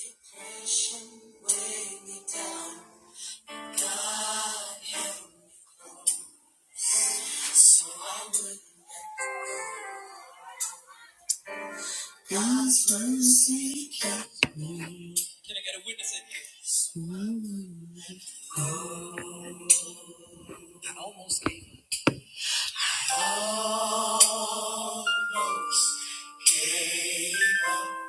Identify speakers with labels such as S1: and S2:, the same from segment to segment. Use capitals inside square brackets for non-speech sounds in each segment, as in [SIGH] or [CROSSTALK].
S1: Depression weighing me down. God help me so I wouldn't let go. God's mercy kept me. Can I get a witness in here? So I wouldn't go. I almost gave up. Almost gave up.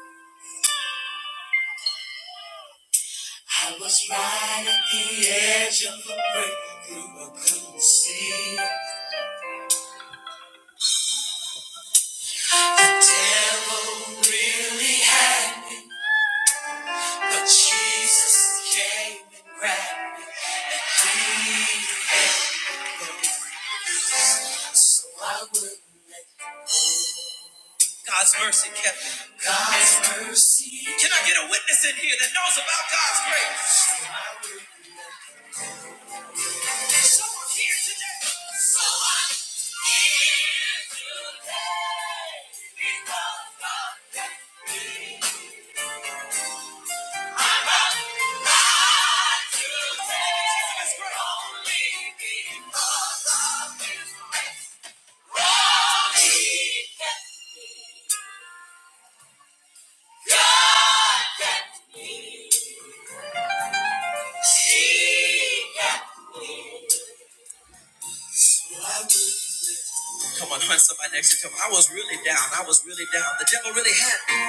S1: I was right at the edge of a breakthrough. I couldn't see. it. really So God's mercy kept me. God's mercy. Can I get a witness in here that knows about God's grace? Someone here today. Someone here today. Because God kept me. Come on, hunt somebody next to you. Come I was really down. I was really down. The devil really had me.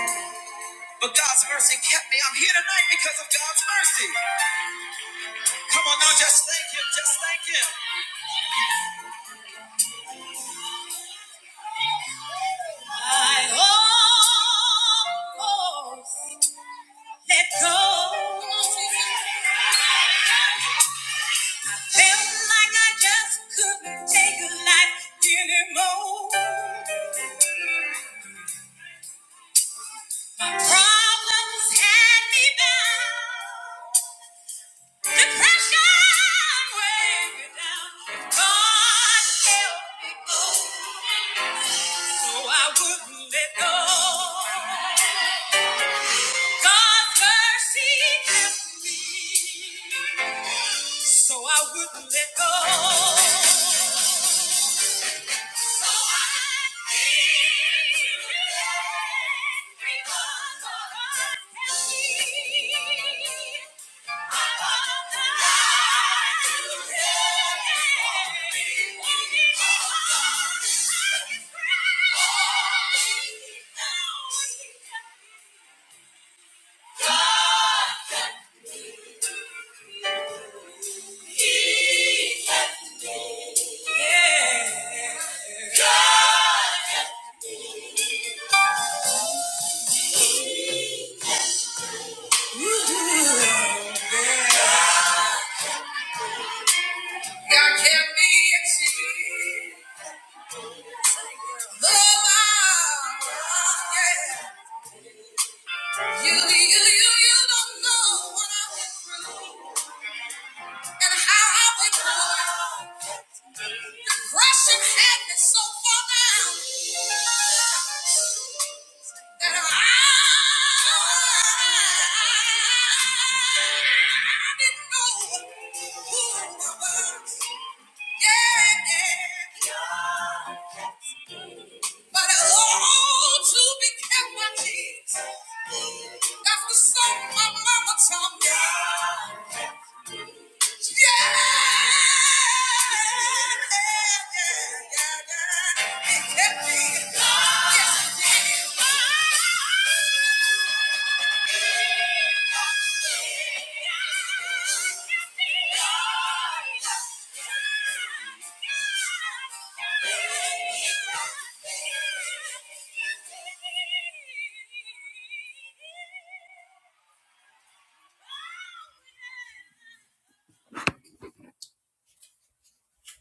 S1: But God's mercy kept me. I'm here tonight because of God's mercy. Come on now, just thank him. Just thank him. Let go. Felt like I just couldn't take life anymore. My problems had me bound. Depression weighed me down. If God help me go, so I wouldn't let go. God's mercy helped me. So I wouldn't let go. So I did because of her need. I won't die to him. Only because I can pray. God kept me. He kept me. Yeah. God I can't be exceeded. yeah. You, you, you, you don't know what I went through and how I went through. it. Depression had me so far down that I didn't know who I was. Yeah, yeah. But oh, to be kept my kids. That's the song my mama taught me. Yeah, yeah, yeah, yeah. yeah, He kept me. Yes, he did.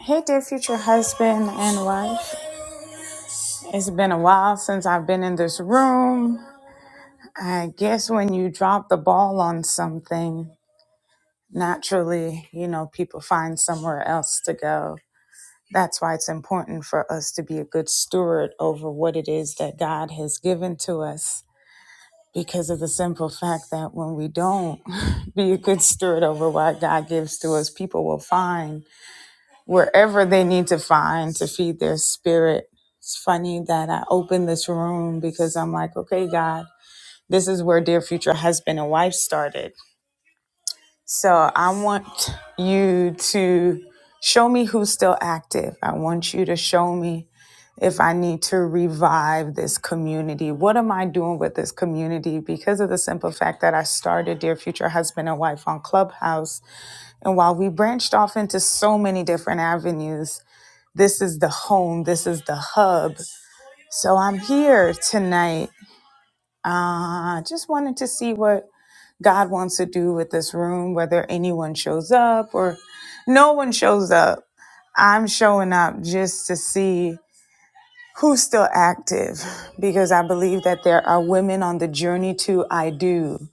S1: Hey, dear future husband and wife. It's been a while since I've been in this room. I guess when you drop the ball on something, naturally, you know, people find somewhere else to go. That's why it's important for us to be a good steward over what it is that God has given to us because of the simple fact that when we don't [LAUGHS] be a good steward over what God gives to us, people will find wherever they need to find to feed their spirit. It's funny that I opened this room because I'm like, okay, God, this is where Dear Future Husband and Wife started. So I want you to show me who's still active. I want you to show me if I need to revive this community, what am I doing with this community? Because of the simple fact that I started Dear Future Husband and Wife on Clubhouse. And while we branched off into so many different avenues, this is the home, this is the hub. So I'm here tonight. Uh, just wanted to see what God wants to do with this room, whether anyone shows up or no one shows up. I'm showing up just to see who's still active because I believe that there are women on the journey to I do.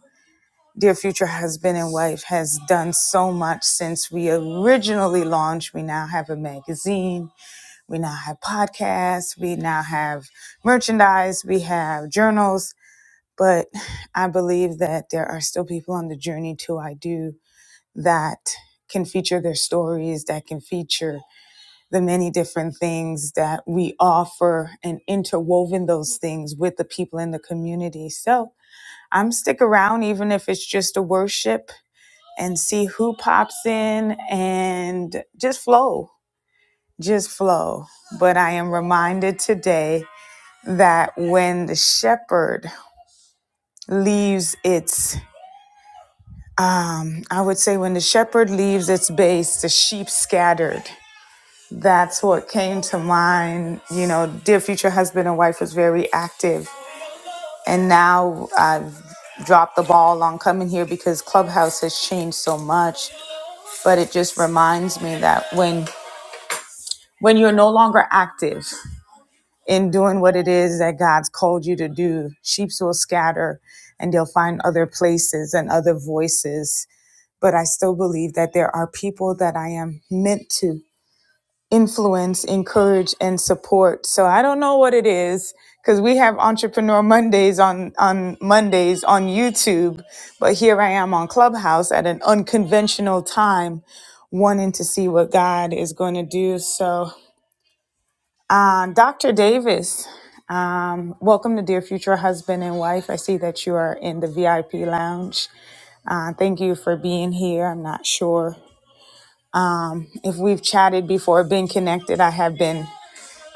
S1: Dear future husband and wife has done so much since we originally launched. We now have a magazine, we now have podcasts, we now have merchandise, we have journals. But I believe that there are still people on the journey to I do that can feature their stories, that can feature the many different things that we offer and interwoven those things with the people in the community. So I'm stick around even if it's just a worship and see who pops in and just flow, just flow. But I am reminded today that when the shepherd leaves its um, I would say when the shepherd leaves its base, the sheep scattered. That's what came to mind. You know, Dear Future Husband and Wife was very active. And now I've dropped the ball on coming here because Clubhouse has changed so much. But it just reminds me that when when you're no longer active in doing what it is that God's called you to do, sheep will scatter and they'll find other places and other voices. But I still believe that there are people that I am meant to influence, encourage, and support. So I don't know what it is because we have Entrepreneur Mondays on, on Mondays on YouTube, but here I am on Clubhouse at an unconventional time, wanting to see what God is going to do. So, uh, Dr. Davis, um, welcome to Dear Future Husband and Wife. I see that you are in the VIP lounge. Uh, thank you for being here. I'm not sure um, if we've chatted before, been connected. I have been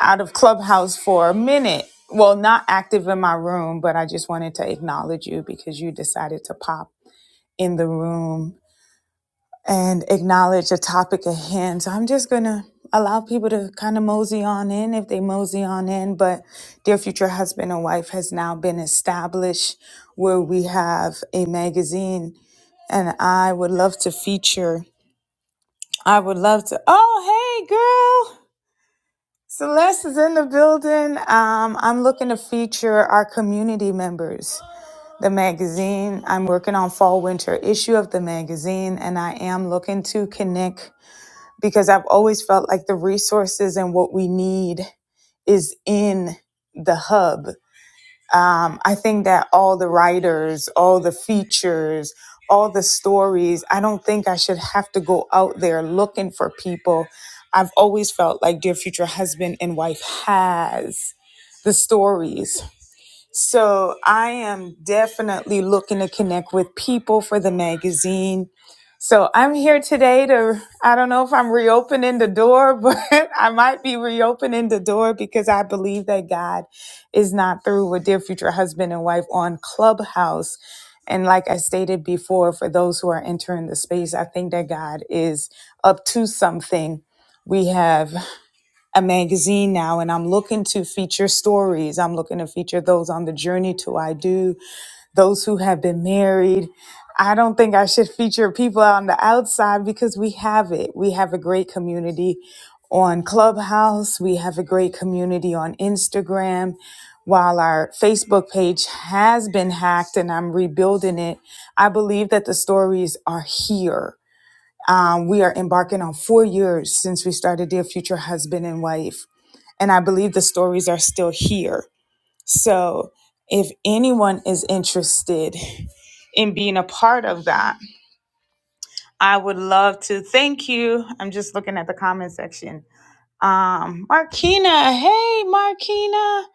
S1: out of Clubhouse for a minute. Well, not active in my room, but I just wanted to acknowledge you because you decided to pop in the room and acknowledge a topic at hand. So I'm just going to allow people to kind of mosey on in if they mosey on in. But Dear Future Husband and Wife has now been established where we have a magazine and I would love to feature. I would love to. Oh, hey, girl. Celeste is in the building. Um, I'm looking to feature our community members. The magazine, I'm working on fall winter issue of the magazine, and I am looking to connect because I've always felt like the resources and what we need is in the hub um, I think that all the writers, all the features, all the stories, I don't think I should have to go out there looking for people. I've always felt like Dear Future Husband and Wife has the stories so I am definitely looking to connect with people for the magazine. So I'm here today to, I don't know if I'm reopening the door, [LAUGHS] but I might be reopening the door because I believe that God is not through with Dear Future Husband and Wife on Clubhouse. And like I stated before, for those who are entering the space, I think that God is up to something. We have a magazine now and I'm looking to feature stories. I'm looking to feature those on the journey to I do, those who have been married. I don't think I should [LAUGHS] feature people on the outside because we have it. We have a great community on Clubhouse. We have a great community on Instagram. While our Facebook page has been hacked and I'm rebuilding it, I believe that the stories are here. Um, we are embarking on four years since we started Dear Future Husband and Wife. And I believe the stories are still here. So if anyone is interested in being a part of that, I would love to thank you. I'm just looking at the comment section. Um, Marquina, hey Markina.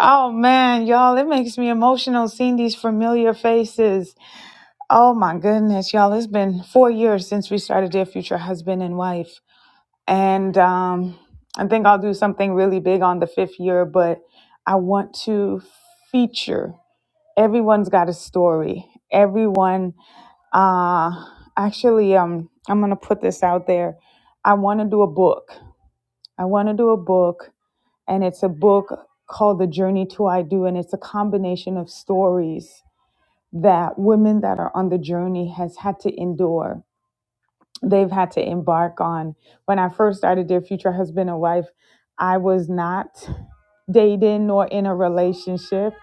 S1: Oh man, y'all, it makes me emotional seeing these familiar faces. Oh my goodness, y'all, it's been four years since we started Dear Future Husband and Wife. and um, I think I'll do something really big on the fifth year, but I want to feature. Everyone's got a story. Everyone, uh, actually, um, I'm gonna put this out there. I want to do a book. I want to do a book, and it's a book called The Journey to I Do, and it's a combination of stories that women that are on the journey has had to endure they've had to embark on. When I first started Dear Future Husband and Wife, I was not dating nor in a relationship.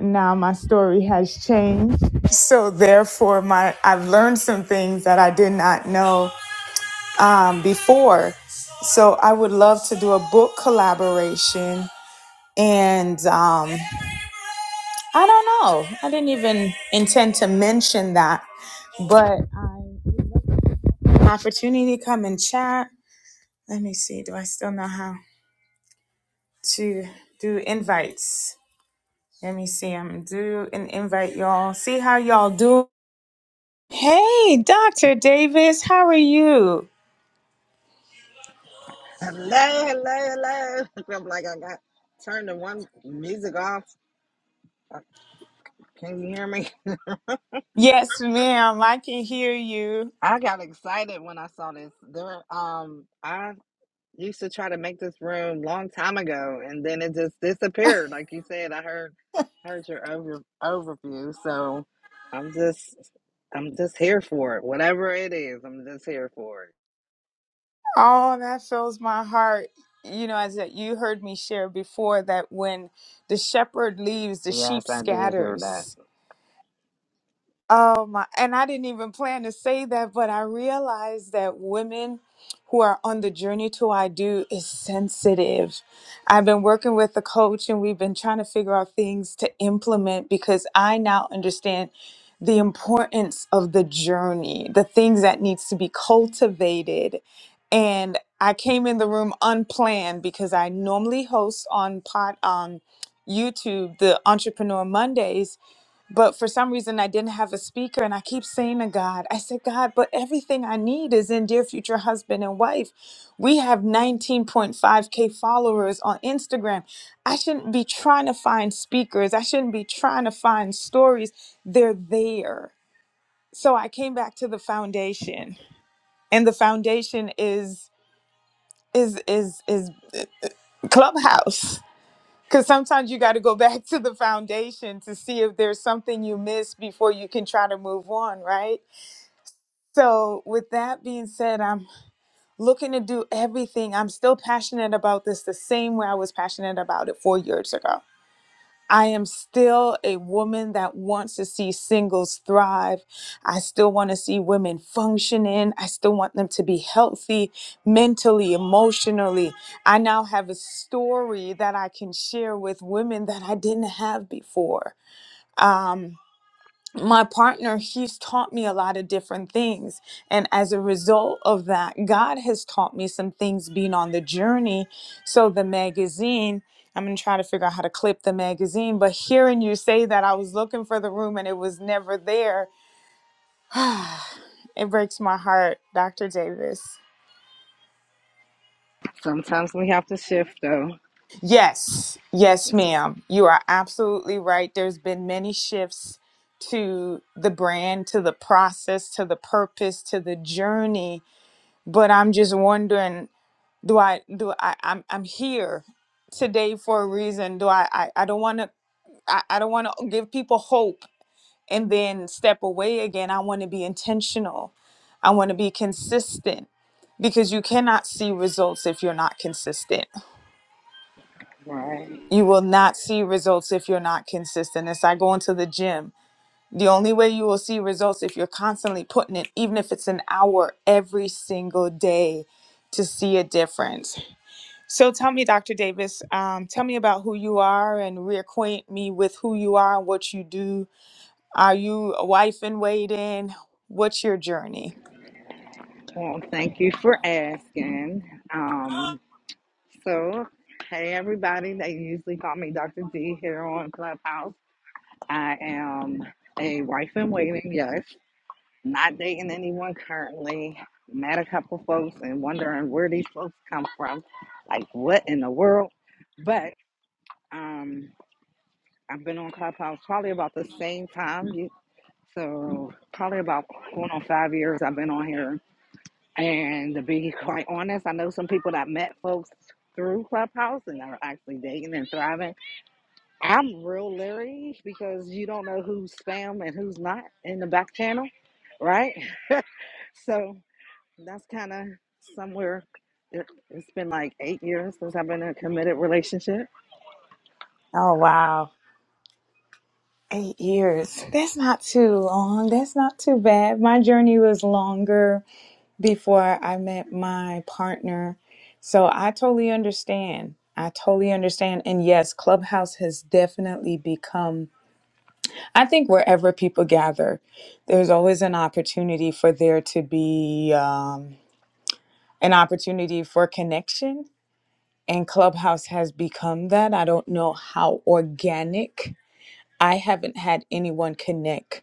S1: Now my story has changed. So therefore my I've learned some things that I did not know um, before. So I would love to do a book collaboration and um, I don't know. I didn't even intend to mention that, but I opportunity to come and chat. Let me see. Do I still know how? to do invites. Let me see. I'm gonna do an invite, y'all. See how y'all do. Hey, Dr. Davis, how are you?
S2: Hello, hello, hello. [LAUGHS] I'm like, I got turned the one music off. Uh, Can you hear me?
S1: Yes, ma'am. I can hear you.
S2: [LAUGHS] I got excited when I saw this. There, um, I used to try to make this room long time ago, and then it just disappeared. Like you said, I heard heard your over overview. So I'm just I'm just here for it. Whatever it is, I'm just here for it.
S1: Oh, that fills my heart. You know, as that you heard me share before, that when the shepherd leaves, the sheep
S2: Yes, I did hear that.
S1: scatters. Oh my, and I didn't even plan to say that, but I realized that women who are on the journey to I do is sensitive. I've been working with the coach and we've been trying to figure out things to implement because I now understand the importance of the journey, the things that needs to be cultivated. And I came in the room unplanned because I normally host on pot on YouTube the Entrepreneur Mondays but for some reason I didn't have a speaker and I keep saying to God, I said, God, but everything I need is in dear future husband and wife. We have 19.5k followers on Instagram. I shouldn't be trying to find speakers. I shouldn't be trying to find stories. They're there. So I came back to the foundation. And the foundation is is is is Clubhouse. Because sometimes you got to go [LAUGHS] back to the foundation to see if there's something you missed before you can try to move on, right? So, with that being said, I'm looking to do everything. I'm still passionate about this the same way I was passionate about it four years ago. I am still a woman that wants to see singles thrive. I still want to see women functioning. I still want them to be healthy mentally, emotionally. I now have a story that I can share with women that I didn't have before. Um, my partner, he's taught me a lot of different things. And as a result of that, God has taught me some things being on the journey. So the magazine, I'm going to try to figure out how to clip the magazine, but hearing you say that, I was looking for the room and it was never there. [SIGHS] it breaks my heart, Dr. Davis.
S2: Sometimes we have to shift, though.
S1: Yes, yes, ma'am. You are absolutely right. There's been many shifts to the brand, to the process, to the purpose, to the journey but I'm just wondering, do I do I I'm I'm here today for a reason. Do I I, I don't want to I, I don't want to give people hope and then step away again. I want to be intentional. I want to be consistent because you cannot see results if you're not consistent.
S2: Right.
S1: You will not see results if you're not consistent. It's like going to the gym. The only way you will see results if you're constantly putting it, even if it's an hour every single day, to see a difference. So tell me, Dr. Davis, um, tell me about who you are and reacquaint me with who you are and what you do. Are you a wife in waiting? What's your journey?
S2: Well, thank you for asking. Um, so, hey everybody, they usually call me Dr. D here on Clubhouse. I am a wife in waiting, yes. Not dating anyone currently. Met a couple folks and wondering where these folks come from. Like, what in the world? But um, I've been on Clubhouse probably about the same time. you- So, probably about going on five years I've been on here And to be quite honest, I know some people that met folks through Clubhouse and are actually dating and thriving. I'm real leery because you don't know who's spam and who's not in the back channel, right? [LAUGHS] So that's kind of somewhere. It, it's been like eight years since I've been in a committed relationship.
S1: Oh, wow. Eight years. That's not too long. That's not too bad. My journey was longer before I met my partner. So I totally understand. I totally understand. And yes, Clubhouse has definitely become I think wherever people gather, there's always an opportunity for there to be um, an opportunity for connection. And Clubhouse has become that. I don't know how organic. I haven't had anyone connect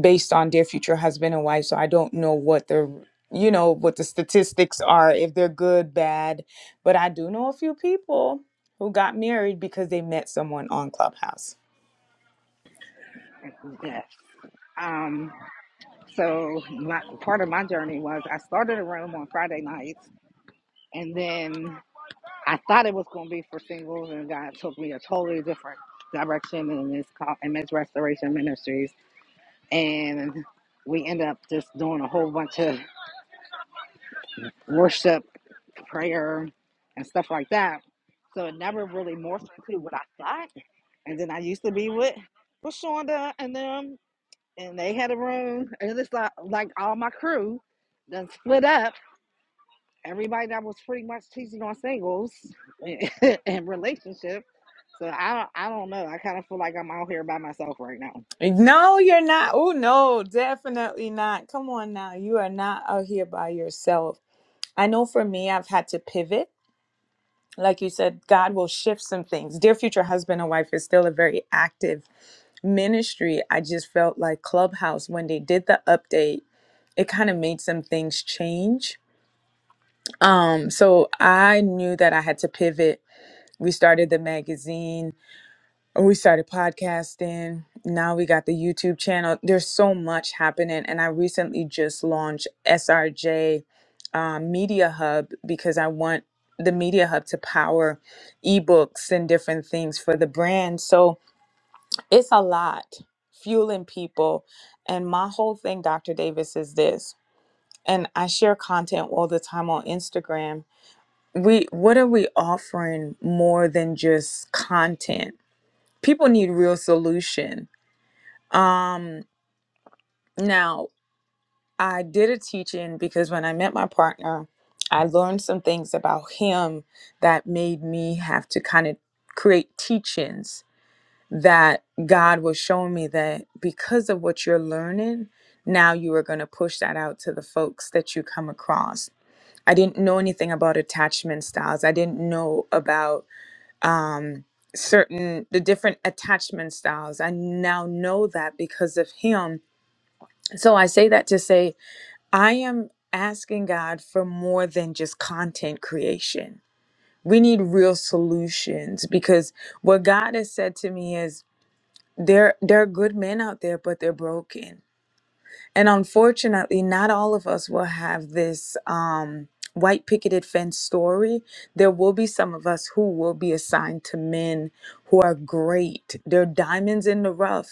S1: based on their future husband and wife, so I don't know what the you know what the statistics are if they're good, bad. But I do know a few people who got married because they met someone on Clubhouse.
S2: Yes. Um, so my, part of my journey was I started a room on Friday nights, and then I thought it was going to be for singles, and God took me a totally different direction in this call, in this Restoration Ministries, and we end up just doing a whole bunch of worship, prayer, and stuff like that. So it never really morphed into what I thought. And then I used to be with with Shonda and them, and they had a room, and it's like like all my crew done split up everybody that was pretty much teaching on singles and, [LAUGHS] and relationship. So I don't, I don't know. I kind of feel like I'm out here by myself right now.
S1: No, you're not. Oh, no, definitely not. Come on now. You are not out here by yourself. I know for me, I've had to pivot. Like you said, God will shift some things. Dear Future Husband and Wife is still a very active ministry. I just felt like Clubhouse, when they did the update, it kind of made some things change. Um, so I knew that I had to pivot. We started the magazine we started podcasting now we got the youtube channel there's so much happening and i recently just launched srj um, media hub because i want the media hub to power ebooks and different things for the brand so it's a lot fueling people and my whole thing dr davis is this and i share content all the time on instagram we what are we offering more than just content people need real solution um, now, I did a teaching because when I met my partner, I learned some things about him that made me have to kind of create teachings that God was showing me that because of what you're learning, now you are going to push that out to the folks that you come across. I didn't know anything about attachment styles. I didn't know about um, certain the different attachment styles. I now know that because of him So I say that to say, I am asking God for more than just content creation. We need real solutions because what God has said to me is there there are good men out there, but they're broken. And unfortunately, not all of us will have this um white picketed fence story. There will be some of us who will be assigned to men who are great. They're diamonds in the rough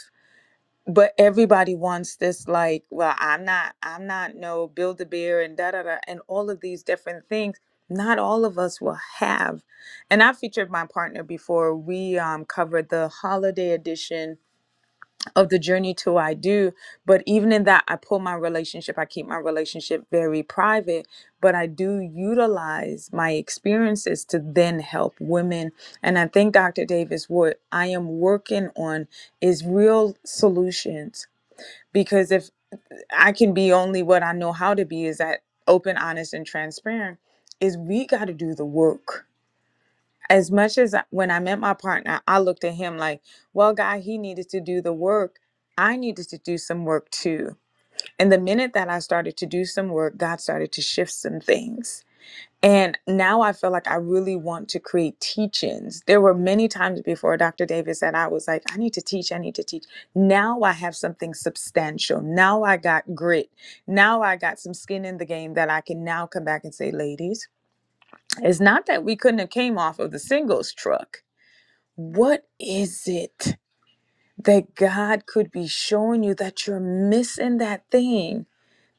S1: but everybody wants this like well i'm not i'm not no build a beer and da da da and all of these different things not all of us will have and i featured my partner before we um, covered the holiday edition of the journey to i do but even in that i pull my relationship i keep my relationship very private but i do utilize my experiences to then help women and i think dr davis what i am working on is real solutions because if I can be only what I know how to be is that open, honest, and transparent, is we got to do the work. As much as I- when I met my partner, I looked at him like, well, guy, he needed to do the work. I needed to do some work too. And the minute that I started to do some work, God started to shift some things and now I feel like I really want to create teach-ins. There were many times before Dr. Davis that I was like, I need to teach, I need to teach. Now I have something substantial. Now I got grit. Now I got some skin in the game that I can now come back and say, ladies, it's not that we couldn't have came off of the singles truck. What is it that God could be showing you that you're missing that thing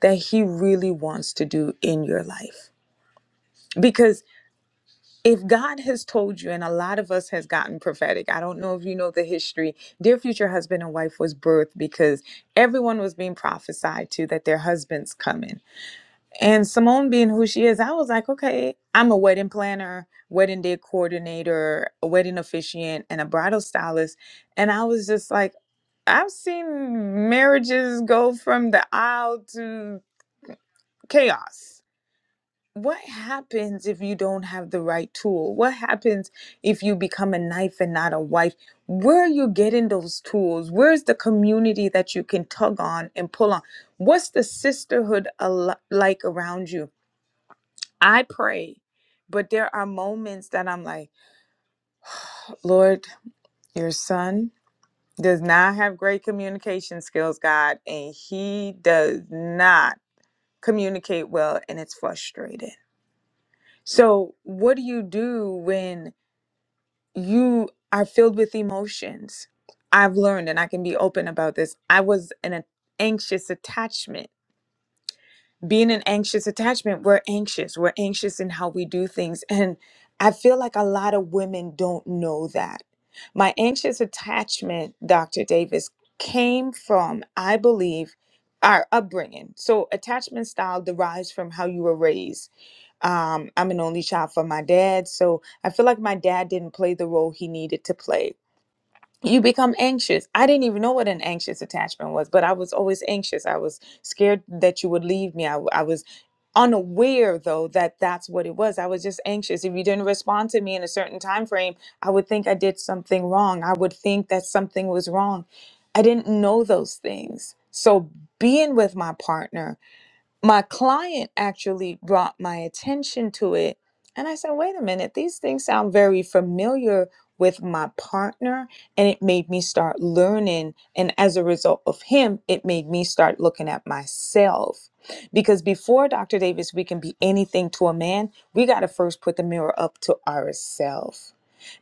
S1: that he really wants to do in your life? Because. if God has told you, and a lot of us has gotten prophetic, I don't know if you know the history. Dear future husband and wife was birthed because everyone was being prophesied to that their husband's coming. And Simone being who she is, I was like, okay, I'm a wedding planner, wedding day coordinator, a wedding officiant, and a bridal stylist. And I was just like, I've seen marriages go from the aisle to chaos what happens if you don't have the right tool? What happens if you become a knife and not a wife? Where are you getting those tools? Where's the community that you can tug on and pull on? What's the sisterhood al- like around you? I pray, but there are moments that I'm like, Lord, your son does not have great communication skills, God, and he does not communicate well, and it's frustrating. So, what do you do when? you are filled with emotions. I've learned, and I can be open about this. I was in an anxious attachment. Being an anxious attachment, we're anxious. We're anxious in how we do things. And I feel like a lot of women don't know that. My anxious attachment, Dr. Davis, came from, I believe, our upbringing. So, attachment style derives from how you were raised. Um, I'm an only child for my dad. So, I feel like my dad didn't play the role he needed to play you become anxious. I didn't even know what an anxious attachment was, but I was always anxious. I was scared that you would leave me. I I was unaware though that that's what it was. I was just anxious. If you didn't respond to me in a certain time frame, I would think I did something wrong. I would think that something was wrong. I didn't know those things. So being with my partner my client actually brought my attention to it and i said wait a minute these things sound very familiar with my partner and it made me start learning and as a result of him it made me start looking at myself because before dr davis we can be anything to a man we got to first put the mirror up to ourselves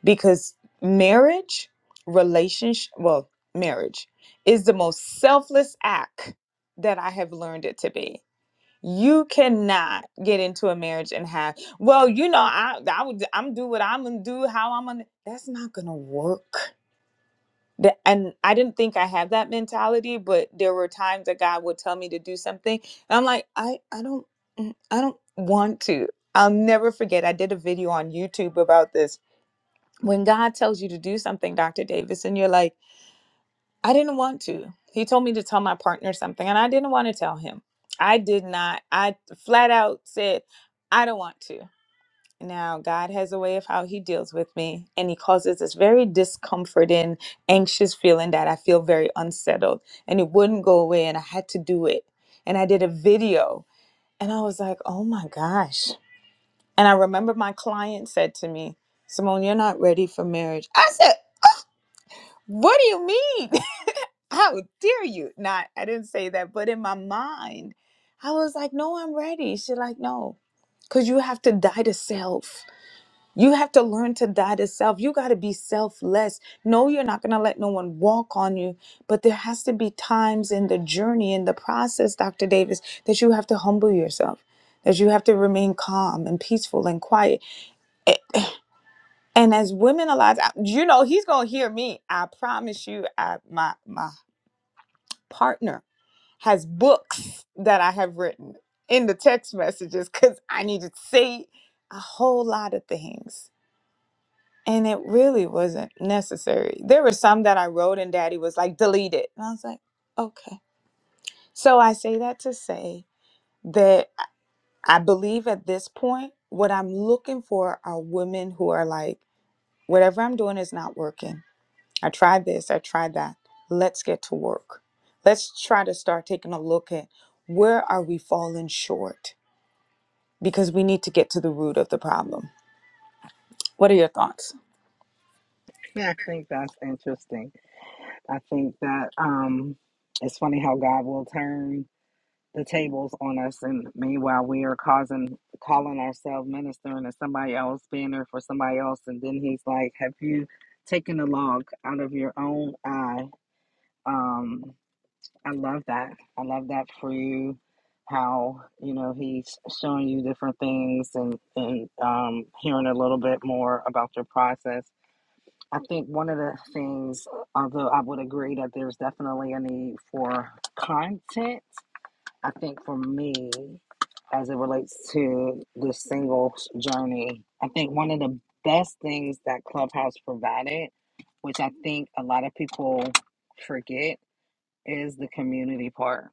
S1: because marriage relationship well marriage is the most selfless act that i have learned it to be you cannot get into a marriage and have, well, you know, I I would I'm do what I'm gonna do, how I'm gonna that's not gonna work. That, and I didn't think I had that mentality, but there were times that God would tell me to do something. And I'm like, I, I don't mm, I don't want to. I'll never forget. I did a video on YouTube about this. When God tells you to do something, Dr. Davis, and you're like, I didn't want to. He told me to tell my partner something, and I didn't want to tell him. I did not. I flat out said, I don't want to. Now, God has a way of how He deals with me, and He causes this very discomforting, anxious feeling that I feel very unsettled, and it wouldn't go away, and I had to do it. And I did a video, and I was like, oh my gosh. And I remember my client said to me, Simone, you're not ready for marriage. I said, what do you mean? how dare you? Not, I didn't say that, but in my mind, I was like, no, I'm ready. She's like, no, because you have to die to self. You have to learn to die to self. You got to be selfless. No, you're not going to let no one walk on you, but there has to be times in the journey, in the process, Dr. Davis, that you have to humble yourself, that you have to remain calm and peaceful and quiet. A- And as women alive, I- you know, he's going to hear me. I promise you, I, my, my partner has books that I have written in the text messages because I needed to say a whole lot of things. And it really wasn't necessary. There were some that I wrote and daddy was like, delete it. And I was like, okay. So I say that to say that I I believe at this point, what I'm looking for are women who are like, whatever I'm doing is not working. I tried this, I tried that. Let's get to work. Let's try to start taking a look at where are we falling short because we need to get to the root of the problem. What are your thoughts?
S2: Yeah, I think that's interesting. I think that um, it's funny how God will turn the tables on us, and meanwhile we are causing calling ourselves ministering to somebody else, being there for somebody else, and then He's like, "Have you taken a log out of your own eye?" Um, I love that. I love that for you. How you know he's showing you different things and and um, hearing a little bit more about your process. I think one of the things, although I would agree that there's definitely a need for content, I think for me, as it relates to the singles journey, I think one of the best things that Clubhouse provided, which I think a lot of people forget, is the community part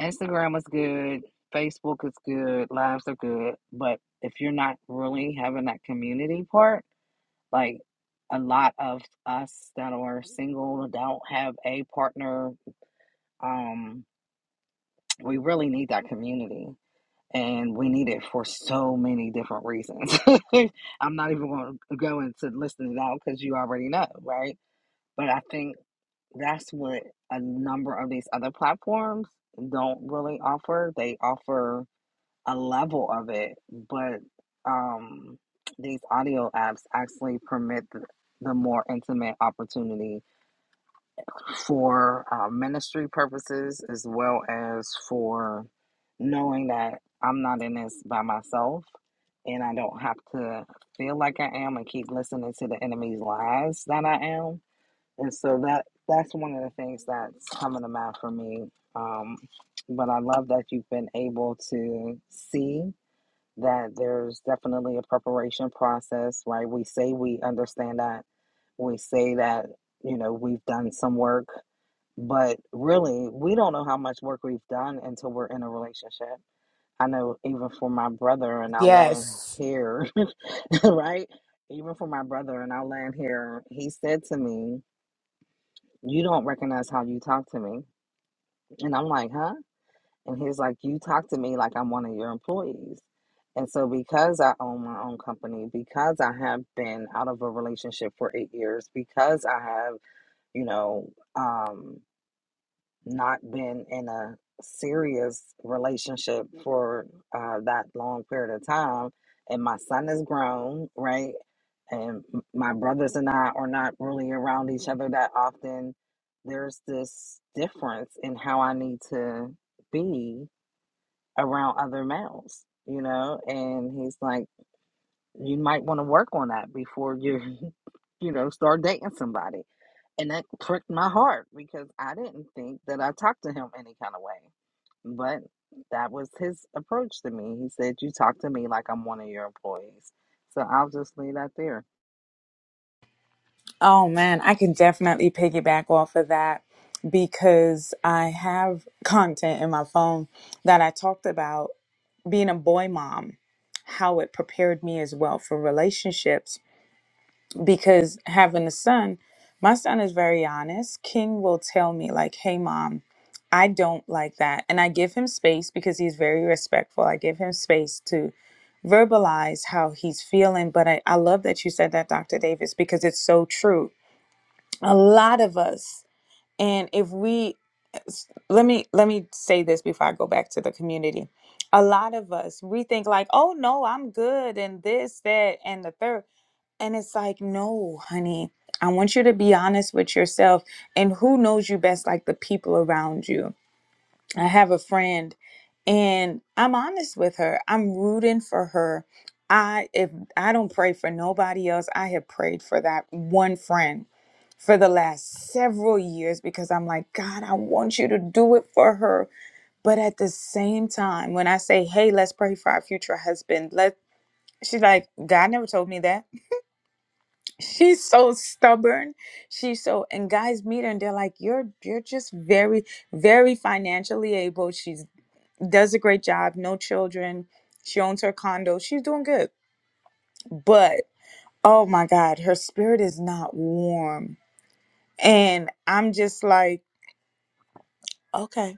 S2: Instagram is good, Facebook is good, lives are good, but if you're not really having that community part, like a lot of us that are single don't have a partner, um, we really need that community. And we need it for so many different reasons. [LAUGHS] I'm not even going to go into listing it out because you already know, right? But I think that's what a number of these other platforms don't really offer. They offer a level of it, but um, these audio apps actually permit the, the more intimate opportunity for uh, ministry purposes as well as for knowing that I'm not in this by myself and I don't have to feel like I am and keep listening to the enemy's lies that I am. And so that that's one of the things that's coming to mind for me. Um, but I love that you've been able to see that there's definitely a preparation process, right? We say we understand that. We say that, you know, we've done some work, but really, we don't know how much work we've done until we're in a relationship. I know even for my brother, and I'll land
S1: Yes.
S2: here, [LAUGHS] right? Even for my brother, and I'll land here, he said to me, You don't recognize how you talk to me. And I'm like, Huh? And he's like, You talk to me like I'm one of your employees. And so, because I own my own company, because I have been out of a relationship for eight years, because I have, you know, um, not been in a serious relationship for uh, that long period of time, and my son is grown, right? And m- my brothers and I are not really around each other that often. There's this difference in how I need to be around other males, you know? And he's like, you might want to work on that before you, [LAUGHS] you know, start dating somebody. And that pricked my heart because I didn't think that I talked to him any kind of way. But that was his approach to me. He said, You talk to me like I'm one of your employees. So I'll just leave that there.
S1: Oh man, I can definitely piggyback off of that because I have content in my phone that I talked about being a boy mom, how it prepared me as well for relationships because having a son, my son is very honest. King will tell me, like, hey, mom, I don't like that. And I give him space because he's very respectful. I give him space to verbalize how he's feeling. But I, I love that you said that, Dr. Davis, because it's so true. A lot of us, and if we, let me let me say this before I go back to the community. A lot of us, we think like, oh no, I'm good and this, that, and the third and it's like, no, honey, I want you to be honest with yourself. And who knows you best like the people around you? I have a friend and I'm honest with her. I'm rooting for her. I if I don't pray for nobody else, I have prayed for that one friend for the last several years because I'm like, God, I want you to do it for her. But at the same time, when I say, hey, let's pray for our future husband, let she's like, God never told me that. She's so stubborn. She's so and guys meet her and they're like, You're you're just very, very financially able. She's does a great job, no children. She owns her condo. She's doing good. But oh my God, her spirit is not warm. And I'm just like, okay.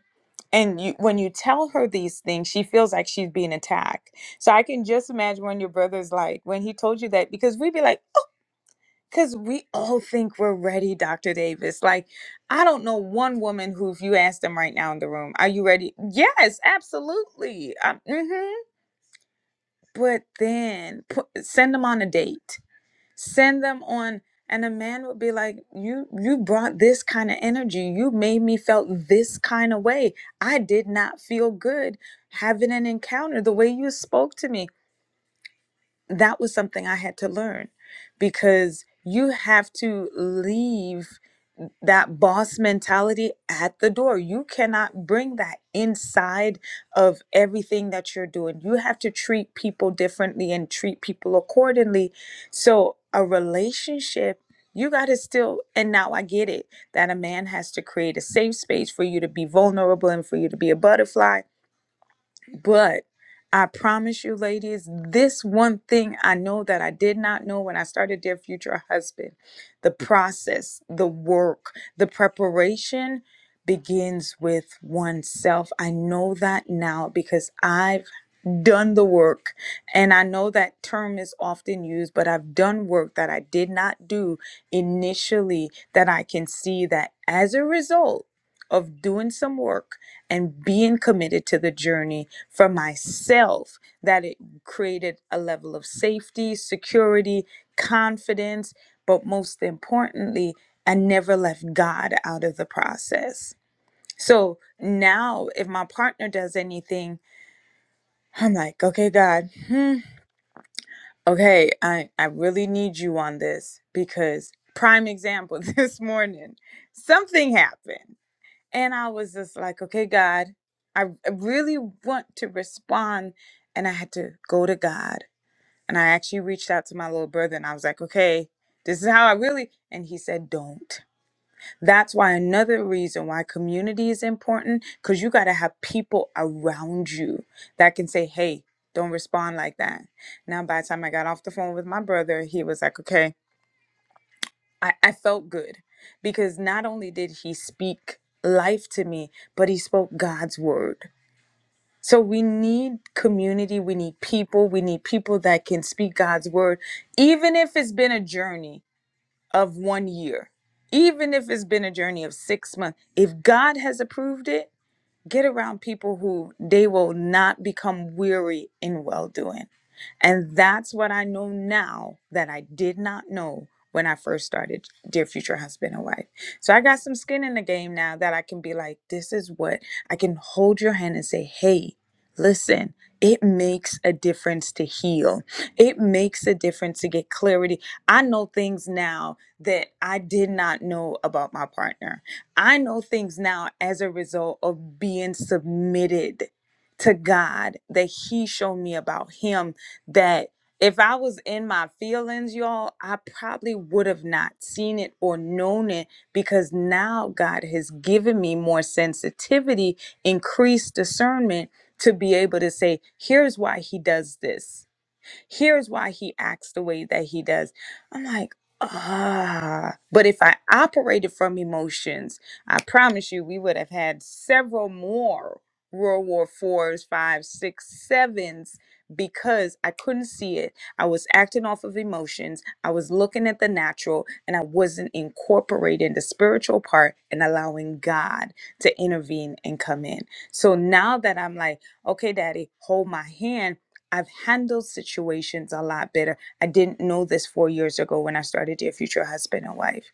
S1: And you, when you tell her these things, she feels like she's being attacked. So I can just imagine when your brother's like, when he told you that, because we'd be like, Because we all think we're ready, Dr. Davis. Like, I don't know one woman who, if you ask them right now in the room, are you ready? Yes, absolutely. Um, mhm. But then put, send them on a date. Send them on, and a man would be like, "You, you brought this kind of energy. You made me felt this kind of way. I did not feel good having an encounter. The way you spoke to me, that was something I had to learn, because you have to leave that boss mentality at the door. You cannot bring that inside of everything that you're doing. You have to treat people differently and treat people accordingly. So, a relationship, you got to still, and now I get it that a man has to create a safe space for you to be vulnerable and for you to be a butterfly but I promise you, ladies, this one thing I know that I did not know when I started Dear Future Husband the process, the work, the preparation begins with oneself. I know that now because I done the work. And I know that term is often used, but I've done work that I did not do initially that I can see that as a result of doing some work and being committed to the journey for myself, that it created a level of safety, security, confidence, but most importantly, I never left God out of the process. So now, if my partner does anything, I'm like, okay, God, hmm, okay, I, I really need you on this because, prime example, [LAUGHS] this morning, something happened. And I was just like, okay, God, I I really want to respond. And I had to go to God. And I actually reached out to my little brother and I was like, okay, this is how I really, and he said, don't. That's why another reason why community is important because you got to have people around you that can say, hey, don't respond like that. Now, by the time I got off the phone with my brother, he was like, okay, I, I felt good because not only did he speak life to me, but he spoke God's word. So we need community, we need people, we need people that can speak God's word, even if it's been a journey of one year, even if it's been a journey of six months, if God has approved it, get around people who they will not become weary in well doing and that's what I know now that I did not know when I first started Dear Future Husband and Wife. So I got some skin in the game now that I can be like, this is what I can hold your hand and say, hey, listen, it makes a difference to heal. It makes a difference to get clarity. I know things now that I did not know about my partner. I know things now as a result of being submitted to God that He showed me about Him that if I was in my feelings, y'all, I probably would have not seen it or known it because now God has given me more sensitivity, increased discernment to be able to say, here's why he does this Here's why he acts the way that he does. I'm like, ah. But if I operated from emotions, I promise you, we would have had several more World War fours, five, six, sevens because I couldn't see it. I was acting off of emotions. I was looking at the natural and I wasn't incorporating the spiritual part and allowing God to intervene and come in. So now that I'm like, okay, daddy, hold my hand I've handled situations a lot better. I didn't know this four years ago when I started Dear Future Husband and Wife.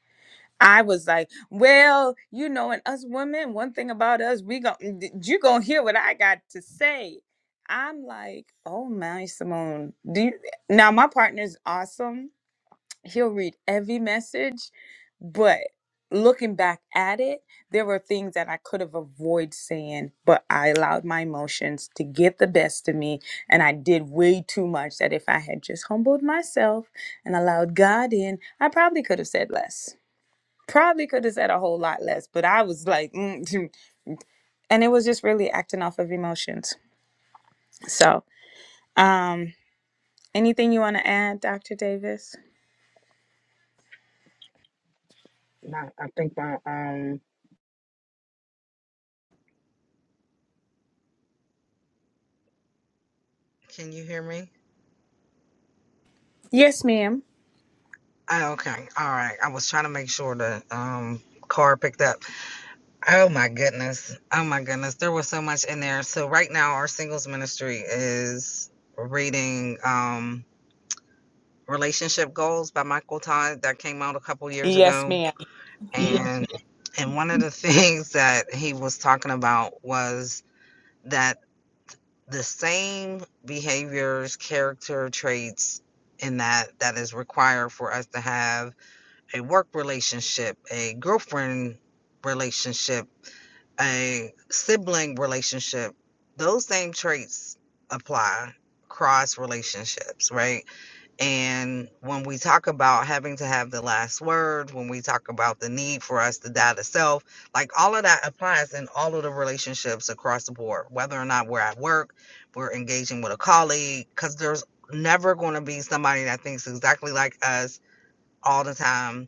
S1: I was like, well, you know, and us women, one thing about us, we gon' you gonna hear what I got to say. I'm like, oh my Simone, do you, now my partner's awesome he'll read every message but looking back at it there were things that i could have avoided saying but i allowed my emotions to get the best of me and i did way too much that if i had just humbled myself and allowed god in i probably could have said less probably could have said a whole lot less but i was like mm, [LAUGHS] and it was just really acting off of emotions so um anything you want to add dr davis
S2: No, I think my um can you hear me?
S1: yes ma'am
S2: Oh, okay. All right. I was trying to make sure the um car picked up. Oh my goodness. Oh my goodness. There was so much in there. So right now our singles ministry is reading um Relationship Goals by Michael Todd that came out a couple years
S1: yes
S2: ago.
S1: ma'am
S2: Yeah. And and one of the [LAUGHS] things that he was talking about was that the same behaviors, character traits in that that is required for us to have a work relationship, a girlfriend relationship a sibling relationship, those same traits apply across relationships, right? And when we talk about having to have the last word, when we talk about the need for us to die to self, like all of that applies in all of the relationships across the board, whether or not we're at work, we're engaging with a colleague, because there's never going to be somebody that thinks exactly like us all the time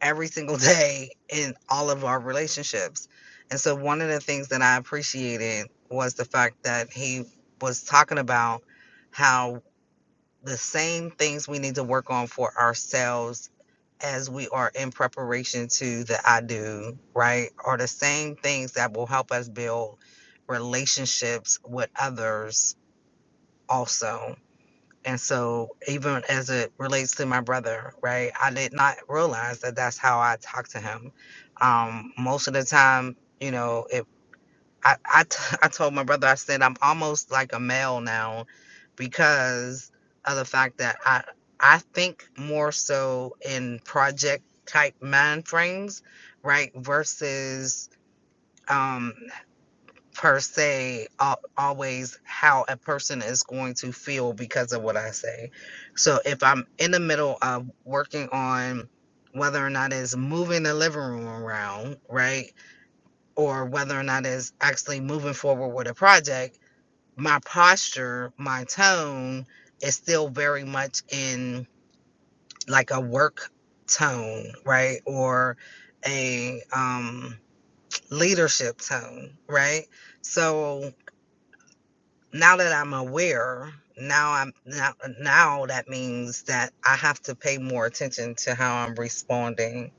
S2: every single day in all of our relationships. And so one of the things that I appreciated was the fact that he was talking about how the same things we need to work on for ourselves as we are in preparation to the I do, right? Are the same things that will help us build relationships with others also and so, even as it relates to my brother, right, I did not realize that that's how I talk to him. Um, most of the time, you know, if I, I, t- [LAUGHS] I told my brother, I said, I'm almost like a male now because of the fact that I, I think more so in project type mind frames, right, versus um, per se al- always how a person is going to feel because of what I say. So if I'm in the middle of working on whether or not it's moving the living room around, right? Or whether or not it's actually moving forward with a project, my posture, my tone is still very much in like a work tone, right? Or a um leadership tone, right? So now that I'm aware, now I'm now now that means that I have to pay more attention to how I'm responding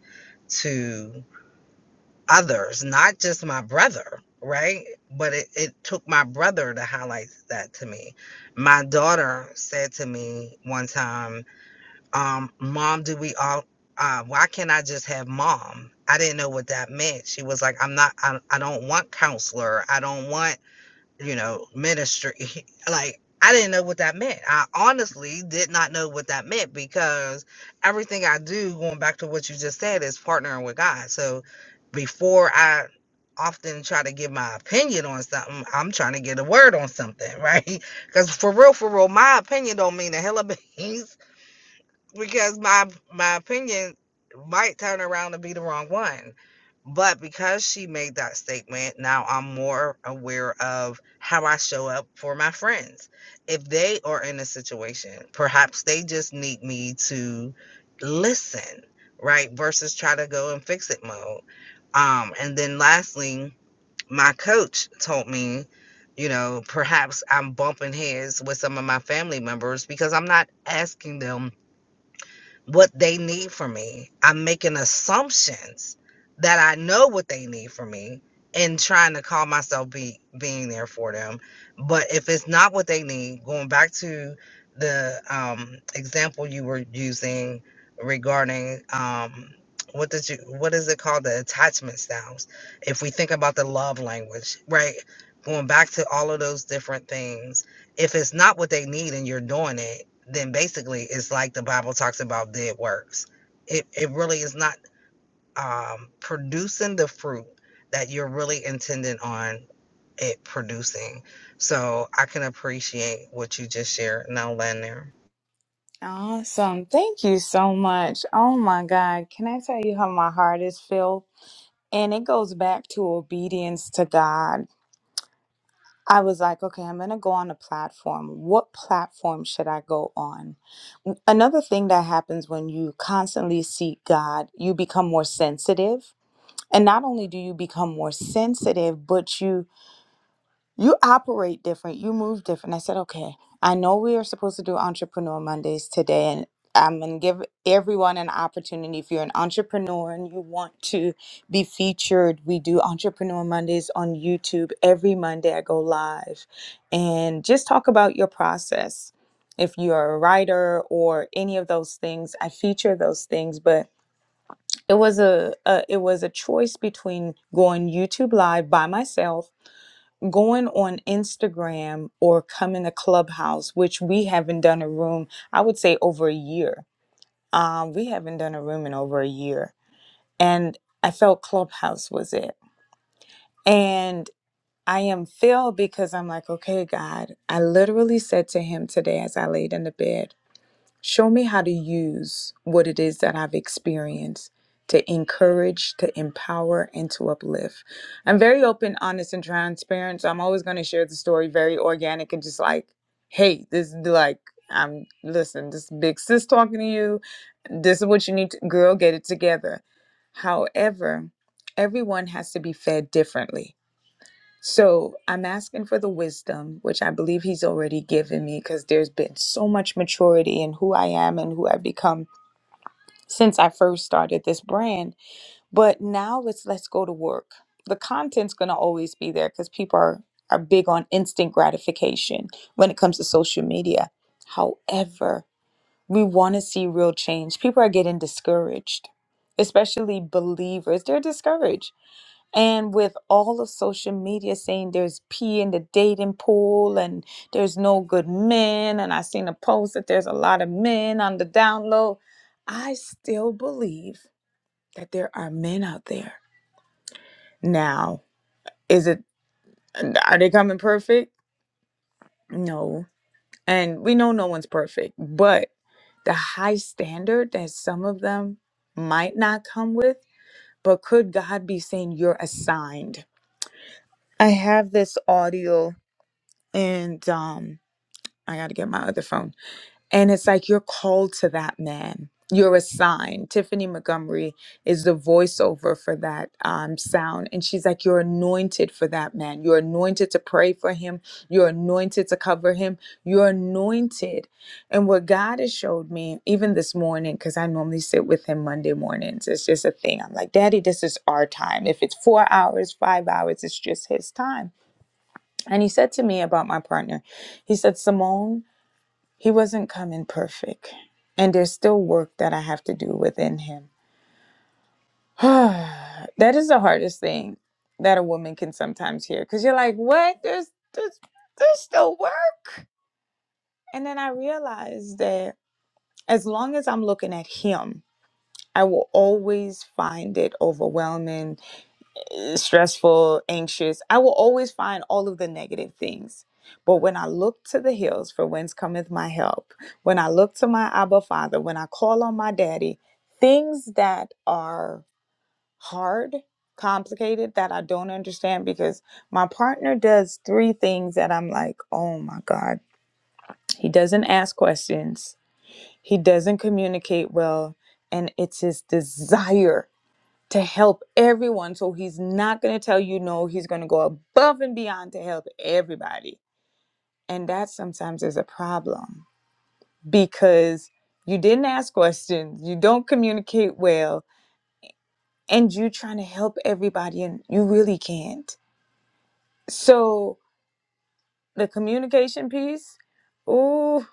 S2: to others, not just my brother, right? But it, it took my brother to highlight that to me. My daughter said to me one time, um, Mom, do we all uh, why can't I just have mom? I didn't know what that meant. She was like, I'm not, I, I don't want counselor. I don't want you know, ministry. [LAUGHS] Like, I didn't know what that meant. I honestly did not know what that meant because everything I do, going back to what you just said, is partnering with God. So before I often try to give my opinion on something, I'm trying to get a word on something, right? [LAUGHS] Because for real, for real, my opinion don't mean a hell of a [LAUGHS] beans because my my opinion might turn around to be the wrong one. But because she made that statement, now I'm more aware of how I show up for my friends. If they are in a situation, perhaps they just need me to listen, right? Versus try to go in fix it mode. Um, and then lastly, my coach told me, you know, perhaps I'm bumping heads with some of my family members because I'm not asking them what they need from me. I'm making assumptions that I know what they need from me and trying to call myself be being there for them. But if it's not what they need, going back to the um, example you were using regarding um, what did you what is it called the attachment styles? If we think about the love language, right? Going back to all of those different things if it's not what they need and you're doing it, then basically it's like the Bible talks about dead works. It it really is not um, producing the fruit that you're really intending on it producing. So I can appreciate what you just shared. Now, Leonard,
S1: Awesome. Thank you so much. Oh my God. Can I tell you how my heart is filled? And it goes back to obedience to God. I was like, okay, I'm going to go on a platform. What platform should I go on? Another thing that happens when you constantly seek God, you become more sensitive. And not only do you become more sensitive, but you you operate different you move different i said okay i know we are supposed to do entrepreneur mondays today and i'm going to give everyone an opportunity if you're an entrepreneur and you want to be featured we do entrepreneur mondays on youtube every monday i go live and just talk about your process if you're a writer or any of those things i feature those things but it was a, a it was a choice between going youtube live by myself going on Instagram or coming to Clubhouse, which we haven't done a room, I would say over a year. Um, we haven't done a room in over a year. And I felt Clubhouse was it. And I am filled because I'm like, okay, God, I literally said to him today as I laid in the bed, Show me how to use what it is that I've experienced to encourage, to empower, and to uplift. I'm very open, honest, and transparent. So I'm always going to share the story very organic and just like, hey, this is like, I'm, listen, this big sis talking to you. This is what you need to, girl, get it together. However, everyone has to be fed differently so I'm asking for the wisdom, which I believe he's already given me because there's been so much maturity in who I am and who I've become since I first started this brand. But now it's let's go to work. The content's going to always be there because people are, are big on instant gratification when it comes to social media. However, we want to see real change. People are getting discouraged, especially believers. They're discouraged and with all of social media saying there's pee in the dating pool and there's no good men, and I seen a post that there's a lot of men on the down low, I still believe that there are men out there. Now, is it are they coming perfect? No. And we know no one's perfect, but the high standard that some of them might not come with, but could God be saying you're assigned? I have this audio and um I got to get my other phone. And it's like you're called to that man. You're assigned. Tiffany Montgomery is the voiceover for that um, sound. And she's like, You're anointed for that man. You're anointed to pray for him. You're anointed to cover him. You're anointed. And what God has showed me, even this morning, because I normally sit with him Monday mornings, it's just a thing. I'm like, Daddy, this is our time. If it's four hours, five hours, it's just his time. And he said to me about my partner, He said, Simone, he wasn't coming perfect. And there's still work that I have to do within him. [SIGHS] that is the hardest thing that a woman can sometimes hear because you're like, what? There's, there's, there's still work. And then I realized that as long as I'm looking at him, I will always find it overwhelming stressful, anxious. I will always find all of the negative things. But when I look to the hills, for whence cometh my help, when I look to my Abba Father, when I call on my daddy, things that are hard, complicated, that I don't understand, because my partner does three things that I'm like, oh my God. He doesn't ask questions, he doesn't communicate well, and it's his desire to help everyone. So he's not going to tell you no. He's going to go above and beyond to help everybody. And that sometimes is a problem because you didn't ask questions, you don't communicate well, and you're trying to help everybody and you really can't. So the communication piece. Ooh,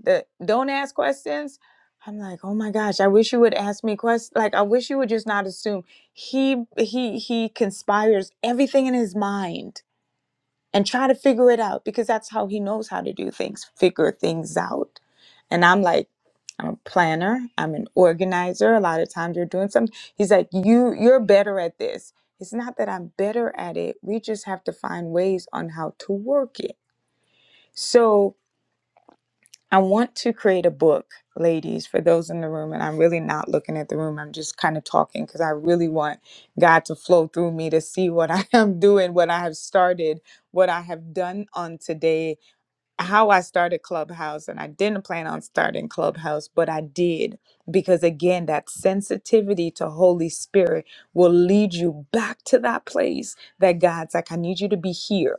S1: the don't ask questions. I'm like, oh my gosh, I wish you would ask me questions. Like, I wish you would just not assume. He he he conspires everything in his mind and try to figure it out because that's how he knows how to do things, figure things out. And I'm like, I'm a planner. I'm an organizer. A lot of times you're doing something. He's like, you you're better at this. It's not that I'm better at it. We just have to find ways on how to work it. So I want to create a book, ladies, for those in the room. And I'm really not looking at the room. I'm just kind of talking because I really want God to flow through me to see what I [LAUGHS] am doing, what I have started, what I have done on today, how I started Clubhouse. And I didn't plan on starting Clubhouse, but I did. Because again, that sensitivity to Holy Spirit will lead you back to that place that God's like, I need you to be here.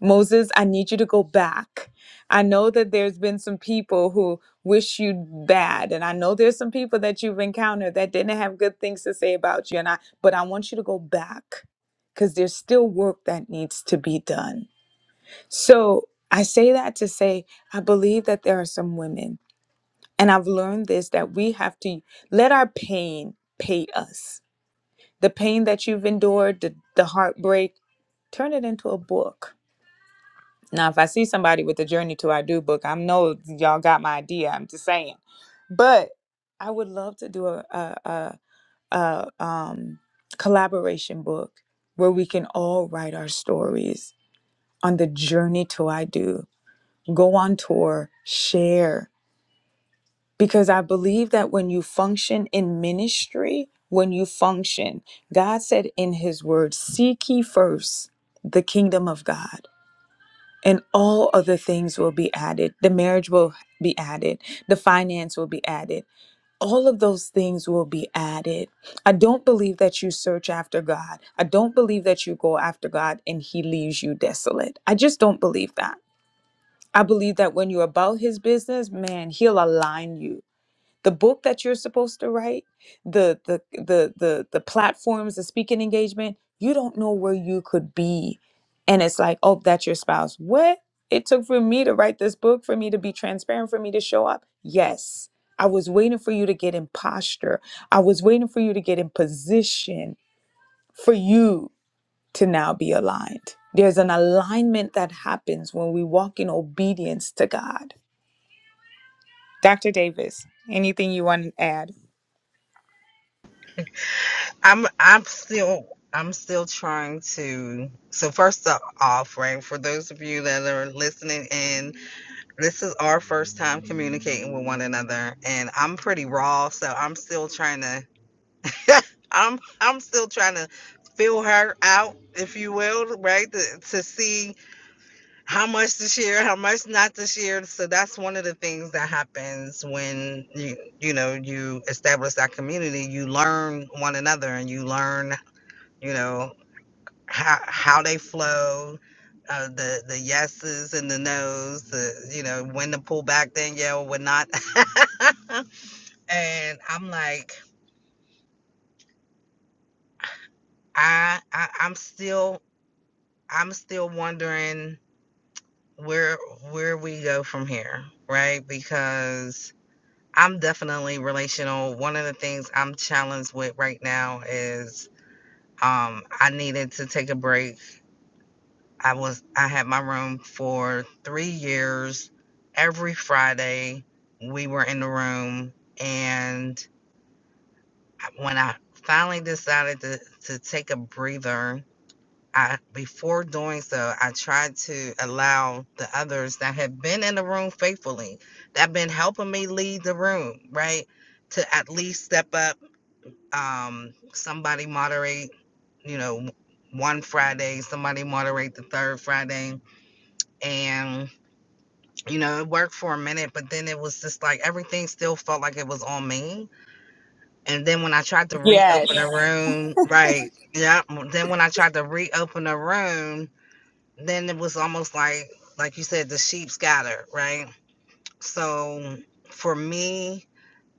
S1: Moses, I need you to go back. I know that there's been some people who wish you bad, and I know there's some people that you've encountered that didn't have good things to say about you. And I, but I want you to go back because there's still work that needs to be done. So I say that to say I believe that there are some women, and I've learned this that we have to let our pain pay us. The pain that you've endured, the, the heartbreak, turn it into a book now, if I see somebody with the Journey to I Do book, I know y'all got my idea. I'm just saying, but I would love to do a a, a, a um, collaboration book where we can all write our stories on the journey to I Do, go on tour, share, because I believe that when you function in ministry, when you function, God said in His Word, "Seek ye first the kingdom of God." and all other things will be added. The marriage will be added, the finance will be added. All of those things will be added. I don't believe that you search after God. I don't believe that you go after God and He leaves you desolate. I just don't believe that. I believe that when you're about His business, man, He'll align you the book that you're supposed to write the the the the, the platforms the speaking engagement you don't know where you could be and it's like oh that's your spouse what it took for me to write this book for me to be transparent for me to show up yes i was waiting for you to get in posture i was waiting for you to get in position for you to now be aligned there's an alignment that happens when we walk in obedience to god dr davis anything you want to add
S2: I'm I'm still I'm still trying to. So first off, right for those of you that are listening in this is our first time communicating with one another and i'm pretty raw so i'm still trying to i'm i'm still trying to feel her out if you will right to, to see how much to share how much not to share so that's one of the things that happens when you you know you establish that community you learn one another and you learn you know how how they flow, uh, the the yeses and the nos, the you know when to pull back, then Danielle when not. [LAUGHS] and I'm like, I, I I'm still I'm still wondering where where we go from here, right? Because I'm definitely relational. One of the things I'm challenged with right now is um I needed to take a break I was I had my room for three years. Every Friday, we were in the room, and when I finally decided to to take a breather, I before doing so, I tried to allow the others that had been in the room faithfully, that have been helping me lead the room, right, to at least step up. Um, somebody moderate, you know, one Friday, somebody moderate the third Friday, and you know, it worked for a minute, but then it was just like everything still felt like it was on me. And then when I tried to reopen a Yeah.
S1: Yes.
S2: room, right? Yeah. Then when I tried to reopen a room, then it was almost like, like you said, the sheep scattered, right? So for me,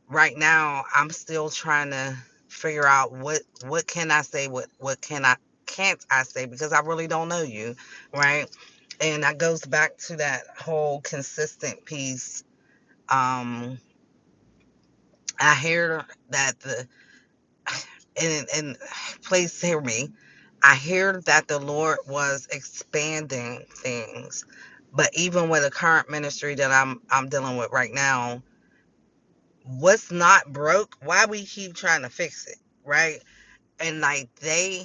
S2: right now, I'm still trying to figure out what what can I say, what what can I can't I say because I really don't know you, right? And that goes back to that whole consistent piece um i hear that the and and please hear me i hear that the lord was expanding things but even with the current ministry that i'm i'm dealing with right now what's not broke why we keep trying to fix it right and like they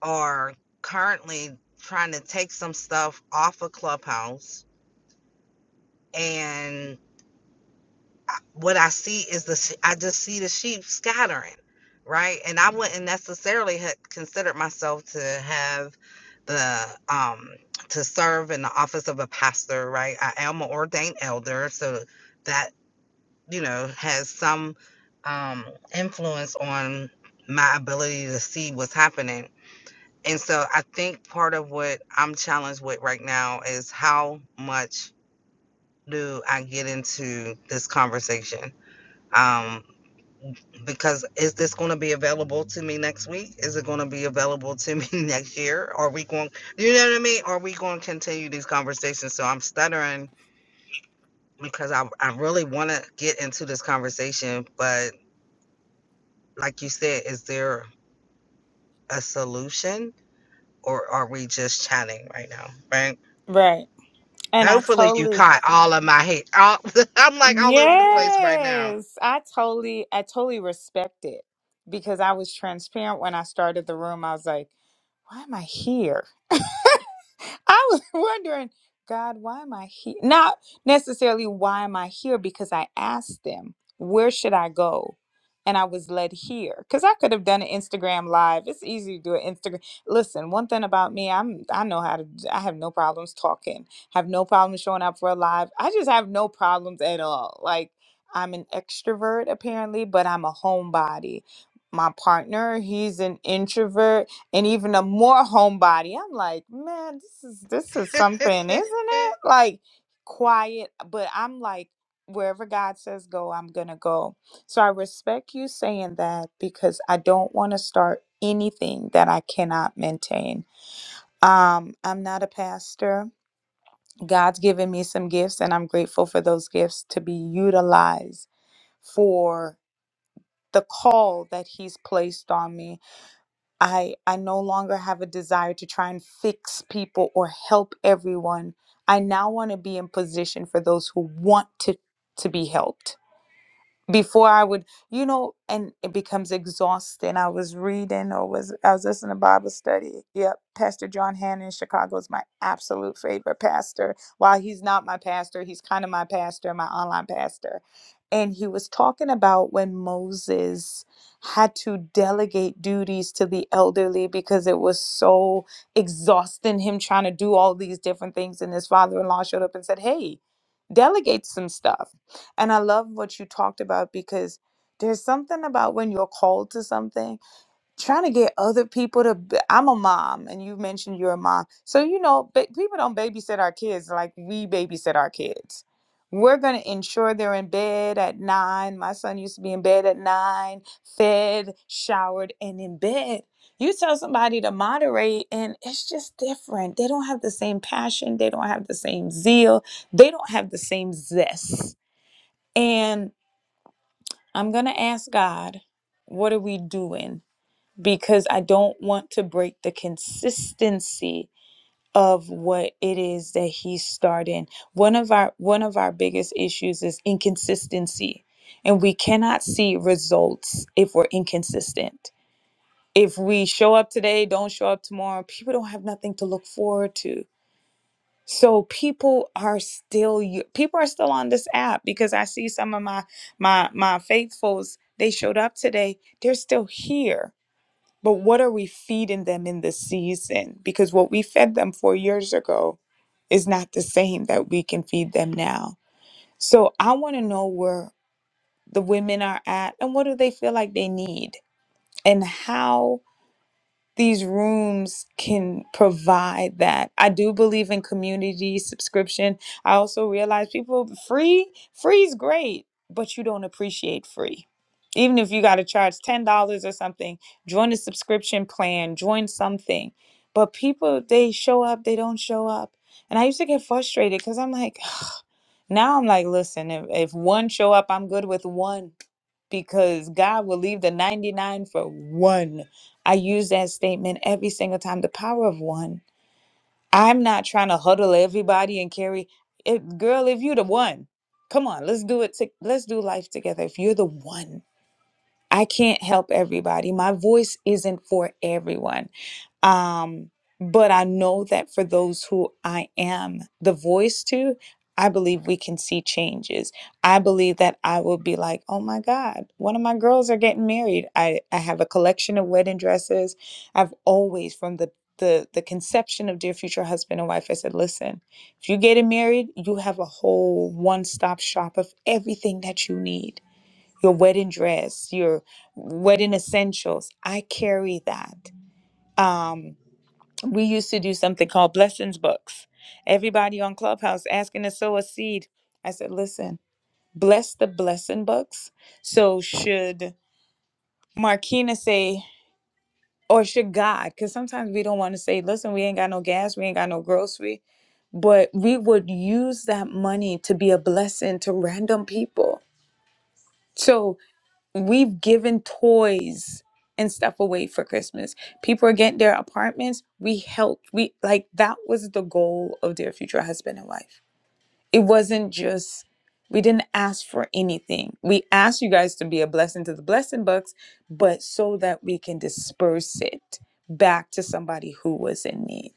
S2: are currently trying to take some stuff off of clubhouse and. what I see is the sh- I just see the sheep scattering, right? And I wouldn't necessarily have considered myself to have the um to serve in the office of a pastor, right? I am an ordained elder, so that you know has some um influence on my ability to see what's happening. And so I think part of what I'm challenged with right now is how much do I get into this conversation? Um, because is this going to be available to me next week? Is it going to be available to me [LAUGHS] next year? Are we going, you know what I mean? Are we going to continue these conversations? So I'm stuttering because I, I really want to get into this conversation. But like you said, is there a solution or are we just chatting right now? Right.
S1: Right. And I
S2: Hopefully you
S1: totally
S2: caught all of my hate. All, [LAUGHS] I'm like all over the place right now.
S1: Yes. I totally I totally respect it because I was transparent when I started the room. I was like, why am I here? I was [LAUGHS] wondering, God, why am I here? Not necessarily why am I here, because I asked them, where should I go? And I was led here because I could have done an Instagram live. It's easy to do an Instagram. Listen, one thing about me, I'm I know how to. I have no problems talking. Have no problem showing up for a live. I just have no problems at all. Like I'm an extrovert apparently, but I'm a homebody. My partner, he's an introvert and even a more homebody. I'm like, man, this is this is something, isn't
S2: [LAUGHS]
S1: it? Like quiet, but I'm like, wherever God says go, I'm gonna go. So I respect you saying that because I don't want to start anything that I cannot maintain. Um, I'm not a pastor. God's given me some gifts, and I'm grateful for those gifts to be utilized for the call that He's placed on me I I no longer have a desire to try and fix people or help everyone. I now want to be in position for those who want to to be helped before I would, you know, and it becomes exhausting. I was reading or was I was listening to Bible study. Yep, Pastor John Hannon in Chicago is my absolute favorite pastor. While he's not my pastor, he's kind of my pastor, my online pastor. And he was talking about when Moses had to delegate duties to the elderly because it was so exhausting him trying to do all these different things. And his father in law showed up and said, Hey, delegate some stuff and I love what you talked about because there's something about when you're called to something, trying to get other people to. b- I'm a mom, and you mentioned you're a mom. So, you know, ba- people don't babysit our kids like we babysit our kids. We're going to ensure they're in bed at nine. My son used to be in bed at nine, fed, showered, and in bed. You tell somebody to moderate, and it's just different. They don't have the same passion, they don't have the same zeal, they don't have the same zest and I'm going to ask God, what are we doing? Because I don't want to break the consistency of what it is that he's starting. One of our one of our biggest issues is inconsistency. And we cannot see results if we're inconsistent. If we show up today, don't show up tomorrow, people don't have nothing to look forward to So people are still u- people are still on this app because I see some of my my my faithfuls they showed up today. They're still here. But what are we feeding them in this season? Because what we fed them 4 years ago is not the same that we can feed them now. So I want to know where the women are at and what do they feel like they need and how these rooms can provide that. I do believe in community subscription. I also realize people free free is great, but you don't appreciate free. Even if you got to charge $10 or something, join a subscription plan, join something. But people they show up, they don't show up. And I used to get frustrated cuz I'm like now I'm like, listen, if, if one show up, I'm good with one because God will leave the 99 for one. I use that statement every single time the power of one. I'm not trying to huddle everybody and carry it. Girl, if you the one, come on, let's do it. To, let's do life together. If you're the one, I can't help everybody. My voice isn't for everyone. Um, but I know that for those who I am the voice to, I believe we can see changes. I believe that I will be like, oh my God, one of my girls are getting married. I, I have a collection of wedding dresses. I've always, from the the, the conception of dear future husband and wife i said listen if you're getting married you have a whole one-stop shop of everything that you need your wedding dress, your wedding essentials. I carry that. Um, we used to do something called blessings books. Everybody on Clubhouse asking to sow a seed. I said, listen, bless the blessing books. So should Marquina say, or should God? Because sometimes we don't want to say, listen, we ain't got no gas, we ain't got no grocery, but we would use that money to be a blessing to random people. So we've given toys and stuff away for Christmas. People are getting their apartments. We helped. We like that was the goal of their future husband and wife. It wasn't just we didn't ask for anything. We asked you guys to be a blessing to the blessing bucks, but so that we can disperse it back to somebody who was in need.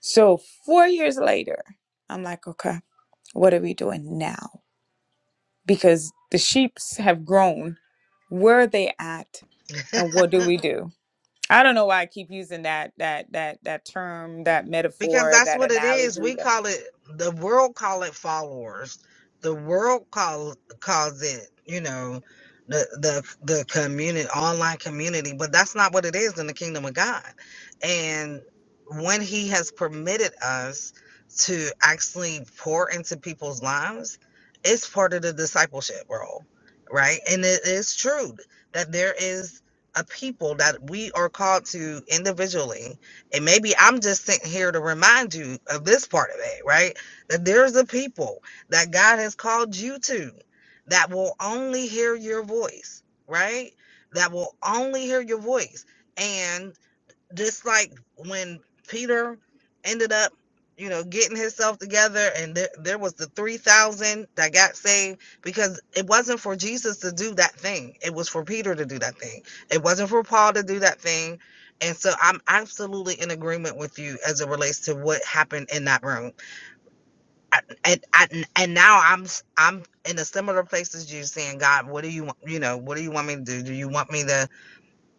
S1: So four years later, I'm like, okay, what are we doing now? Because the sheeps have grown. Where are they at? And what do we do? I don't know why I keep using that that that that term, that
S2: because
S1: metaphor,
S2: that's
S1: that
S2: what it is.
S1: analogy.
S2: We
S1: that-
S2: call it the world call it followers. The world call calls it, you know, the the the community online community, but that's not what it is in the kingdom of God. And when he has permitted us to actually pour into people's lives, it's part of the discipleship role, right? And it is true that there is a people that we are called to individually and maybe I'm just sent here to remind you of this part of it, right? That there's a people that God has called you to that will only hear your voice, right? That will only hear your voice. and just like when Peter ended up, you know, getting himself together, and there, there was the 3,000 that got saved because it wasn't for Jesus to do that thing. It was for Peter to do that thing. It wasn't for Paul to do that thing. And so I'm absolutely in agreement with you as it relates to what happened in that room. I, and, I, and now I'm i I'm in a similar place as you saying, God, what do you want? You know, what do you want me to do? Do you want me to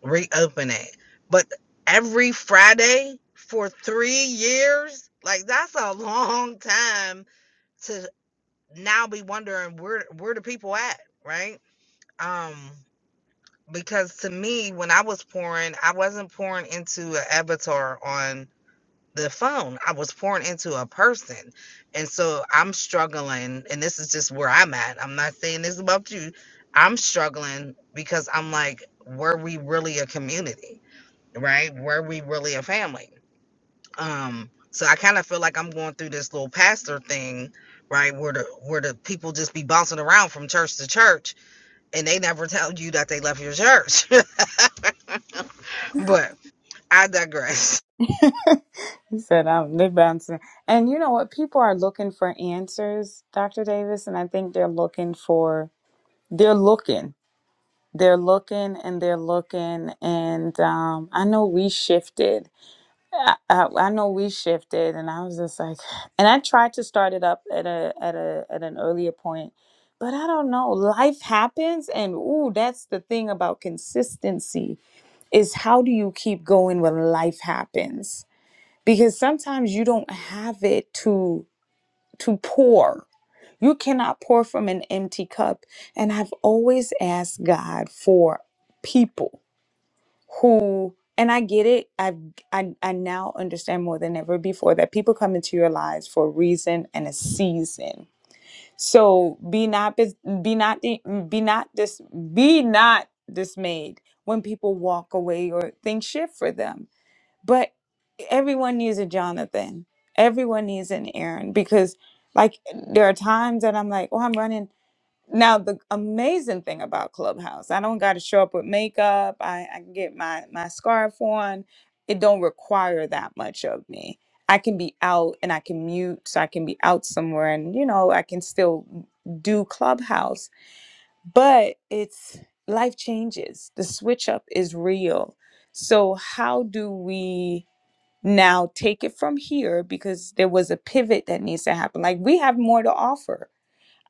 S2: reopen it. But every Friday for three years, like that's a long time to now be wondering where where the people at, right? Um, because to me, when I was pouring, I wasn't pouring into an avatar on the phone. I was pouring into a person. And so I'm struggling, and this is just where I'm at. I'm not saying this about you. I'm struggling because I'm like, were we really a community? right? Were we really a family? Um, so I kind of feel like I'm going through this little pastor thing, right? Where the where the people just be bouncing around from church to church, and they never tell you that they left your church. [LAUGHS] but I digress.
S1: He said, "I'm lip bouncing." And you know what? People are looking for answers, Dr. Davis, and I think they're looking for they're looking, they're looking, and they're looking. And um, I know we shifted I, I I know we shifted, and I was just like, [SIGHS] and I tried to start it up at a at a at an earlier point, but I don't know. Life happens, and ooh, that's the thing about consistency is how do you keep going when life happens? Because sometimes you don't have it to to pour. You cannot pour from an empty cup. And I've always asked God for people who and I get it. i I I now understand more than ever before that people come into your lives for a reason and a season. So be not bis- be not di- be not dis, be not dismayed when people walk away or things shift for them. But everyone needs a Jonathan. Everyone needs an Aaron because like there are times that I'm like, oh, I'm running. Now the amazing thing about Clubhouse, I don't got to show up with makeup. I, I can get my my scarf on. It don't require that much of me. I can be out and I can mute, so I can be out somewhere, and you know I can still do Clubhouse. But it's life changes. The switch up is real. So how do we now take it from here? Because there was a pivot that needs to happen. Like we have more to offer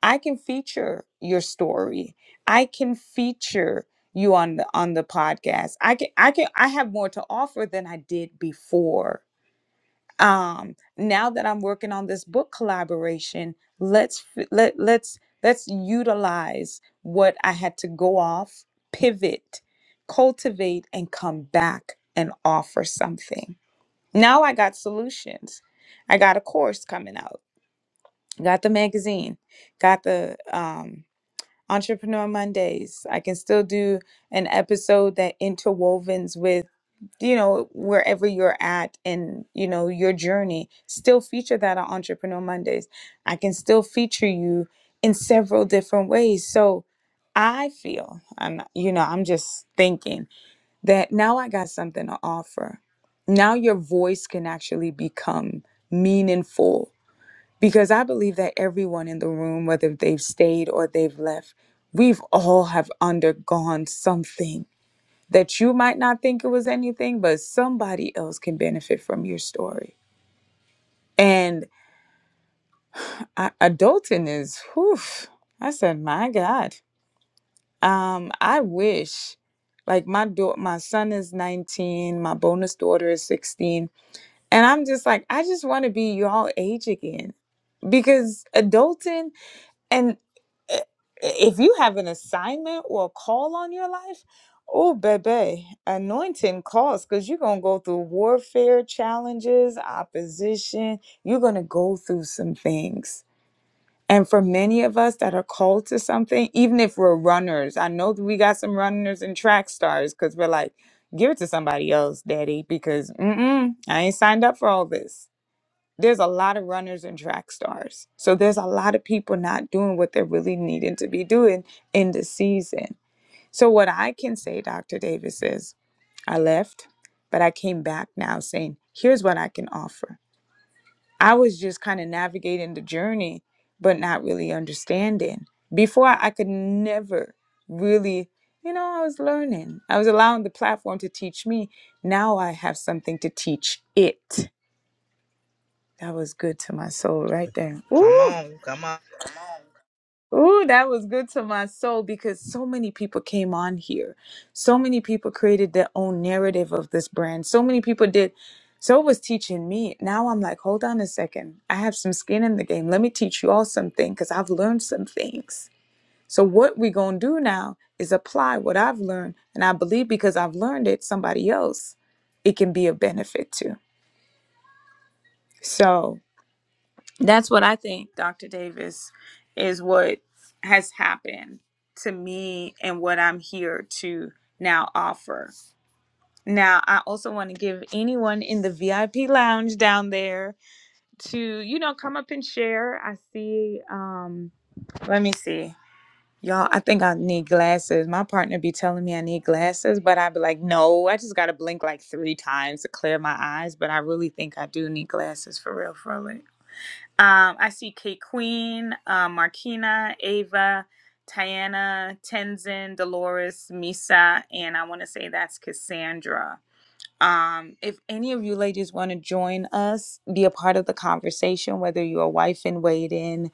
S1: I can feature your story. I can feature you on the on the podcast. I can I can I have more to offer than I did before. Um now that I'm working on this book collaboration, let's f- let let's let's utilize what I had to go off, pivot, cultivate and come back and offer something. Now I got solutions. I got a course coming out. Got the magazine. Got the um Entrepreneur Mondays. I can still do an episode that interwovens with, you know, wherever you're at and, you know, your journey. Still feature that on Entrepreneur Mondays. I can still feature you in several different ways. So I feel, I'm not, you know, I'm just thinking that now I got something to offer. Now your voice can actually become meaningful because I believe that everyone in the room, whether they've stayed or they've left, we've all have undergone something that you might not think it was anything, but somebody else can benefit from your story. And I, adulting is, whew, I said, my God, um, I wish, like my daughter, my son is 19, my bonus daughter is 16, and I'm just like, I just want to be y'all age again because adulting And i- if you have an assignment or a call on your life, oh, baby, anointing calls because you're going to go through warfare, challenges, opposition. You're going to go through some things. And for many of us that are called to something, even if we're runners, I know that we got some runners and track stars because we're like, give it to somebody else, daddy, because mm-mm, I ain't signed up for all this there's a lot of runners and track stars. So there's a lot of people not doing what they're really needing to be doing in the season. So what I can say, Dr. Davis, is I left, but I came back now saying, here's what I can offer. I was just kind of navigating the journey, but not really understanding. Before I could never really, you know, I was learning. I was allowing the platform to teach me. Now I have something to teach it. That was good to my soul right there.
S2: Come
S1: Ooh,
S2: on, come on.
S1: ooh, that was good to my soul because so many people came on here. So many people created their own narrative of this brand. So many people did. So it was teaching me. Now I'm like, hold on a second. I have some skin in the game. Let me teach you all something because I've learned some things. So what we gonna do now is apply what I've learned, and I believe because I've learned it, somebody else, it can be a benefit to. So That's what I think, Dr. Davis, is what has happened to me and what I'm here to now offer. Now, I also want to give anyone in the VIP lounge down there to, you know, come up and share. I see, um, let me see. Y'all, I think I need glasses. My partner be telling me I need glasses, but I'd be like, no, I just got to blink like three times to clear my eyes. But I really think I do need glasses for real, for real. Um, I see Kate Queen, uh, Markina, Ava, Tiana, Tenzin, Dolores, Misa, and I want to say that's Cassandra. Um, if any of you ladies want to join us, be a part of the conversation, whether you're a wife in waiting,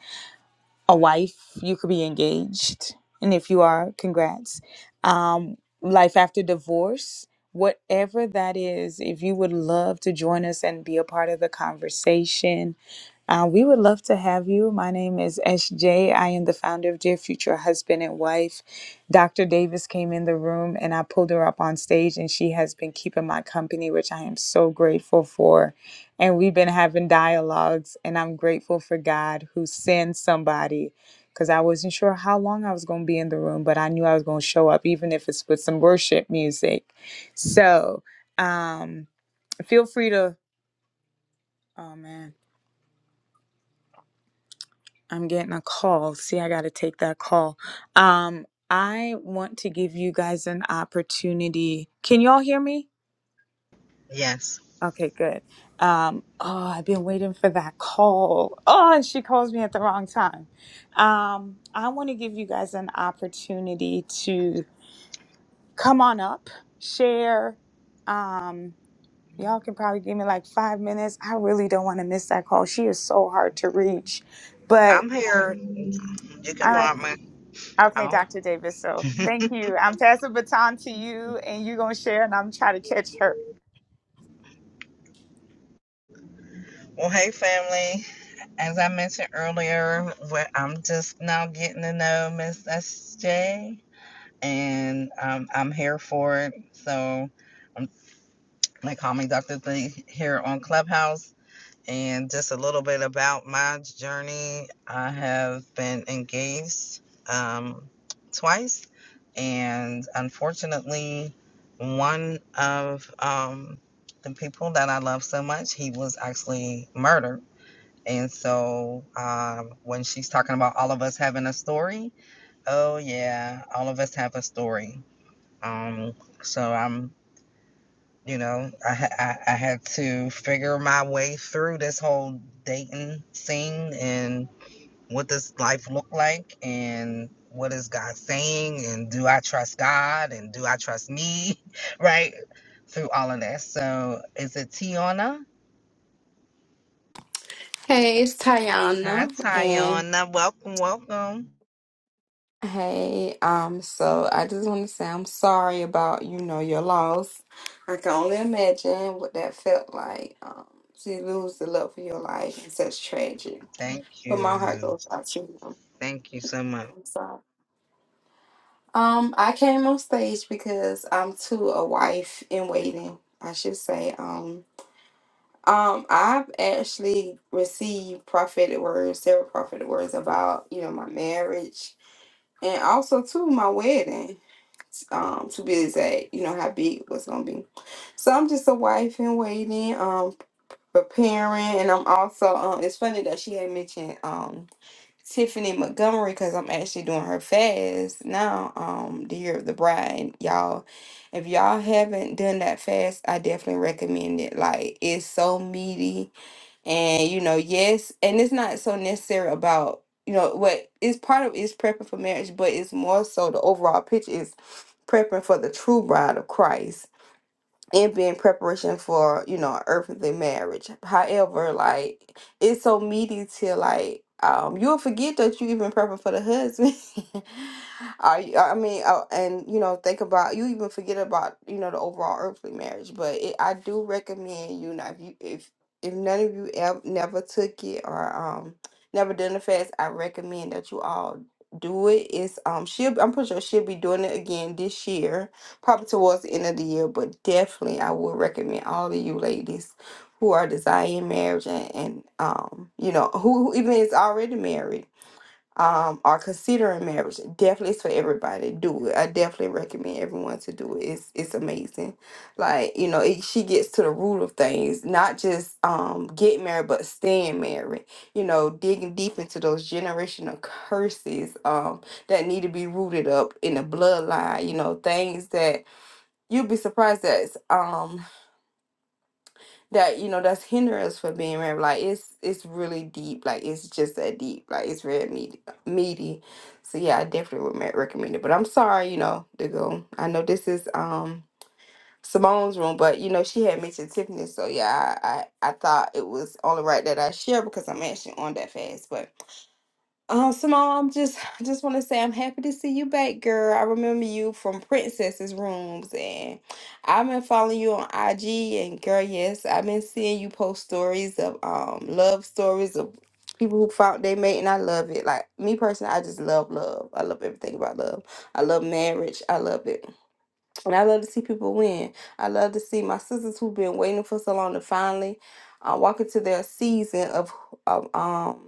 S1: a wife, you could be engaged. And if you are, congrats. Um, life after divorce, whatever that is, if you would love to join us and be a part of the conversation, uh, we would love to have you. My name is S J. I am the founder of Dear Future Husband and Wife. Dr. Davis came in the room and I pulled her up on stage, and she has been keeping my company, which I am so grateful for. And we've been having dialogues, and I'm grateful for God who sends somebody because I wasn't sure how long I was going to be in the room, but I knew I was going to show up, even if it's with some worship music. So um, feel free to, oh man. I'm getting a call. See, I got to take that call. Um, I want to give you guys an opportunity. Can y'all hear me?
S2: Yes,
S1: Okay, good. Um, oh, I've been waiting for that call. Oh, and she calls me at the wrong time. Um, I want to give you guys an opportunity to come on up, share. Um, y'all can probably give me like five minutes. I really don't want to miss that call. She is so hard to reach, but.
S2: I'm here. You can
S1: all right.
S2: mark me.
S1: Okay,
S2: Oh.
S1: Dr. Davis. So thank you. I'm passing the baton to you, and you're going to share, and I'm trying to catch her.
S2: Well, hey, family. As I mentioned earlier, I'm just now getting to know Miss SJ, and um, I'm here for it. So. I'm They call me Dr. Thee here on Clubhouse. And just a little bit about my journey. I have been engaged um, twice, and unfortunately, one of um, the people that I love so much, he was actually murdered. And so, um, when she's talking about all of us having a story, oh yeah, all of us have a story. Um, so I'm you know, I, ha- I I had to figure my way through this whole dating scene and what does life look like and what is God saying and do I trust God and do I trust me, [LAUGHS] right? Through all of this. So is it Tiana?
S3: Hey, it's
S2: Hi,
S3: Tayana, and
S2: Tiana. Welcome, welcome.
S3: hey, um, so I just want to say I'm sorry about, you know, your loss. I can only imagine what that felt like, um, to lose the love of your life and such tragic.
S2: Thank
S3: But my heart
S2: you.
S3: goes out to you.
S2: Thank you
S3: Yeah,
S2: so much.
S3: I'm sorry. Um, I came on stage because I'm too a wife in waiting, I should say. Um, um, I've actually received prophetic words, several prophetic words about, you know, my marriage and also too my wedding um to be exact you know how big it was gonna be so i'm just a wife in waiting um preparing and i'm also um it's funny that she had mentioned um tiffany montgomery because i'm actually doing her fast now um the year of the bride y'all if y'all haven't done that fast i definitely recommend it like it's so meaty and you know yes and it's not so necessary about you know what is part of is prepping for marriage but it's more so the overall picture is prepping for the true bride of christ and being preparation for you know earthly marriage however like it's so meaty to like um you'll forget that you even prepping for the husband [LAUGHS] i i mean oh, and you know think about you even forget about you know the overall earthly marriage but it, i do recommend you know if you if if none of you ever never took it or um never done the fast i recommend that you all do it it's um she'll i'm pretty sure she'll be doing it again this year probably towards the end of the year, but definitely I would recommend all of you ladies who are desiring marriage and, and um, you know, who, who even is already married, um, are considering marriage. Definitely it's for everybody. Do it. I definitely recommend everyone to do it. It's it's amazing. Like, you know, it, she gets to the root of things, not just um get married, but staying married. You know, digging deep into those generational curses um that need to be rooted up in the bloodline, you know, things that you'd be surprised that's um that you know that's hindering us for being married like it's it's really deep like it's just that deep like it's red meaty meaty so yeah i definitely would ma- recommend it but i'm sorry you know to go i know this is um simone's room but you know she had mentioned tiffany so yeah i i, I thought it was only right that i share because i'm actually on that fast but um, Simone, I'm just I just want to say I'm happy to see you back, girl. I remember you from Princess's Rooms, and I've been following you on IG. And girl, yes, I've been seeing you post stories of um love stories of people who found they mate, and I love it. Like me personally, I just love love. I love everything about love. I love marriage. I love it, and I love to see people win. I love to see my sisters who've been waiting for so long to finally uh, walk into their season of of um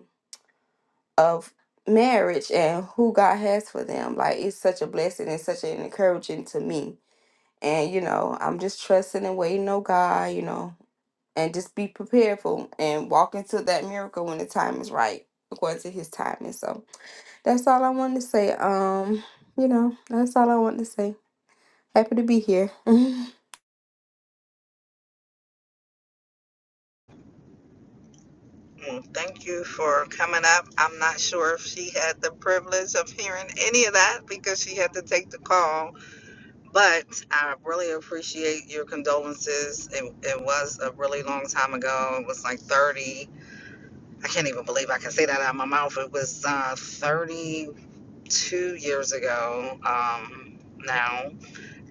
S3: of marriage and who God has for them. Like it's such a blessing and such an encouraging to me. And you know, I'm just trusting and waiting on God, you know, and just be prepared for and walk into that miracle when the time is right, according to his timing. So that's all I wanted to say. Um, you know, that's all I wanted to say. Happy to be here. [LAUGHS]
S2: Well, thank you for coming up. I'm not sure if she had the privilege of hearing any of that because she had to take the call But I really appreciate your condolences. It, it was a really long time ago. It was like 30. I can't even believe I can say that out of my mouth. It was uh, 32 years ago um, now.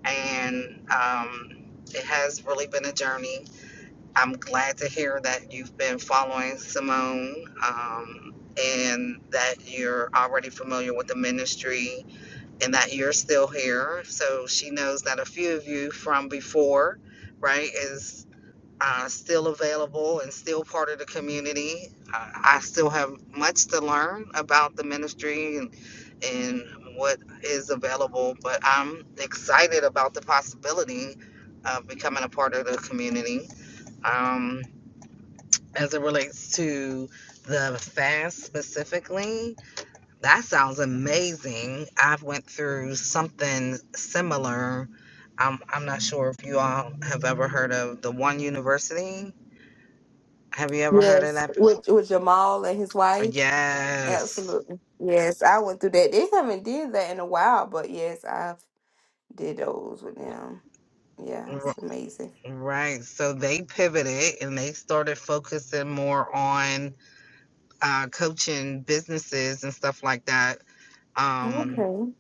S2: And um, it has really been a journey. I'm glad to hear that you've been following Simone um, and that you're already familiar with the ministry and that you're still here. So she knows that a few of you from before, right, is uh, still available and still part of the community. Uh, I still have much to learn about the ministry and and what is available, but I'm excited about the possibility of becoming a part of the community. Um, as it relates to the fast specifically, that sounds amazing. I've went through something similar. I'm I'm not sure if you all have ever heard of the One University. Have you ever heard of
S3: yes,
S2: that? before?
S3: with with Jamal and his wife.
S2: Yes.
S3: Absolutely. Yes, I went through that. They haven't did that in a while, but yes, I've did those with them. Yeah,
S2: R-
S3: it's amazing.
S2: Right. So they pivoted and they started focusing more on uh, coaching businesses and stuff like that. Um,
S3: Okay.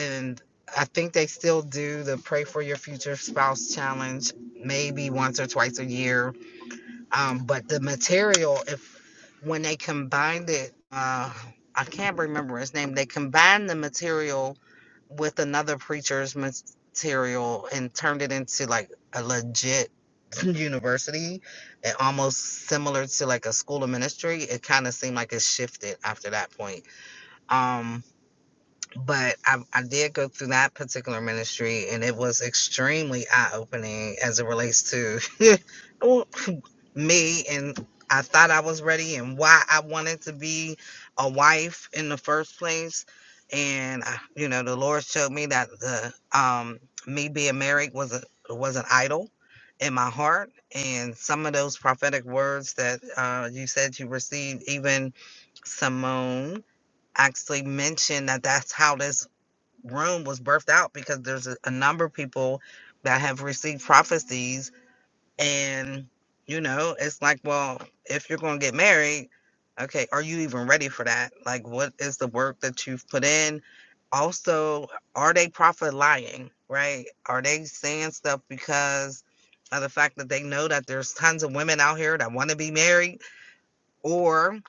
S2: and I think they still do the Pray for Your Future Spouse Challenge maybe once or twice a year Um, but the material, if when they combined it, uh, I can't remember his name. They combined the material with another preacher's material and turned it into like a legit [LAUGHS] university and almost similar to like a school of ministry it kind of seemed like it shifted after that point um but I, I did go through that particular ministry and it was extremely eye-opening as it relates to [LAUGHS] me and I thought I was ready and why I wanted to be a wife in the first place. And I, you know, the Lord showed me that the um me being married was a was an idol in my heart. And some of those prophetic words that uh, you said you received, even Simone actually mentioned that that's how this room was birthed out because there's a, a number of people that have received prophecies and, you know, it's like, well, if you're going to get married, okay, are you even ready for that? Like, what is the work that you've put in? Also, are they profit lying, right? Are they saying stuff because of the fact that they know that there's tons of women out here that want to be married? Or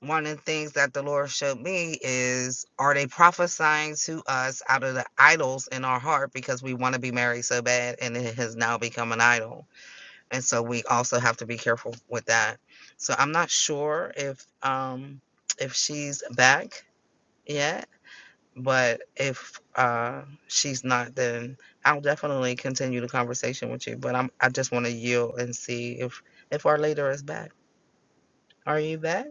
S2: one of the things that the Lord showed me is are they prophesying to us out of the idols in our heart because we want to be married so bad and it has now become an idol? and so we also have to be careful with that. So I'm not sure if um if she's back yet, but if uh she's not, then I'll definitely continue the conversation with you. But I'm I just want to yield and see if if our leader is back. Are you back?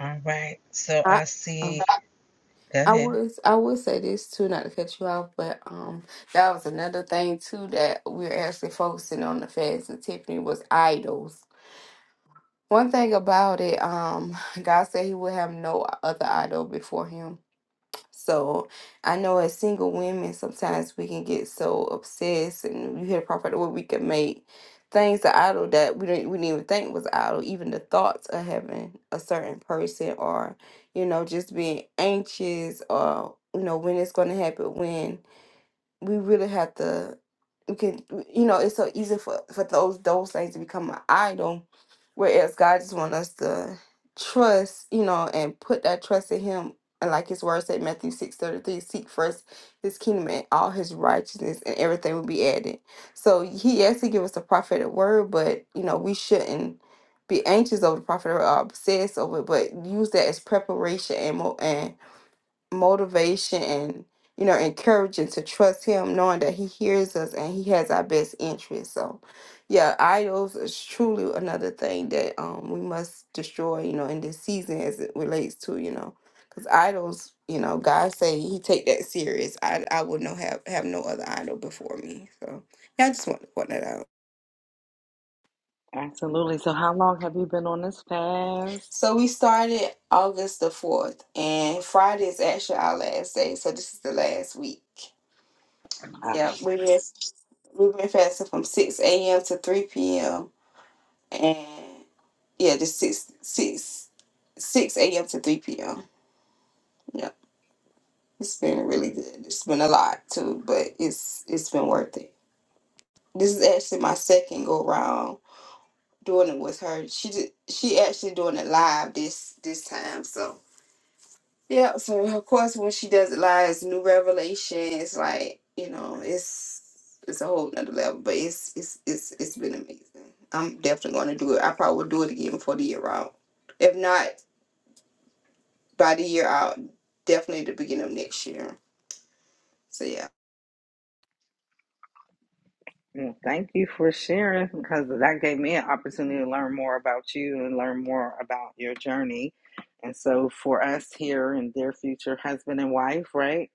S2: All right. So
S3: I
S2: I see.
S3: um,
S2: Go
S3: I
S2: ahead.
S3: would I would say this too, not to cut you off, but um that was another thing too that we are actually focusing on the feds and Tiffany was idols. One thing about it, um, God said he would have no other idol before him. So I know as single women, sometimes we can get so obsessed, and you hear prophet what we can make things are idle that we didn't we didn't even think was idle. Even the thoughts of having a certain person, or you know, just being anxious, or you know, when it's going to happen, when we really have to we can you know it's so easy for for those those things to become an idol whereas god just want us to trust you know and put that trust in him and like his word said matthew six thirty three, seek first his kingdom and all his righteousness and everything will be added so he actually give us a prophetic word but you know we shouldn't be anxious over the prophet or obsessed over it but use that as preparation and more motivation and you know encouraging to trust him knowing that he hears us and he has our best interest so yeah idols is truly another thing that um we must destroy you know in this season as it relates to you know because idols you know god say he take that serious i i would not have have no other idol before me so yeah i just want to point that out
S2: Absolutely. So, how long have you been on this fast?
S3: so we started august the 4th and friday is actually our last day so this is the last week Yeah, we've been we've been fasting from six a.m. to three p.m. and yeah, just six six six a.m. to three p.m. Yeah, it's been really good. It's been a lot too, but it's it's been worth it. This is actually my second go round doing it with her. She did, she actually doing it live this this time, so. Yeah, so of course when she does it live, it's new revelation. It's like, you know, it's it's a whole nother level. But it's it's it's it's been amazing. I'm definitely gonna do it. I probably will do it again before the year out. If not by the year out, definitely the beginning of next year. So yeah.
S2: Well, Thank you for sharing because that gave me an opportunity to learn more about you and learn more about your journey. And so, for us here in Dear Future Husband and Wife, right?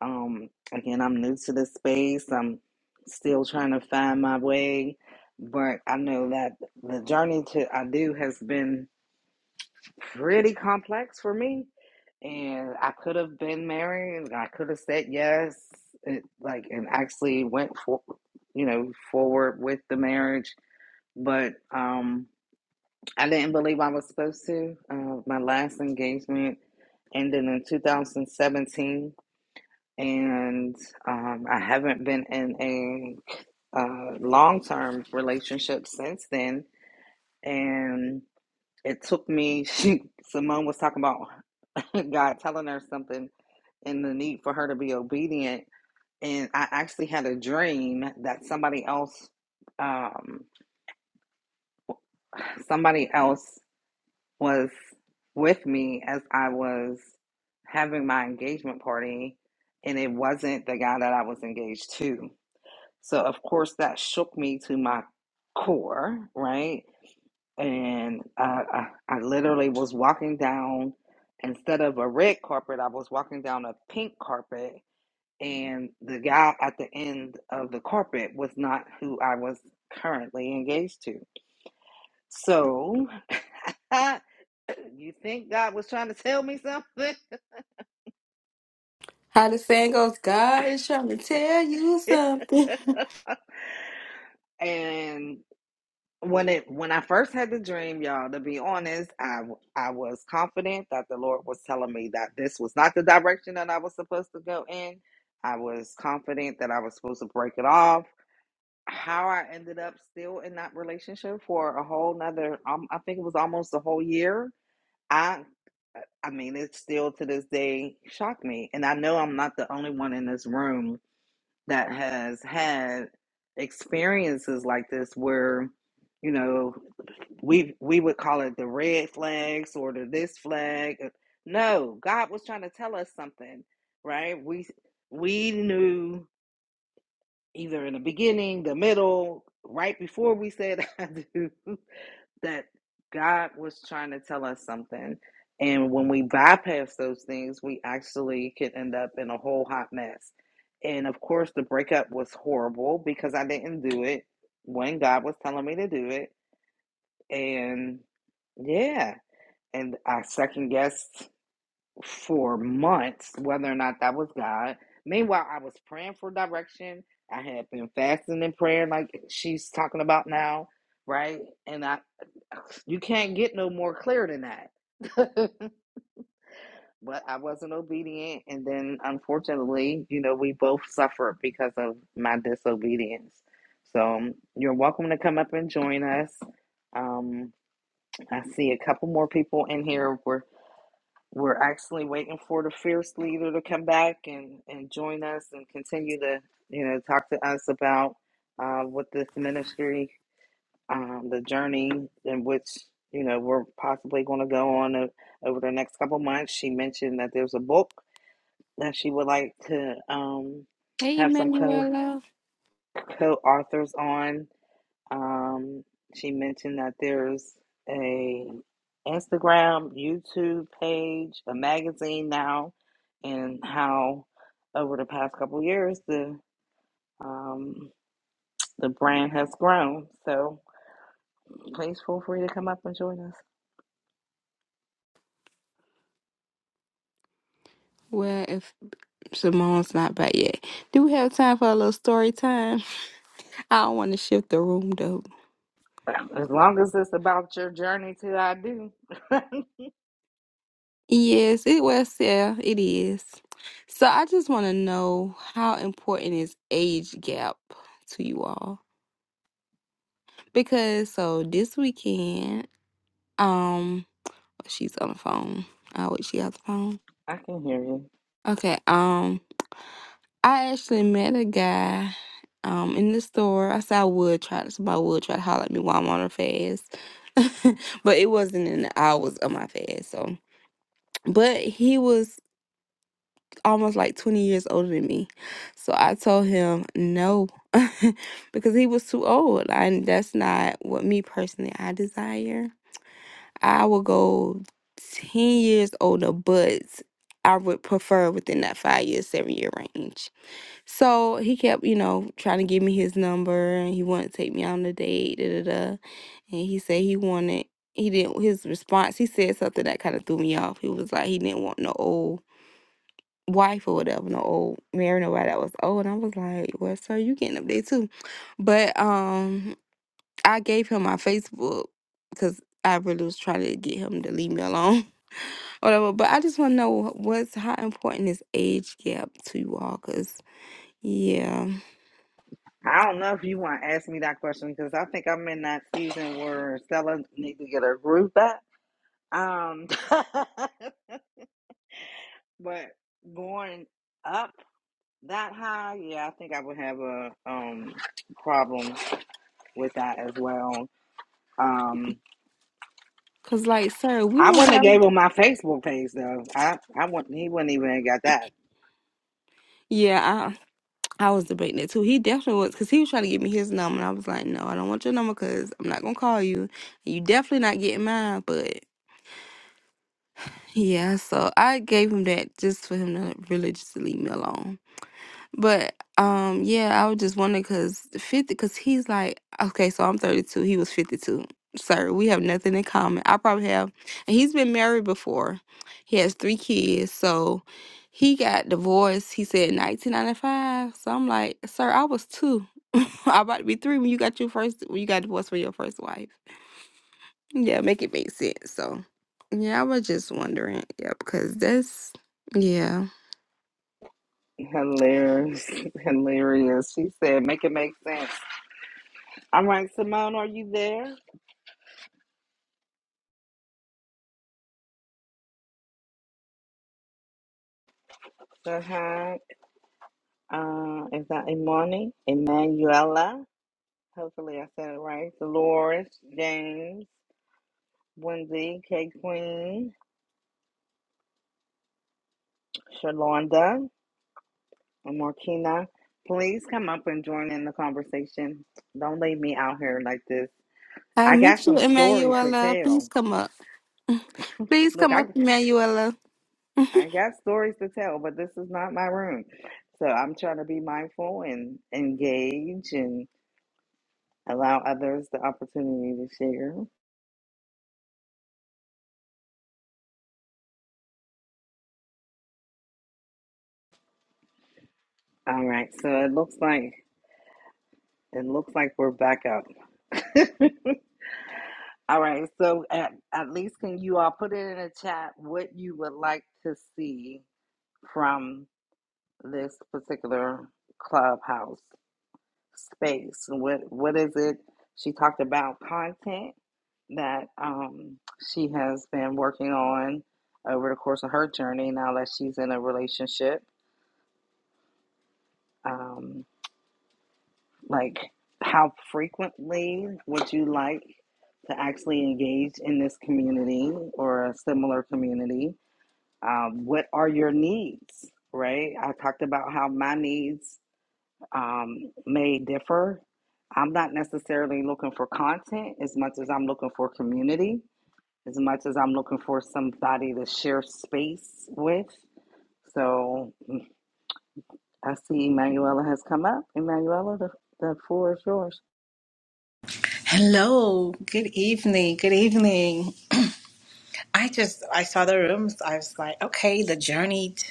S2: Um, again, I'm new to this space. I'm still trying to find my way, but I know that the journey to I do has been pretty complex for me. And I could have been married. I could have said yes, it, like, and actually went for, you know, forward with the marriage. But um, I didn't believe I was supposed to. Uh, my last engagement ended in 2017, and um, I haven't been in a uh, long-term relationship since then. And it took me. [LAUGHS] She, Simone was talking about. [LAUGHS] God telling her something and the need for her to be obedient. And I actually had a dream that somebody else, um, somebody else was with me as I was having my engagement party, and it wasn't the guy that I was engaged to. So of course that shook me to my core, right? And uh, I, I literally was walking down instead of a red carpet, I was walking down a pink carpet and the guy at the end of the carpet was not who I was currently engaged to. So, [LAUGHS] you think God was trying to tell me something?
S3: How the saying goes, God is trying to tell you
S2: [LAUGHS]
S3: something. [LAUGHS]
S2: and when it when I first had the dream, y'all, to be honest, I I was confident that the Lord was telling me that this was not the direction that I was supposed to go in. I was confident that I was supposed to break it off. how I ended up still in that relationship for a whole nother, um, I think it was almost a whole year. I, I mean, it still to this day shocked me. And I know I'm not the only one in this room that has had experiences like this where, you know, we we would call it the red flags or the this flag. uh, No, God was trying to tell us something, right? We we knew either in the beginning, the middle, right before we said [LAUGHS] I do, that God was trying to tell us something. And when we bypass those things, we actually could end up in a whole hot mess. And of course, the breakup was horrible because I didn't do it when God was telling me to do it. And yeah, and I second guessed for months whether or not that was God. Meanwhile, I was praying for direction. I had been fasting and praying like she's talking about now, right? And I [SIGHS] you can't get no more clear than that. [LAUGHS] but I wasn't obedient and then unfortunately, you know, we both suffered because of my disobedience. So um, you're welcome to come up and join us. Um, I see a couple more people in here. We're we're actually waiting for the fierce leader to come back and, and join us and continue to, you know, talk to us about uh, what this ministry, um, the journey in which, you know, we're possibly going to go on o- over the next couple months. She mentioned that there's a book that she would like to um,
S3: Hey,
S2: have some co
S3: Emmanuela.
S2: co authors on. Um, she mentioned that there's a Instagram, YouTube page, a magazine now, and how over the past couple years the um, the brand has grown. So please feel free to come up and join us.
S3: Well, if Simone's not back yet, do we have time for a little story time? [LAUGHS] I don't want to shift the room though.
S2: As long as it's about your journey to I do, [LAUGHS] I
S3: Yes, it was, yeah, it is. So I just want to know how important is age gap to you all? Because so this weekend, um, she's on the phone. Oh, wait, she has the phone.
S2: can hear you.
S3: Okay, um, I actually met a guy, um, in the store. I said I would try to, somebody would try to holler at me while I'm on a fast, [LAUGHS] but it wasn't in the hours of my fast, so. But he was almost like 20 years older than me. So I told him no [LAUGHS] because he was too old. And that's not what me personally I desire. I will go 10 years older, but I would prefer within that five year, seven year range. So he kept, you know, trying to give me his number and he wanted to take me on a date, da da da. And he said he wanted he didn't his response, he said something that kind of threw me off. He was like he didn't want no old wife or whatever, no old married nobody that was old. And I was like, Well, sir, you getting up there too. But um I gave him my Facebook because I really was trying to get him to leave me alone. [LAUGHS] whatever. But I just wanna know what's how important is age gap to you all, cause yeah.
S2: I don't know if you want to ask me that question because I think I'm in that season where Stella needs to get her groove back. Um, [LAUGHS] But going up that high, yeah, I think I would have a um problem with that as well. Um,
S3: Cause like sir, we
S2: I wouldn't
S3: don't
S2: have
S3: have
S2: gave him my Facebook page though. I I wouldn't. He wouldn't even have got that.
S3: Yeah, I I was debating it too. He definitely was cause he was trying to give me his number and I was like, No, I don't want your number because I'm not gonna call you. You definitely not getting mine, but." Yeah, so I gave him that just for him to really just leave me alone. But um, yeah, I was just wondering because fifty, because he's like, okay, so I'm thirty two. He was fifty two. Sir, we have nothing in common. I probably have, and he's been married before. He has three kids, so he got divorced. He said nineteen ninety five. So I'm like, sir, I was two. [LAUGHS] I about to be three when you got your first when you got divorced from your first wife. Yeah, make it make sense. So, yeah, I was just wondering. Yeah, because that's, yeah.
S2: Hilarious, [LAUGHS] hilarious. She said, "Make it make sense." All right, Simone, are you there? So hi. Uh, is that Imani? Emanuela. Hopefully, I said it right. Dolores, James, Wendy, K Queen, Shalonda. And Marquina, please come up and join in the conversation. Don't leave me out here like this.
S3: I'll
S2: I got
S3: meet you,
S2: some stories to
S3: Emanuela. Please
S2: tell.
S3: come up. Please
S2: Look,
S3: come
S2: I
S3: up, Emanuela.
S2: I got stories to tell, but this is not my room. So I'm trying to be mindful and engage and allow others the opportunity to share. All right. So it looks like it looks like we're back up. [LAUGHS] All right. So at, at least can you all put it in a chat what you would like to see from this particular clubhouse space. What what is it? She talked about content that um, she has been working on over the course of her journey. Now that she's in a relationship, um, like how frequently would you like to actually engage in this community or a similar community? Um, what are your needs? Right? I talked about how my needs um, may differ. I'm not necessarily looking for content as much as I'm looking for community, as much as I'm looking for somebody to share space with. So mm, I see Emanuela has come up. Emanuela, the, the floor is yours.
S4: Hello, good evening, good evening. I just I saw the rooms. I was like, okay, the journey t-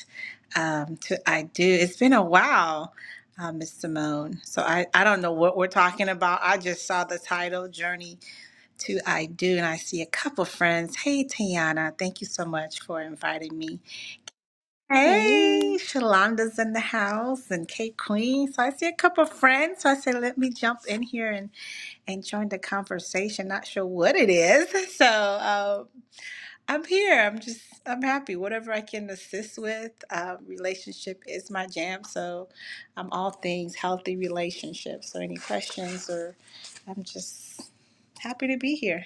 S4: um, to I do. It's been a while, uh, Miss Simone. So I I don't know what we're talking about. I just saw the title, Journey to I Do, and I see a couple friends. Hey, Tiana, thank you so much for inviting me.
S3: Hey.
S4: Hey, Shalonda's in the house and Kate Queen. So I see a couple of friends. So I said, let me jump in here and, and join the conversation. Not sure what it is. [LAUGHS] So uh, I'm here. I'm just, I'm happy. Whatever I can assist with, uh, relationship is my jam. So I'm all things healthy relationships. So any questions or I'm just happy to be here.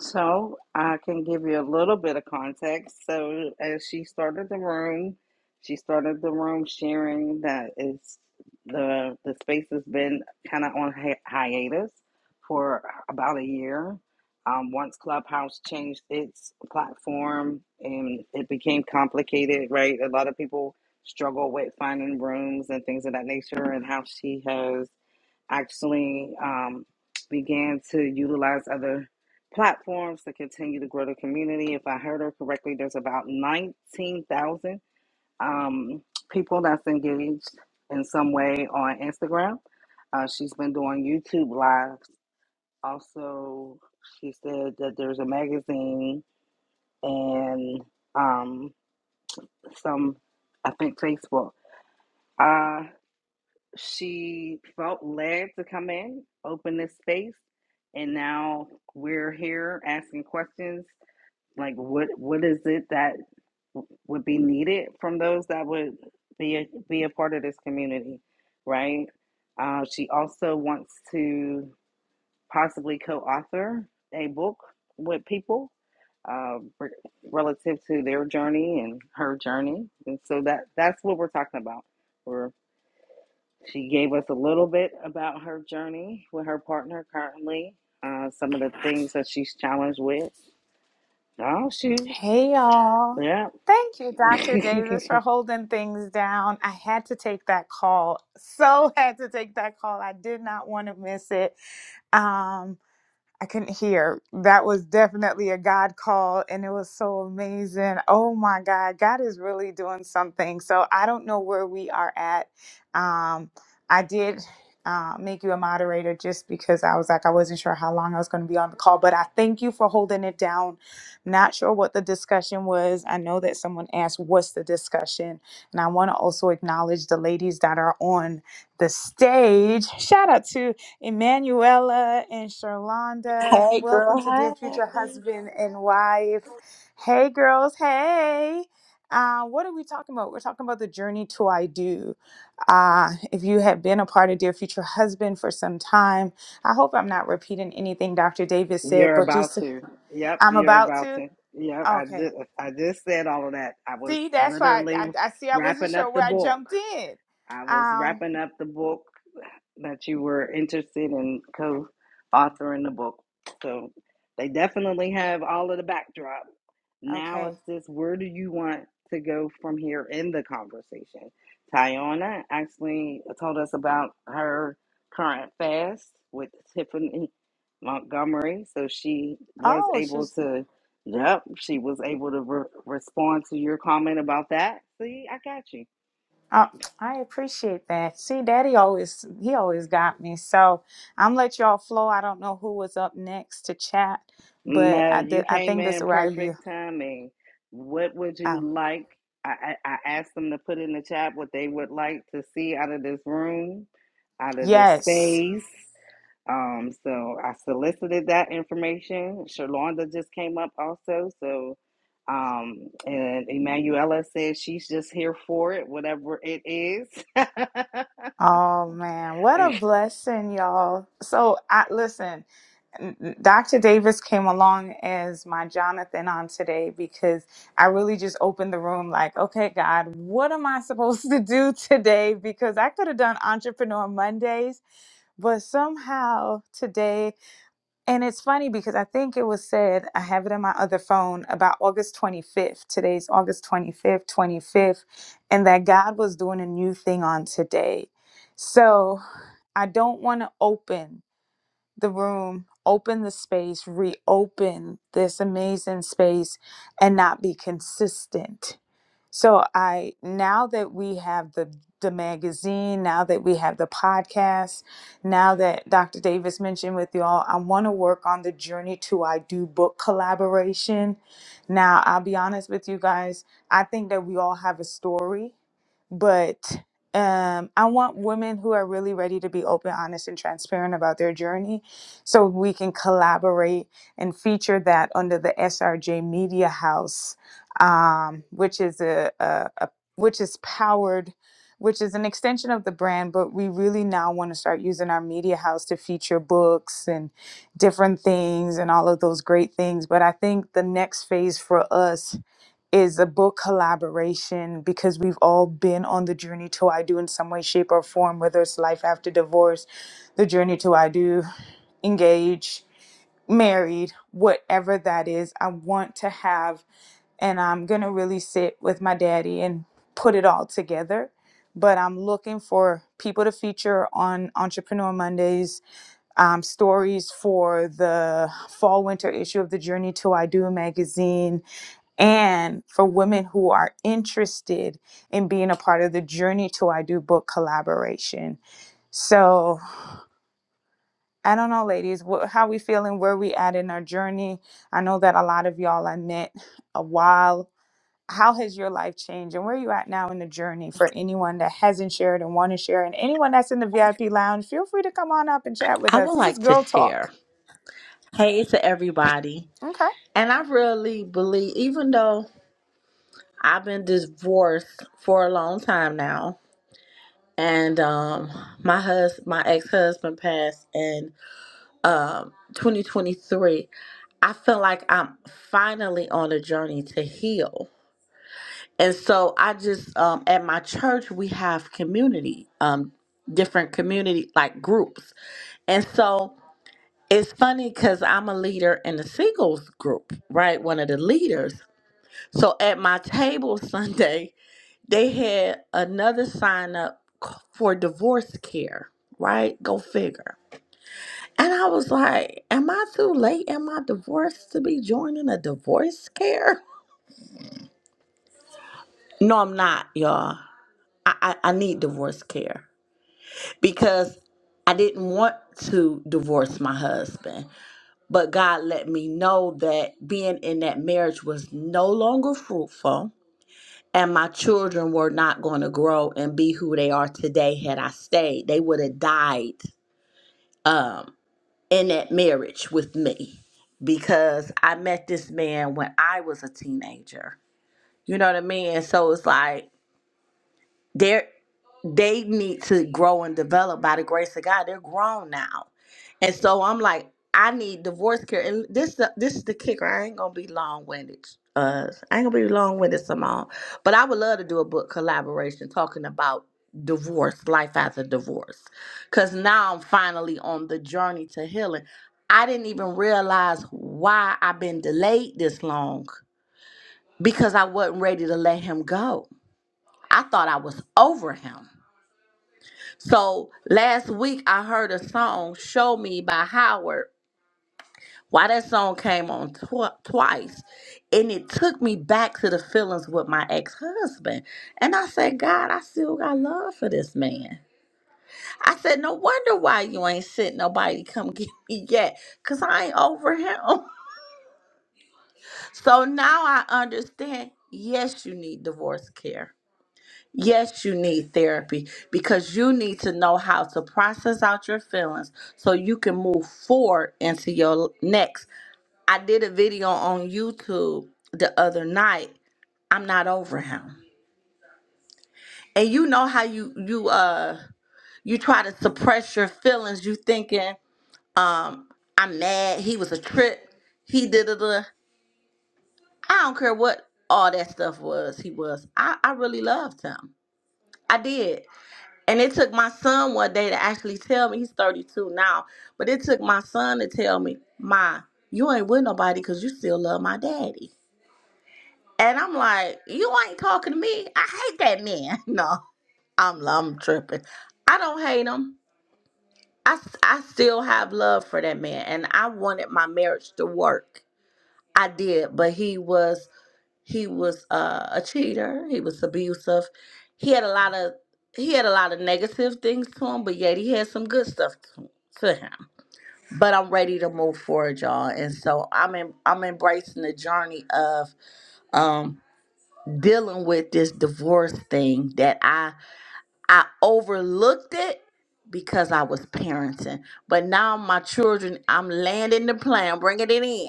S2: So I can give you a little bit of context. So as she started the room, she started the room sharing that it's the the space has been kind of on hi- hiatus for about a year. Um, once Clubhouse changed its platform and it became complicated, right? A lot of people struggle with finding rooms and things of that nature, and how she has actually um, began to utilize other platforms to continue to grow the community. If I heard her correctly, there's about 19,000 um, people that's engaged in some way on Instagram. Uh, she's been doing YouTube lives. Also, she said that there's a magazine and um, some, I think, Facebook. Uh, she felt led to come in, open this space, and now we're here asking questions like what what is it that would be needed from those that would be a, be a part of this community, right? Uh, she also wants to possibly co-author a book with people uh, re- relative to their journey and her journey, and so that that's what we're talking about. We're she gave us a little bit about her journey with her partner currently, uh, some of the things that she's challenged with. Oh, shoot.
S1: Hey, y'all.
S2: Yep.
S1: Thank you, Dr.
S2: [LAUGHS]
S1: Davis, for holding things down. I had to take that call. So [LAUGHS] had to take that call. I did not want to miss it. Um, I couldn't hear. That was definitely a God call, and it was so amazing. Oh my God, God is really doing something. So I don't know where we are at. Um, I did uh, make you a moderator just because I was like, I wasn't sure how long I was going to be on the call, but I thank you for holding it down. Not sure what the discussion was. I know that someone asked, What's the discussion? And I want to also acknowledge the ladies that are on the stage. Shout out to Emanuela and Charlonda,
S5: Hey, girl.
S1: welcome to Dear Future
S5: Hey.
S1: Husband and Wife. Hey, girls. Hey. Uh, what are we talking about? We're talking about the journey to I do. Uh, if you have been a part of Dear Future Husband for some time, I hope I'm not repeating anything Dr. Davis said,
S2: you're
S1: but
S2: about
S1: just
S2: to. Yep,
S1: I'm
S2: you're
S1: about
S2: about
S1: to.
S2: to. Yep, I
S1: Okay.
S2: just, I just said all of that. I was
S1: See, that's why I,
S2: literally
S1: I, I see I wasn't
S2: wrapping up
S1: sure
S2: the
S1: where I
S2: book.
S1: jumped in.
S2: I was
S1: Um,
S2: wrapping up the book that you were interested in co authoring the book. So they definitely have all of the backdrop. Now
S1: okay.
S2: it's just where do you want to go from here in the conversation? Tayana actually told us about her current fast with Tiffany Montgomery. So she was
S1: Oh,
S2: able
S1: she's
S2: to, yep, she was able to re- respond to your comment about that. See, I got you
S1: Uh, I appreciate that. See, Daddy always he always got me. So I'm let y'all flow. I don't know who was up next to chat, but
S2: No,
S1: I did,
S2: you
S1: I
S2: came
S1: think this is
S2: in
S1: where you.
S2: perfect timing. What would you
S1: Oh,
S2: like? I, I, I asked them to put in the chat what they would like to see out of this room, out of this
S1: yes.
S2: space. Um, so I solicited that information. Shalonda just came up also, so um, and Emanuela says she's just here for it, whatever it is. [LAUGHS]
S1: Oh man, what a blessing, y'all. So I listen. Dr. Davis came along as my Jonathan on today because I really just opened the room like, okay, God, what am I supposed [LAUGHS] to do today? Because I could have done Entrepreneur Mondays But somehow today, and it's funny because I think it was said, I have it in my other phone about August 25th. Today's August 25th, 25th, and that God was doing a new thing on today. So I don't want to open the room, open the space, reopen this amazing space, and not be consistent so I now that we have the the magazine, now that we have the podcast, now that Dr. Davis mentioned with y'all, I want to work on the journey to I do book collaboration. Now I'll be honest with you guys, I think that we all have a story, but um, I want women who are really ready to be open, honest, and transparent about their journey, so we can collaborate and feature that under the SRJ Media House um, which is a, a, a which is powered which is an extension of the brand but we really now want to start using our media house to feature books and different things and all of those great things but i think the next phase for us is a book collaboration because we've all been on the journey to i do in some way shape or form whether it's life after divorce the journey to i do engage married, whatever that is, I want to have and I'm gonna really sit with my daddy and put it all together. But I'm looking for people to feature on Entrepreneur Mondays, um, stories for the fall winter issue of the Journey to I Do magazine, and for women who are interested in being a part of the Journey to I Do book collaboration. So I don't know, ladies, wh- how we feeling, where we at in our journey. I know that a lot of y'all I met a while. How has your life changed, and where you at now in the journey? For anyone that hasn't shared and want to share, and anyone that's in the VIP lounge, feel free to come on up and chat with
S5: I
S1: us.
S5: would
S1: This is
S5: like to
S1: Girl Talk.
S5: share. Hey to everybody.
S1: Okay.
S5: And I really believe, even though I've been divorced for a long time now, and um, my hus, my ex husband passed in um 2023. I feel like I'm finally on a journey to heal. And so I just um, at my church we have community, um, different community like groups, and so. it's funny because I'm a leader in the singles group, right? One of the leaders. So at my table Sunday, they had another sign up c- for divorce care, right? Go figure. And I was like, Am I too late in my divorce to be joining a divorce care? No, I'm not, y'all. I, I, I need divorce care because I didn't want to divorce my husband. But God let me know that being in that marriage was no longer fruitful and my children were not going to grow and be who they are today had I stayed. They would have died um, in that marriage with me because I met this man when I was a teenager. You know what I mean? And so it's like, there. they need to grow and develop by the grace of God. They're grown now. And so I'm like, I need divorce care. And this the this is the kicker. I ain't gonna be long winded. Uh I ain't gonna be long winded Simone. But I would love to do a book collaboration talking about divorce, life after divorce. Cause now I'm finally on the journey to healing. I didn't even realize why I've been delayed this long because I wasn't ready to let him go. I thought I was over him. So last week I heard a song "Show Me" by Howard. Why that song came on tw- twice, and it took me back to the feelings with my ex-husband. And I said, God, I still got love for this man. I said, no wonder why you ain't sent nobody to come [LAUGHS] get me yet, cause I ain't over him. [LAUGHS] So now I understand. Yes, you need divorce care Yes, you need therapy because you need to know how to process out your feelings so you can move forward into your next. I did a video on YouTube the other night. I'm not over him. And you know how you you uh you try to suppress your feelings. You thinking I'm mad. He was a trip. He did it. I don't care what all that stuff was. He was. I I really loved him. I did. And it took my son one day to actually tell me he's 32 now, but it took my son to tell me, "Ma, you ain't with nobody because you still love my daddy." And I'm like, "You ain't talking to me. I hate that man." [LAUGHS] No, I'm I'm tripping. I don't hate him. I s- I still have love for that man, and I wanted my marriage to work. I did, but he was he was uh, a cheater. He was abusive. He had a lot of he had a lot of negative things to him, but yet he had some good stuff to, to him. But I'm ready to move forward, y'all, and so I'm in, I'm embracing the journey of um dealing with this divorce thing that I I overlooked it because I was parenting. But now my children, I'm landing the plan, bringing it in.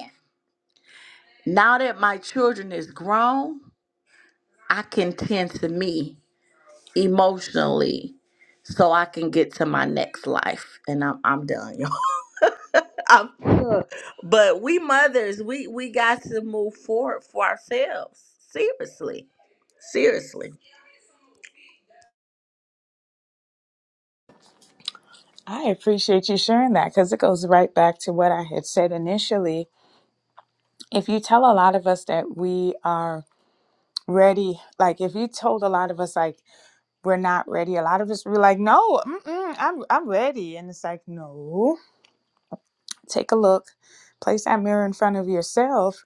S5: Now that my children is grown, I can tend to me emotionally so I can get to my next life. And I'm I'm done, y'all. [LAUGHS] I'm done. But we mothers, we we got to move forward for ourselves. Seriously. Seriously.
S1: I appreciate you sharing that because it goes right back to what I had said initially. If you tell a lot of us that we are ready, like if you told a lot of us like we're not ready. A lot of us were like, no, mm-mm, I'm I'm ready, and it's like, no. Take a look, place that mirror in front of yourself,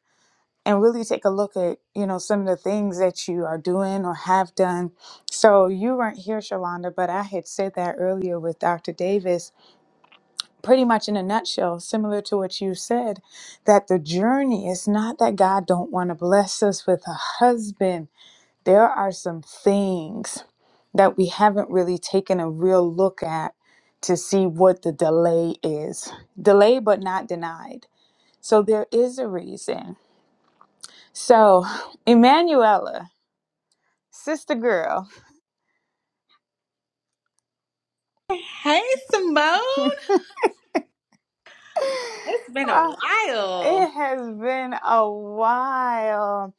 S1: and really take a look at you know some of the things that you are doing or have done. So you weren't here, Shalonda, but I had said that earlier with Dr. Davis, pretty much in a nutshell, similar to what you said, that the journey is not that God don't want to bless us with a husband there are some things that we haven't really taken a real look at to see what the delay is. Delay, but not denied. So there is a reason. So, Emanuela, sister girl,
S4: Hey, Simone. It's been
S1: [LAUGHS]
S4: a
S1: ah,
S4: while.
S1: it has been a while.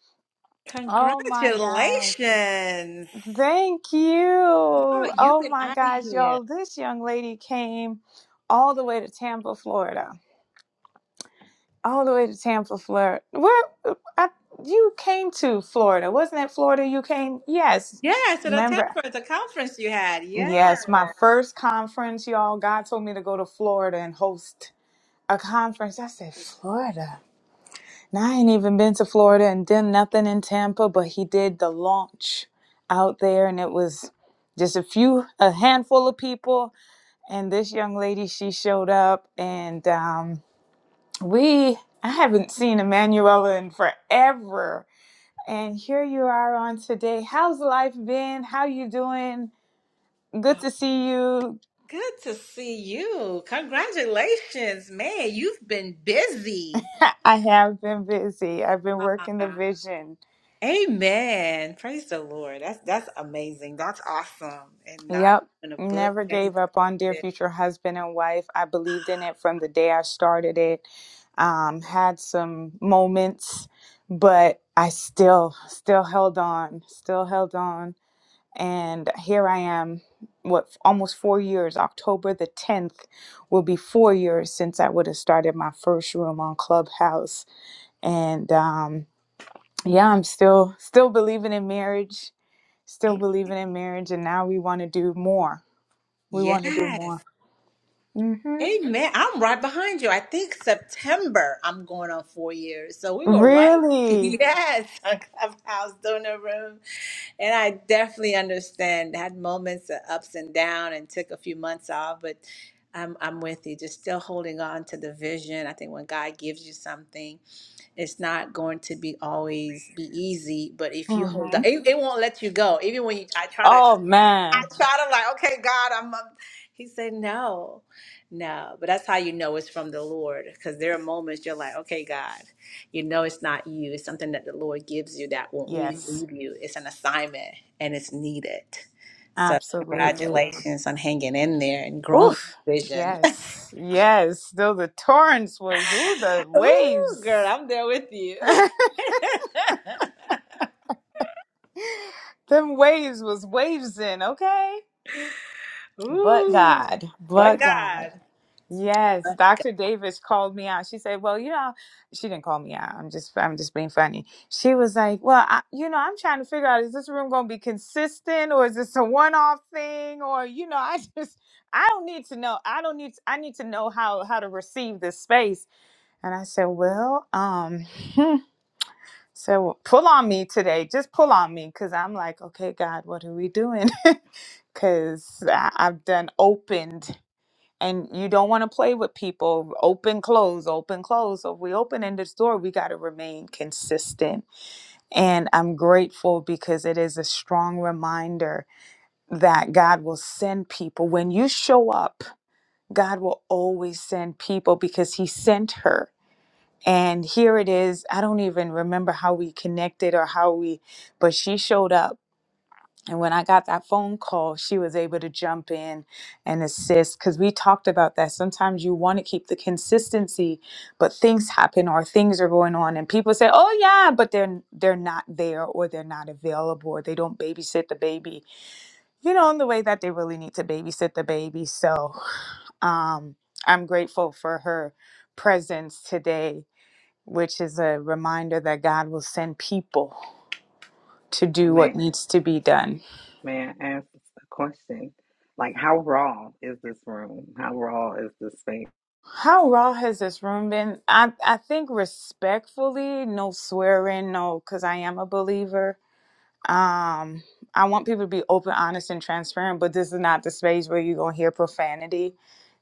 S1: Oh my God.
S4: Congratulations.
S1: Thank you.
S4: Oh, you've
S1: Oh
S4: been
S1: my
S4: out of
S1: gosh,
S4: here.
S1: y'all. This young lady came all the way to Tampa, Florida all the way to Tampa, Florida. Where I, you came to Florida? Wasn't it Florida you came? Yes.
S4: Yeah, to the
S1: Remember?
S4: temper, the conference you had. Yeah.
S1: Yes, my first conference, y'all. God told me to go to Florida and host a conference. I said Florida. Now I ain't even been to Florida and done nothing in Tampa, but he did the launch out there, and it was just a few, a handful of people. And this young lady, she showed up, and um, We, I haven't seen Emanuela in forever. And here you are on today. How's life been? How you doing? Good to see you.
S4: Good to see you. Congratulations, man. You've been busy.
S1: [LAUGHS] I have been busy. I've been working the
S4: Ah,
S1: vision.
S4: Amen. Praise the Lord. That's that's amazing. That's awesome. And not
S1: Yep.
S4: even a book.
S1: Never
S4: Jenny.
S1: gave up on Dear Future Husband and Wife. I believed in it from the day I started it. Um, had some moments, but I still, still held on, still held on and here I am, what almost four years. October the 10th will be four years since I would have started my first room on Clubhouse. And um, yeah, I'm still still believing in marriage, still believing in marriage, and now we want to do more. We want to do
S4: Yes.
S1: more. hmm
S4: Amen. I'm right behind you. I think September I'm going on four years. So we were right. [LAUGHS]
S1: Really?
S4: Yes, on Clubhouse donor room. And I definitely understand. Had moments of ups and down and took a few months off, but I'm I'm with you. Just still holding on to the vision. I think when God gives you something, it's not going to be always be easy. But if you hold on, it, it won't let you go. Even when you, I try to
S1: Oh man,
S4: I tried. I'm like, okay, God, I'm. A... He said, no, no. But that's how you know it's from the Lord, because there are moments you're like, okay, God, you know it's not you. It's something that the Lord gives you that won't really
S1: yes,
S4: leave you. It's an assignment, and it's needed. So
S1: absolutely.
S4: congratulations on hanging in there and growing
S1: Oof.
S4: vision.
S1: Yes, yes. Though the torrents was, ooh, the
S4: [LAUGHS] Ooh,
S1: waves.
S4: girl, I'm there with you.
S1: [LAUGHS]
S4: [LAUGHS]
S1: [LAUGHS] Them waves was waves in, okay? But
S4: Ooh,
S1: God,
S4: but
S1: but God. Yes,
S4: God.
S1: Dr. Davis called me out. She said, "Well, you know, she didn't call me out. I'm just, I'm just being funny." She was like, "Well, I, you know, I'm trying to figure out is this room going to be consistent, or is this a one-off thing, or you know, [LAUGHS] I just, I don't need to know. I don't need, I need to know how how to receive this space." And I said, "Well, um." [LAUGHS] So pull on me today. Just pull on me because I'm like, okay, God, what are we doing? [LAUGHS] Because I've done opened and you don't want to play with people. Open, close, open, close. So if we open in the store, we got to remain consistent. And I'm grateful because it is a strong reminder that God will send people. When you show up, God will always send people because He sent her. And here it is. I don't even remember how we connected or how we, but she showed up. And when I got that phone call, she was able to jump in and assist because we talked about that. Sometimes you want to keep the consistency, but things happen or things are going on, and people say, "Oh yeah," but they're they're not there or they're not available or they don't babysit the baby, you know, in the way that they really need to babysit the baby. So um, I'm grateful for her presence today which is a reminder that God will send people to do what
S2: man,
S1: needs to be done.
S2: man, ask a question. Like, how raw is this room? How raw is this space?
S1: How raw has this room been? I, I think respectfully, no swearing, no, because I am a believer. Um, I want people to be open, honest, and transparent, but this is not the space where you're going to hear profanity.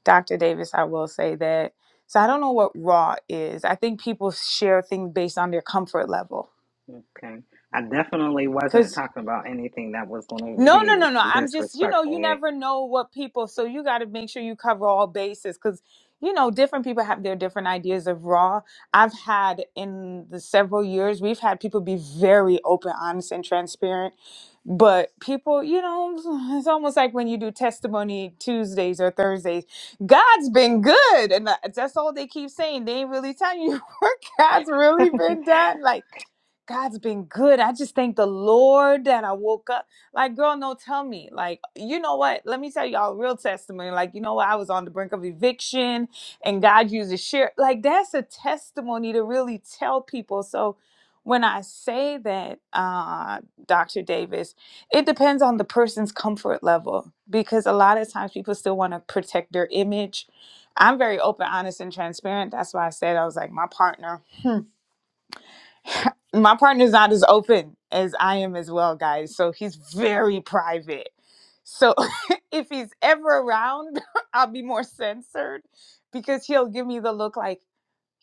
S1: Dr. Davis, I will say that. So I don't know what raw is. I think people share things based on their comfort level.
S2: Okay. I definitely wasn't
S1: Because
S2: talking about anything that was going to
S1: No, no, no,
S2: be
S1: no. I'm just, you know, you
S2: disrespectful.
S1: never
S2: Yeah.
S1: know what people, so you got to make sure you cover all bases because, you know, different people have their different ideas of raw. I've had in the several years, we've had people be very open, honest, and transparent. But people, you know, [SIGHS] it's almost like when you do testimony Tuesdays or Thursdays, God's been good. And that- that's all they keep saying. They ain't really telling you [LAUGHS] what God's really been done. Like, God's been good. I just thank the Lord that I woke up. Like, girl, no, tell me. Like, you know what? Let me tell y'all a real testimony. Like, you know what? I was on the brink of eviction and God used a share. Like, that's a testimony to really tell people. So when I say that, uh, Dr. Davis, it depends on the person's comfort level because a lot of times people still want to protect their image. I'm very open, honest, and transparent. That's why I said I was like, my partner. hmm, my partner's not as open as I am as well, guys. So he's very private. So [LAUGHS] if he's ever around, [LAUGHS] I'll be more censored because he'll give me the look like,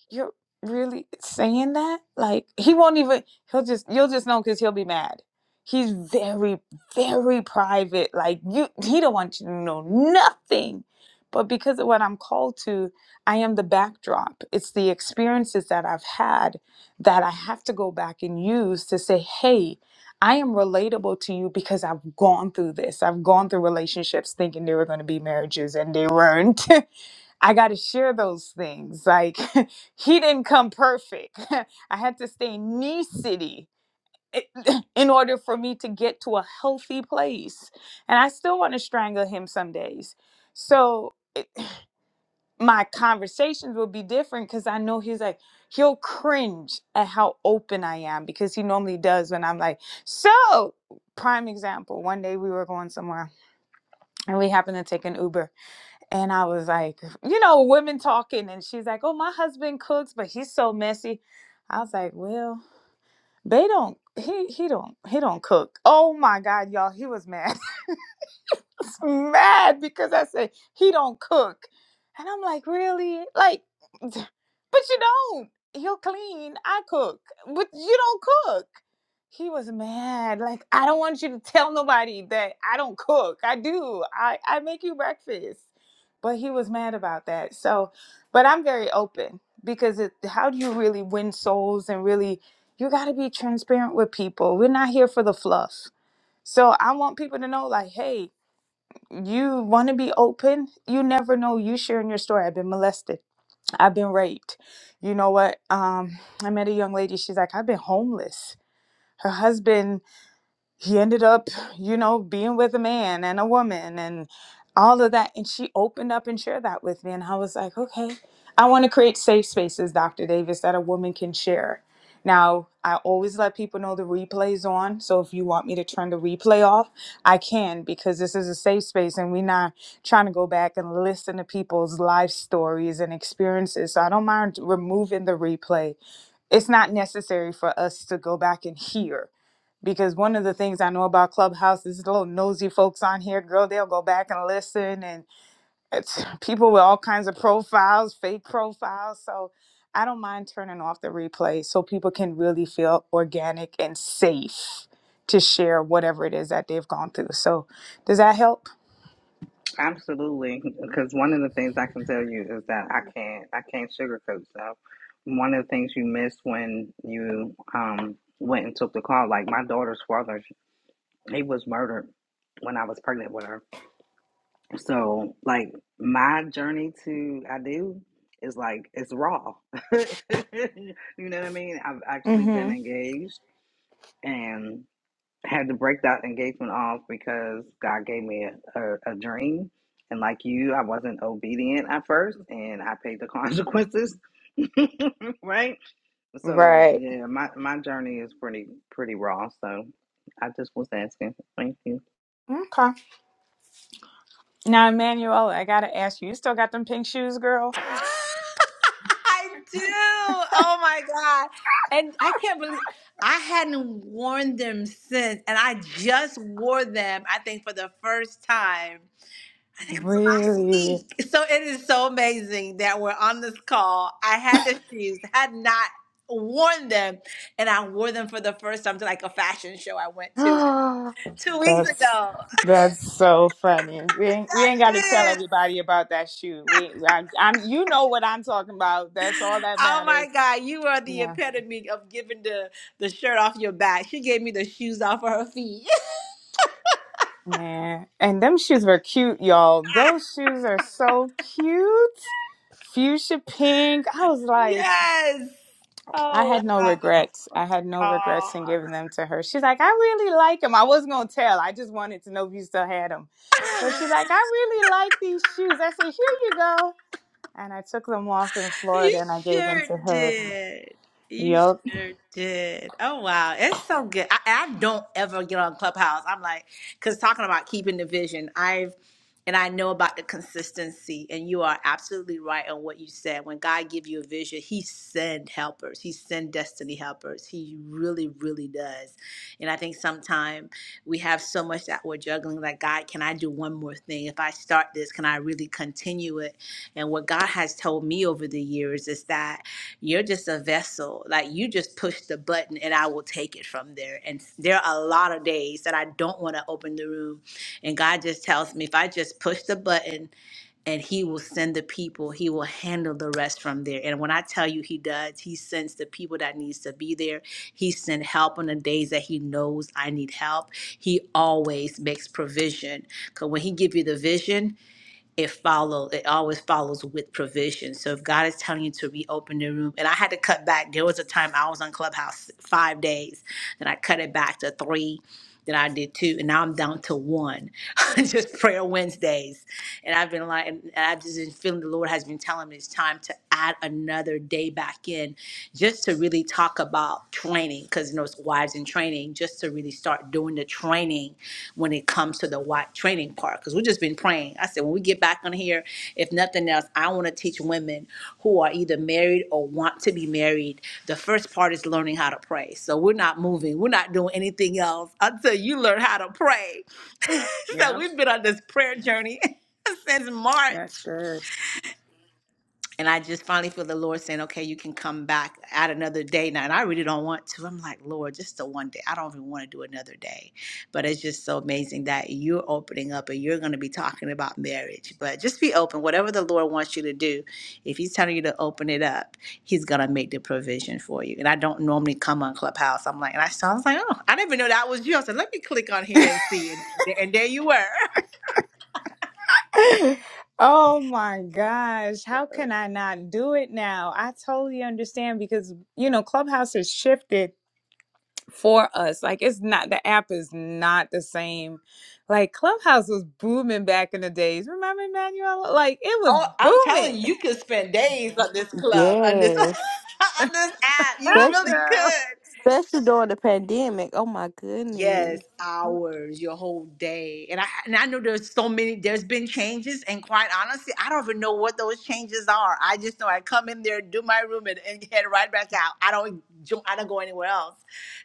S1: you're really saying that like he won't even he'll just you'll just know because he'll be mad he's very very private like you he don't want you to know nothing but because of what i'm called to i am the backdrop it's the experiences that i've had that i have to go back and use to say hey i am relatable to you because i've gone through this i've gone through relationships thinking they were going to be marriages and they weren't [LAUGHS] I got to share those things. Like, [LAUGHS] he didn't come perfect. [LAUGHS] I had to stay knee city [CLEARS THROAT] in order for me to get to a healthy place. And I still want to strangle him some days. So, it, my conversations will be different because I know he's like, he'll cringe at how open I am because he normally does when I'm like, so, prime example, one day we were going somewhere and we happened to take an Uber and I was like, [LAUGHS] you know, women talking. And she's like, oh, my husband cooks, but he's so messy. I was like, well, they don't, he, he don't, he don't cook. Oh my God, y'all, he was mad was mad because I said he don't cook, and I'm like, really? Like, but you don't. He'll clean. I cook, but you don't cook. He was mad. Like, I don't want you to tell nobody that I don't cook. I do. I I make you breakfast. But he was mad about that. So, but I'm very open because it, how do you really win souls and really you got to be transparent with people. We're not here for the fluff. So I want people to know, like, hey, you want to be open you never know you sharing your story i've been molested i've been raped you know what um i met a young lady she's like i've been homeless her husband he ended up, you know, being with a man and a woman and all of that. And she opened up and shared that with me. And I was like, okay, I want to create safe spaces, Dr. Davis, that a woman can share. Now, I always let people know the replay's on. So if you want me to turn the replay off, I can because this is a safe space and we're not trying to go back and listen to people's life stories and experiences. So I don't mind removing the replay it's not necessary for us to go back and hear because one of the things I know about Clubhouse is the little nosy folks on here, girl, they'll go back and listen and it's [LAUGHS] people with all kinds of profiles, fake profiles. So I don't mind turning off the replay so people can really feel organic and safe to share whatever it is that they've gone through. So does that help?
S2: [LAUGHS] Absolutely, because one of the things I can tell you is that I can't I can't sugarcoat stuff. One of the things you missed when you um went and took the call, like my daughter's father, he was murdered when I was pregnant with her. So like my journey to I do is like it's raw. [LAUGHS] you know what I mean? I've actually been
S1: Mm-hmm.
S2: engaged and. had to break that engagement off because God gave me a, a, a dream. And like you, I wasn't obedient at first and I paid the [LAUGHS] consequences. [LAUGHS] right? So
S1: Right.
S2: yeah, my, my journey is pretty pretty raw. So I just was asking. Thank you.
S1: Okay. Now, Emmanuel, I gotta ask you, you still got them pink shoes, girl?
S4: I do. Oh my God. And I can't believe I hadn't worn them since. And I just wore them, I think, for the first time. I think it was last
S1: Really?
S4: week. So it is so amazing that we're on this call. I had the shoes, had not worn them, and I wore them for the first time to like a fashion show I went to like
S1: Oh,
S4: two weeks
S1: that's
S4: ago.
S1: that's so funny. We ain't, we ain't got to tell
S4: That is.
S1: everybody about that shoe. We I, I'm you know what I'm talking about. That's all that
S4: Oh my
S1: matters.
S4: God, you are the
S1: Yeah,
S4: epitome of giving the the shirt off your back. She gave me the shoes off of her feet.
S1: man. And them shoes were cute, y'all. Those shoes are so cute. Fuchsia pink. I was
S4: [LAUGHS]
S1: like,
S4: yes.
S1: I
S4: Oh
S1: had no regrets. I had no
S4: wow.
S1: regrets in giving them to her. She's like, I really like them. I wasn't gonna tell. I just wanted to know if you still had them. But she's like, I really like these shoes. I said, here you go. And I took them off in Florida
S4: You
S1: and I gave them
S4: sure
S1: to her.
S4: did. You
S1: Yup.
S4: sure did. Oh wow, it's so good. I, I don't ever get on Clubhouse. I'm like, because talking about keeping the vision, I've and I know about the consistency. And you are absolutely right on what you said. When God gives you a vision, He send helpers. He send destiny helpers. He really, really does. And I think sometimes we have so much that we're juggling. Like, God, can I do one more thing? If I start this, can I really continue it? And what God has told me over the years is that you're just a vessel. Like you just push the button and I will take it from there. And there are a lot of days that I don't want to open the room. And God just tells me if I just push the button and He will send the people, He will handle the rest from there. And when I tell you He does, He sends the people that needs to be there. He sent help on the days that He knows I need help. He always makes provision. Because when He give you the vision, it follows it always follows with provision so if god is telling you to reopen the room and i had to cut back there was a time i was on clubhouse five days then i cut it back to three then i did two and now i'm down to one [LAUGHS] just prayer wednesdays and i've been like and i've just been feeling the lord has been telling me it's time to add another day back in just to really talk about training because you know it's wives in training just to really start doing the training when it comes to the white training part because we've just been praying. I said, when we get back on here, if nothing else, I want to teach women who are either married or want to be married. The first part is learning how to pray. So we're not moving, we're not doing anything else until you learn how to pray. [LAUGHS] So
S1: Yep.
S4: we've been on this prayer journey [LAUGHS] since March.
S1: That's good.
S4: And I just finally feel the Lord saying, okay, you can come back at another day now. And I really don't want to. I'm like, Lord, just the one day. I don't even want to do another day. But it's just so amazing that you're opening up and you're going to be talking about marriage. But just be open. Whatever the Lord wants you to do, if He's telling you to open it up, He's going to make the provision for you. And I don't normally come on Clubhouse. I'm like, and I saw, I was like, oh, I didn't even know that was you. I said, let me click on here and see. And, and there you were. [LAUGHS]
S1: [LAUGHS] oh my gosh. How can I not do it now? I totally understand because, you know, Clubhouse has shifted for us. Like, it's not, the app is not the same. Like, Clubhouse was booming back in the days. Remember, Manuela? Like, it was
S4: Oh, I'm telling
S1: booming.
S4: you, you could spend days on this club, on this, [LAUGHS]
S3: Yes.
S4: on this app. You
S1: [LAUGHS]
S3: Especially,
S4: really
S1: Girl.
S4: could.
S3: especially during the pandemic. Oh my
S4: Yes,
S3: goodness.
S4: hours, your whole day, and I and I know there's so many. There's been changes, and quite honestly, I don't even know what those changes are. I just know I come in there, do my room, and, and head right back out. I don't, jo- I don't go anywhere else.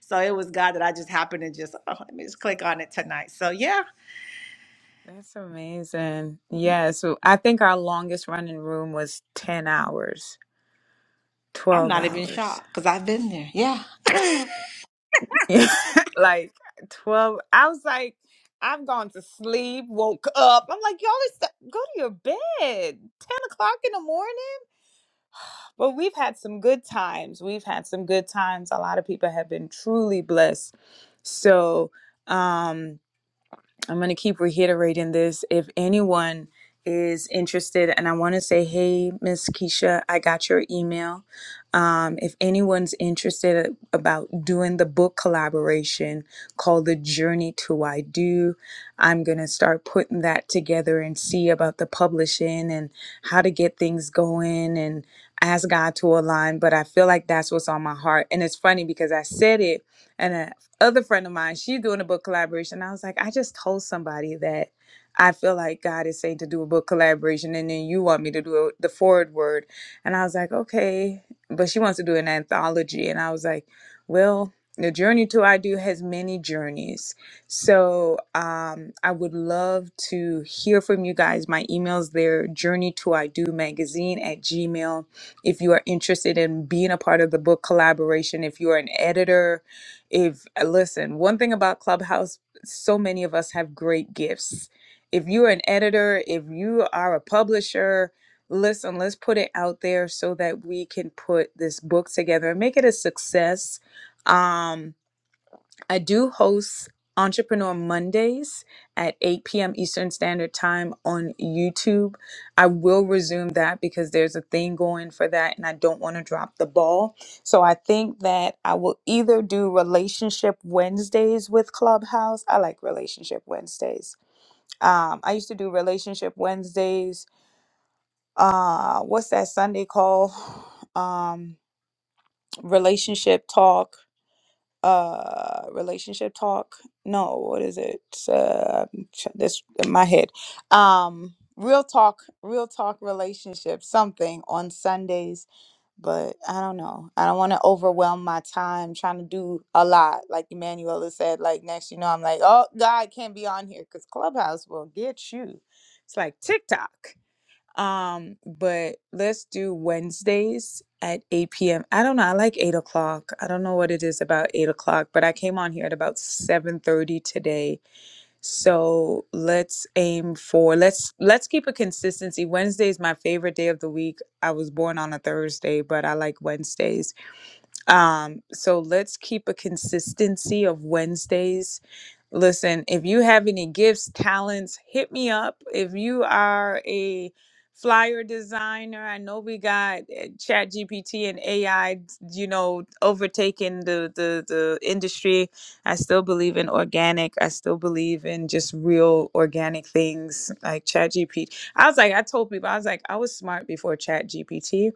S4: So it was God that I just happened to just oh, let me just click on it tonight. So yeah,
S1: That's amazing. Yeah, so I think our longest running room was 10 hours,
S4: I'm
S1: 12
S4: not even
S1: hours.
S4: shocked because I've been there. Yeah,
S1: [LAUGHS] like 12. I was like, I've gone to sleep, woke up. I'm like, y'all, it's go to your bed, 10 o'clock in the morning. But we've had some good times. We've had some good times. A lot of people have been truly blessed. So, um, I'm going to keep reiterating this. If anyone is interested, and I want to say, hey, Miss Keisha, I got your email. Um, if anyone's interested about doing the book collaboration called The Journey to Why Do, I'm going to start putting that together and see about the publishing and how to get things going and ask God to align. But I feel like that's what's on my heart. And it's funny because I said it. and other friend of mine, she's doing a book collaboration. I was like, I just told somebody that I feel like God is saying to do a book collaboration, and then you want me to do the forward word. And I was like, okay, but she wants to do an anthology, and I was like, well, the journey to I do has many journeys, so um, I would love to hear from you guys. My email's there, journey to I do magazine at Gmail. If you are interested in being a part of the book collaboration, if you are an editor if uh, listen, one thing about Clubhouse, so many of us have great gifts. If you're an editor, if you are a publisher, listen, let's put it out there so that we can put this book together and make it a success. Um, I do host Entrepreneur Mondays at 8 p.m. Eastern Standard Time on YouTube. I will resume that because there's a thing going for that and I don't want to drop the ball. So I think that I will either do Relationship Wednesdays with Clubhouse. I like Relationship Wednesdays. Um, I used to do Relationship Wednesdays. Uh, what's that Sunday call? [SIGHS] Um, relationship Talk uh relationship talk no what is it uh ch- this in my head um real talk real talk relationship something on sundays but i don't know i don't want to overwhelm my time trying to do a lot like emmanuel has said like next you know i'm like oh god I can't be on here because clubhouse will get you it's like tiktok um, but let's do Wednesdays at 8 p.m. I don't know. I like eight o'clock. I don't know what it is about eight o'clock, but I came on here at about 7:30 today. So let's aim for let's let's keep a consistency. Wednesday is my favorite day of the week. I was born on a Thursday, but I like Wednesdays. Um, so let's keep a consistency of Wednesdays Listen, if you have any gifts, talents, hit me up. If you are a flyer designer, I know we got uh, Chat GPT and AI, you know, overtaking the, the the industry. I still believe in organic. I still believe in just real organic things like Chat GPT. I was like, I told people, I was like, I was smart before Chat GPT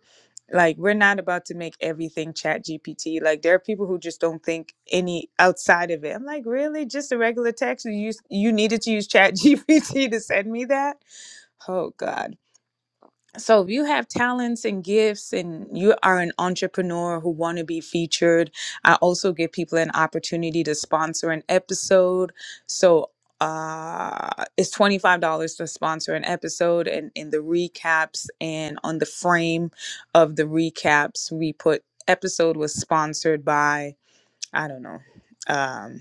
S1: like we're not about to make everything chat gpt like there are people who just don't think any outside of it i'm like really just a regular text you use, you needed to use chat gpt to send me that oh god so if you have talents and gifts and you are an entrepreneur who want to be featured, I also give people an opportunity to sponsor an episode. So uh it's $25 to sponsor an episode and in the recaps and on the frame of the recaps we put episode was sponsored by I don't know. um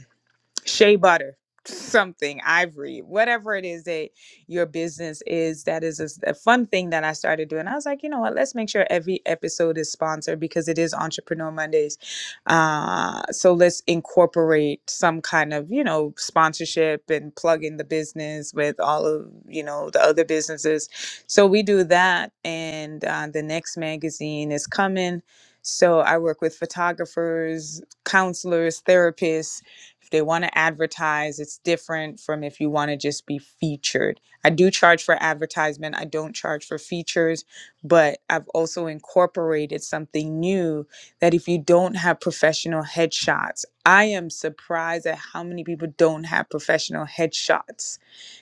S1: shea butter something ivory whatever it is that your business is that is a, s- a fun thing that i started doing i was like you know what let's make sure every episode is sponsored because it is entrepreneur mondays uh so let's incorporate some kind of you know sponsorship and plug in the business with all of you know the other businesses so we do that and uh, the next magazine is coming so i work with photographers counselors therapists if they want to advertise, it's different from if you want to just be featured. I do charge for advertisement, I don't charge for features, but I've also incorporated something new that if you don't have professional headshots, I am surprised at how many people don't have professional headshots.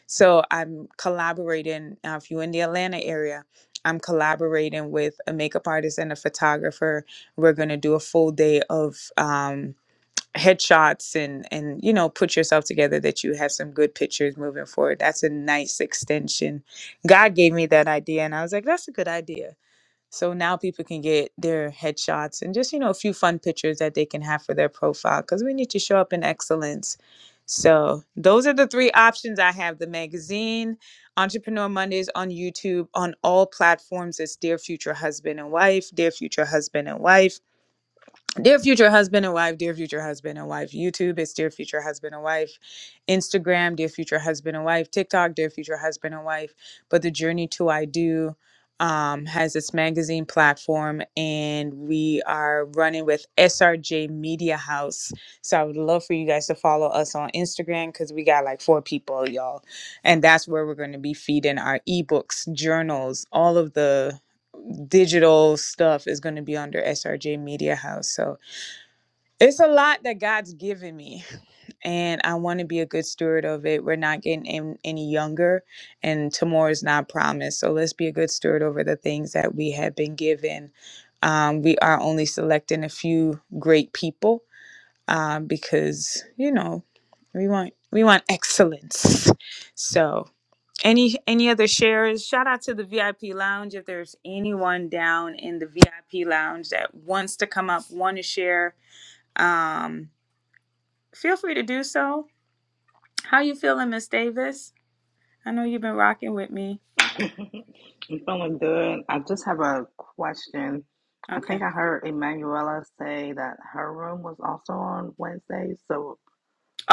S1: So I'm collaborating. Uh, if you're in the Atlanta area, I'm collaborating with a makeup artist and a photographer. We're going to do a full day of. Um, headshots and and you know put yourself together that you have some good pictures moving forward that's a nice extension god gave me that idea and i was like that's a good idea so now people can get their headshots and just you know a few fun pictures that they can have for their profile because we need to show up in excellence so those are the three options i have the magazine entrepreneur mondays on youtube on all platforms it's dear future husband and wife dear future husband and wife Dear future husband and wife, dear future husband and wife. YouTube it's dear future husband and wife. Instagram, dear future husband and wife. TikTok, dear future husband and wife. But the journey to I do um, has its magazine platform, and we are running with SRJ Media House. So I would love for you guys to follow us on Instagram because we got like four people, y'all, and that's where we're going to be feeding our ebooks, journals, all of the digital stuff is going to be under SRJ Media House. So it's a lot that God's given me, and I want to be a good steward of it. We're not getting an- any younger, and tomorrow is not promised. So let's be a good steward over the things that we have been given. Um, we are only selecting a few great people um, because you know we want we want excellence. So any any other shares? Shout out to the VIP lounge if there's anyone down in the VIP lounge that wants to come up, want to share. Um, Feel free to do so. How you feeling, Miss Davis? I know you've been rocking with me.
S2: [LAUGHS] I'm feeling good. I just have a question. I think
S1: Okay.
S2: I heard Emanuela say that her room was also on Wednesday. So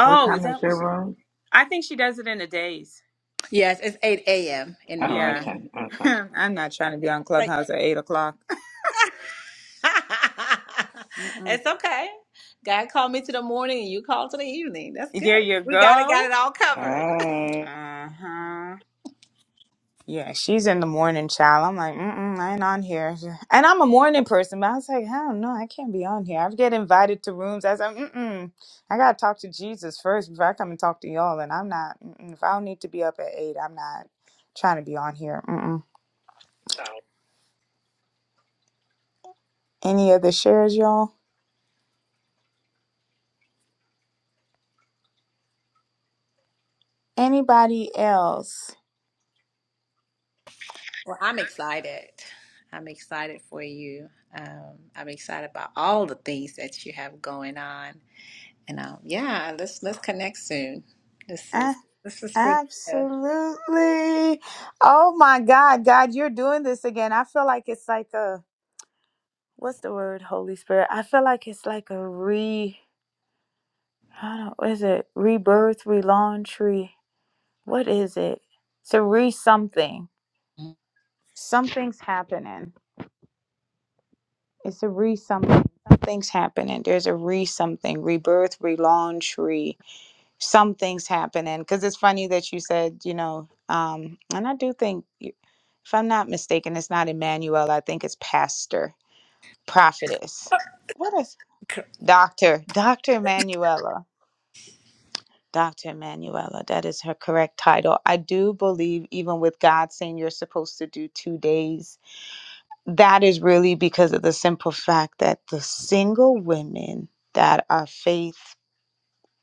S2: what
S1: is
S2: time
S1: that
S2: is
S1: what
S2: your
S1: she?
S2: room?
S1: I think she does it in the days.
S4: yes, it's eight a.m. in the
S2: Oh,
S1: Yeah.
S4: morning.
S2: okay,
S1: [LAUGHS]
S2: okay.
S1: I'm not trying to be on Clubhouse at eight o'clock. [LAUGHS]
S4: [LAUGHS]
S1: Mm-mm.
S4: it's okay. God called me to the morning and you called to the evening. That's
S1: There
S4: good.
S1: you
S4: We got it,
S1: go.
S4: got it all covered.
S2: Hey.
S1: Uh huh. Yeah, she's in the morning, child. I'm like, mm-mm, I ain't on here. [LAUGHS] And I'm a morning person, but I was like, I don't know, I can't be on here. I get invited to rooms. I was like, mm-mm, I gotta talk to Jesus first before I come and talk to y'all. And I'm not, mm-mm, if I don't need to be up at eight, I'm not trying to be on here. Mm-mm. Any other shares, y'all? Anybody else?
S4: Well, I'm excited. I'm excited for you. Um, I'm excited about all the things that you have going on. And um, yeah, let's let's connect soon. This
S1: Ah,
S4: is this is really good.
S1: absolutely. Oh my God, God, you're doing this again. I feel like it's like a, what's the word, Holy Spirit? I feel like it's like a re I don't know is it rebirth, relaunch, re what is it? It's a re something. Something's happening. It's a re something. Something's happening. There's a re something. Rebirth, relaunch, re something's happening. Because it's funny that you said, you know, um, and I do think, you- if I'm not mistaken, it's not Emmanuel. I think it's pastor, prophetess. What is doctor, Doctor Emanuela? Dr. Manuela, that is her correct title. I do believe, even with God saying you're supposed to do two days, that is really because of the simple fact that the single women that are faith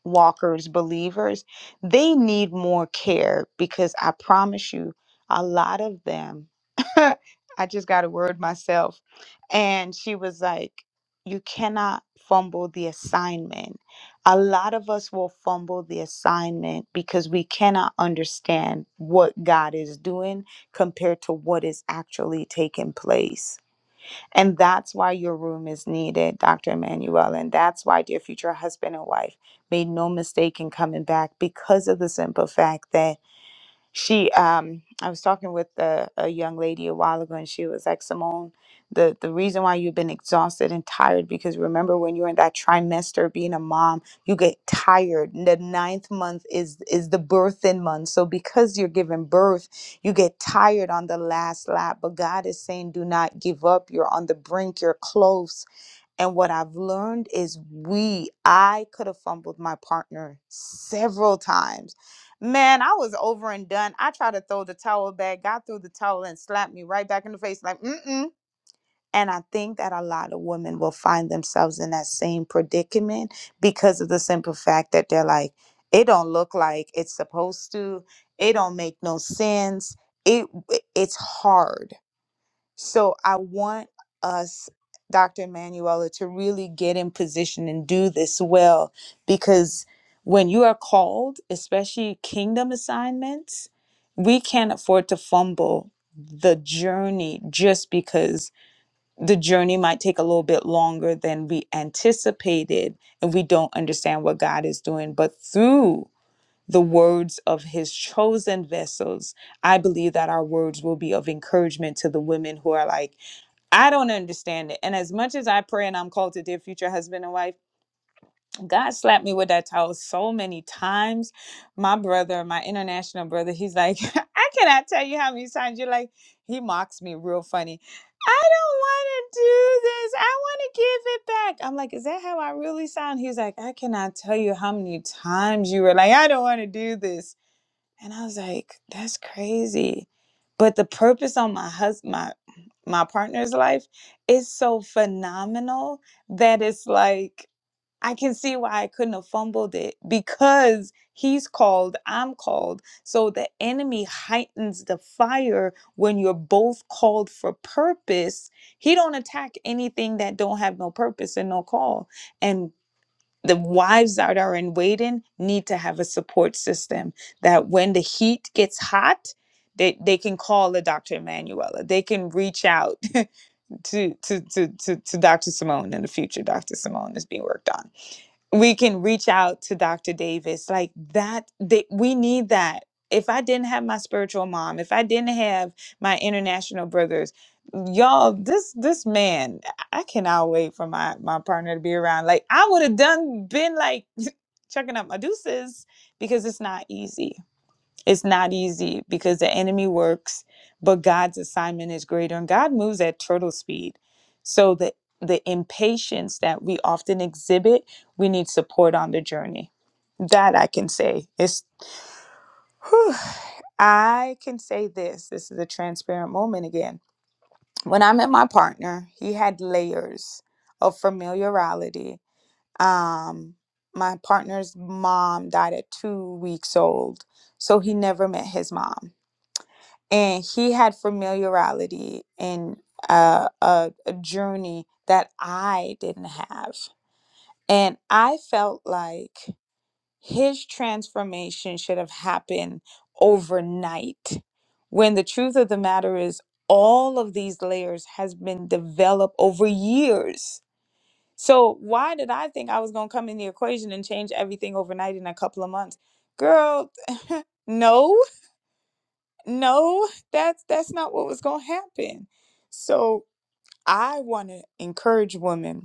S1: walkers, believers, they need more care because I promise you, a lot of them, [LAUGHS] I just got a word myself. And she was like, You cannot fumble the assignment. A lot of us will fumble the assignment because we cannot understand what God is doing compared to what is actually taking place. And that's why your room is needed, Dr. Emmanuel. And that's why, dear future husband and wife, made no mistake in coming back because of the simple fact that she um i was talking with a, a young lady a while ago and she was like simone the the reason why you've been exhausted and tired because remember when you're in that trimester being a mom you get tired the ninth month is is the birthing month so because you're giving birth you get tired on the last lap but god is saying do not give up you're on the brink you're close and what I've learned is we, I could have fumbled my partner several times. Man, I was over and done. I tried to throw the towel back, got through the towel and slapped me right back in the face, like, mm-mm. And I think that a lot of women will find themselves in that same predicament because of the simple fact that they're like, it don't look like it's supposed to. It don't make no sense. It it's hard so I want us, Dr. Manuela, to really get in position and do this well because when you are called, especially kingdom assignments, we can't afford to fumble the journey just because the journey might take a little bit longer than we anticipated and we don't understand what God is doing. But through the words of his chosen vessels, I believe that our words will be of encouragement to the women who are like, I don't understand it. And as much as I pray and I'm called to dear future husband and wife, God slapped me with that towel so many times. My brother, my international brother, he's like, [LAUGHS] I cannot tell you how many times you're like, he mocks me real funny. I don't want to do this. I want to give it back. I'm like, is that how I really sound? He's like, I cannot tell you how many times you were like, I don't want to do this. And I was like, that's crazy. But the purpose on my husband, my my partner's life is so phenomenal that it's like I can see why I couldn't have fumbled it because he's called, I'm called. So the enemy heightens the fire when you're both called for purpose. He don't attack anything that don't have no purpose and no call. And the wives that are in waiting need to have a support system that when the heat gets hot they, they can call the Dr. Emanuela. They can reach out [LAUGHS] to, to, to, to, to Dr. Simone in the future. Dr. Simone is being worked on we can reach out to Dr. Davis. Like that, they, we need that. If I didn't have my spiritual mom, if I didn't have my international brothers, y'all, this this man, I I cannot wait for my my partner to be around. Like I would have done been like [LAUGHS] chucking up my deuces because it's not easy it's not easy because the enemy works, but God's assignment is greater and God moves at turtle speed. So the the impatience that we often exhibit, we need support on the journey. That I can say. is, whew, I can say this. This is a transparent moment again. When I met my partner, he had layers of familiarity. Um, my partner's mom died at two weeks old, so he never met his mom and he had familiarity and uh, a, a journey that I didn't have. And I felt like his transformation should have happened overnight when the truth of the matter is all of these layers has been developed over years. So why did I think I was going to come in the equation and change everything overnight in a couple of months? Girl, no no that's that's not what was going to happen so i want to encourage women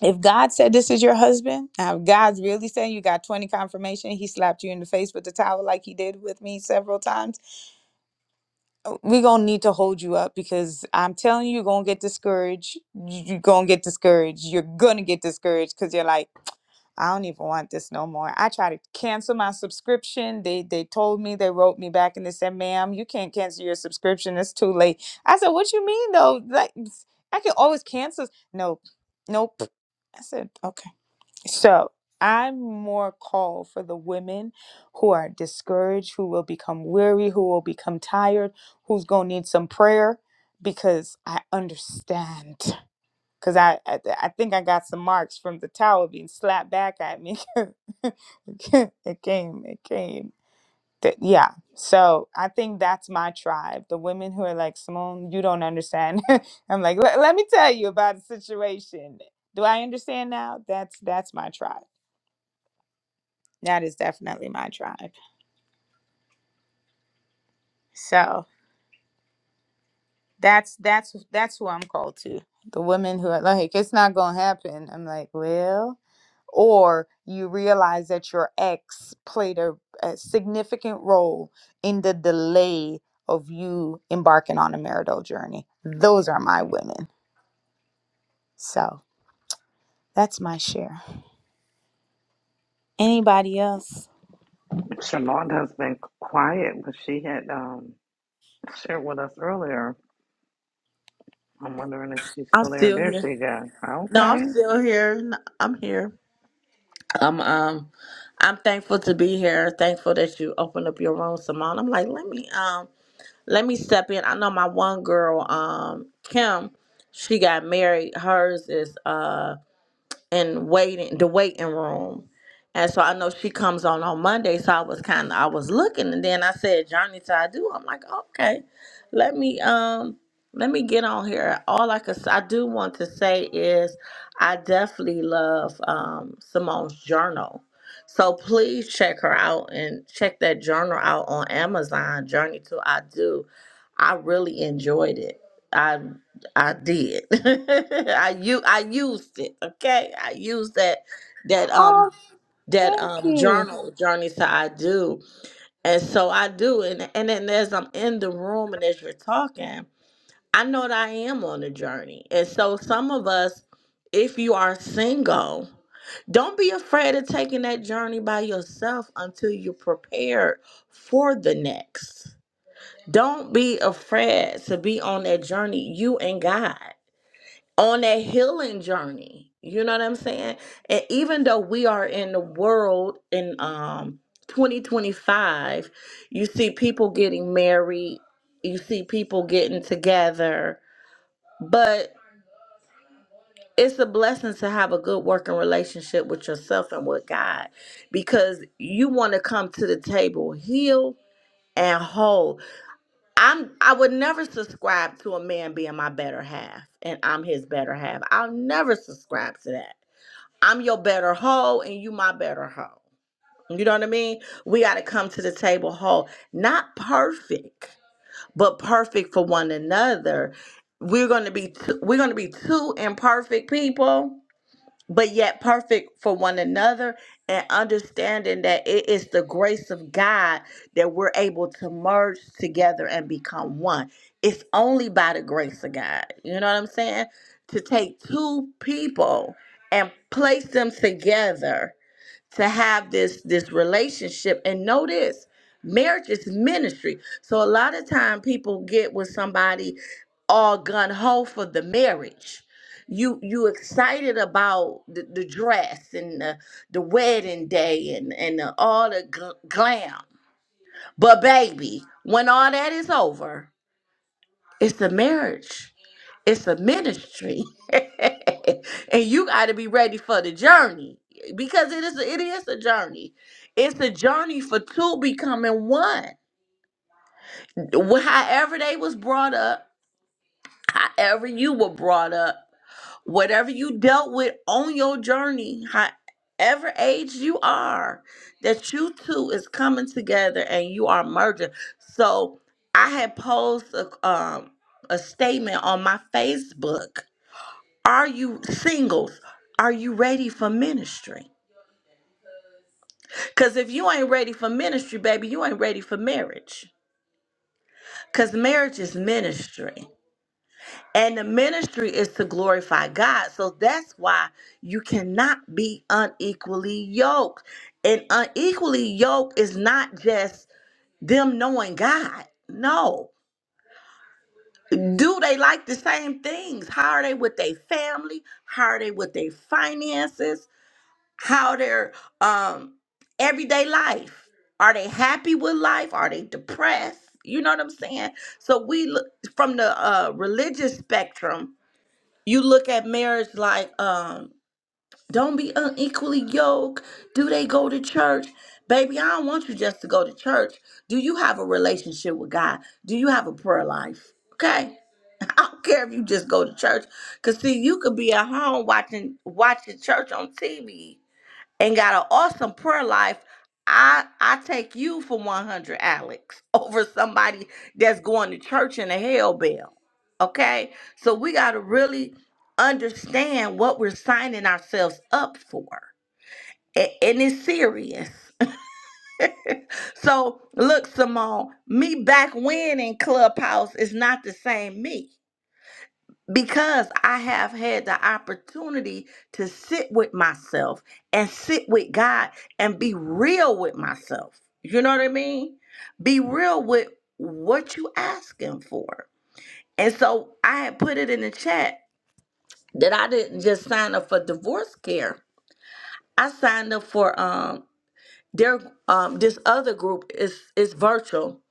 S1: if god said this is your husband now if god's really saying you got 20 confirmation he slapped you in the face with the towel like he did with me several times we're going to need to hold you up because i'm telling you you're going to get discouraged you're going to get discouraged you're going to get discouraged because you're like I don't even want this no more. I tried to cancel my subscription. They they told me they wrote me back and they said, "Ma'am, you can't cancel your subscription. It's too late." I said, "What you mean though? Like I can always cancel." Nope, nope. I said, "Okay." So I'm more called for the women who are discouraged, who will become weary, who will become tired, who's gonna need some prayer, because I understand. Cause I, I I think I got some marks from the towel being slapped back at me. [LAUGHS] it came, it came. Th- yeah. So I think that's my tribe. The women who are like, Simone, you don't understand. [LAUGHS] I'm like, "Le- let me tell you about the situation. Do I understand now? That's that's my tribe. That is definitely my tribe. So That's that's that's who I'm called to. The women who are like, it's not gonna happen. I'm like, well, or you realize that your ex played a, a significant role in the delay of you embarking on a marital journey. Those are my women. So that's my share. Anybody else?
S2: Shalonda has been quiet, but she had um, shared with us earlier. I'm wondering if she's
S5: I'm
S2: still there.
S5: still
S2: There
S5: here.
S2: she goes.
S5: No, I'm
S2: Okay.
S5: still here. No, I'm here. I'm um I'm thankful to be here. Thankful that you opened up your room, Simone. I'm like, let me um let me step in. I know my one girl, um, Kim, she got married. Hers is um And waiting the waiting room. And so I know she comes on on Monday, so I was kind of I was looking, and then I said Johnny so I do. I'm like, okay, let me um let me get on here. All I could s- I do want to say is I definitely love um Simone's journal. So please check her out and check that journal out on Amazon. Journey to I do. I really enjoyed it. I did. [LAUGHS] I u I used it. Okay, I used that that um
S1: Oh,
S5: that
S1: thank
S5: um
S1: you.
S5: journal journey to I do, and so I do, and and then as I'm in the room and as you're talking, I know that I am on a journey, and so some of us, if you are single, don't be afraid of taking that journey by yourself until you're prepared for the next. Don't be afraid to be on that journey, you and God on that healing journey. You know what I'm saying? And even though we are in the world in um 2025, you see people getting married, you see people getting together, but it's a blessing to have a good working relationship with yourself and with God because you want to come to the table healed and whole. I'm I would never subscribe to a man being my better half and I'm his better half. I'll never subscribe to that I'm your better hoe and you my better hoe. You know what I mean? We got to come to the table whole, not perfect, but perfect for one another. We're going to be two, we're going to be two imperfect people but yet perfect for one another and understanding that it is the grace of God that we're able to merge together and become one. It's only by the grace of God. You know what I'm saying? To take two people and place them together to have this this relationship and know this marriage is ministry so a lot of time people get with somebody all gun ho for the marriage you you excited about the, the dress and the, the wedding day and and the, all the gl- glam but baby when all that is over it's the marriage it's a ministry [LAUGHS] and you got to be ready for the journey because it is it is a journey it's a journey for two becoming one Wh- however they was brought up however you were brought up whatever you dealt with on your journey however age you are that you two is coming together and you are merging so i had posed a, um, a statement on my facebook Are you singles? Are you ready for ministry? Because if you ain't ready for ministry, baby, you ain't ready for marriage. Because marriage is ministry. And the ministry is to glorify God. So that's why you cannot be unequally yoked. And unequally yoked is not just them knowing God. No. Do they like the same things? How are they with their family? How are they with their finances? how their um everyday life are they happy with life are they depressed you know what i'm saying so we look from the uh religious spectrum you look at marriage like um don't be unequally yoked do they go to church baby i don't want you just to go to church do you have a relationship with god do you have a prayer life okay [LAUGHS] i don't care if you just go to church because see you could be at home watching watching church on tv and got an awesome prayer life, I I take you for 100 Alex [LAUGHS] over somebody that's going to church in a hell bell. Okay? So we got to really understand what we're signing ourselves up for. A- And it's serious. [LAUGHS] So look, Simone, me back when in Clubhouse is not the same me because I have had the opportunity to sit with myself and sit with God and be real with myself. You know what I mean? Be real with what you asking for. And so I had put it in the chat that I didn't just sign up for divorce care. I signed up for um their um this other group is is virtual.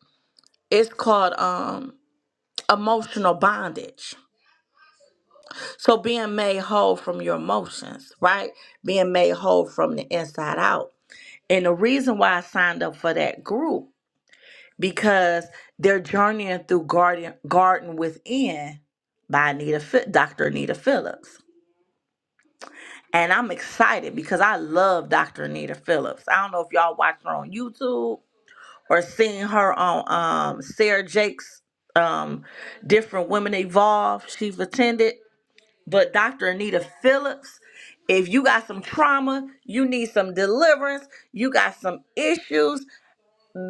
S5: It's called um emotional bondage So being made whole from your emotions, right? Being made whole from the inside out. And the reason why I signed up for that group because they're journeying through Garden Garden Within by Anita Phi- Dr. Anita Phillips. And I'm excited because I love Dr. Anita Phillips. I don't know if y'all watch her on YouTube or seen her on um Sarah Jake's um different women evolve. She's attended. But Dr. Anita Phillips, if you got some trauma, you need some deliverance, you got some issues,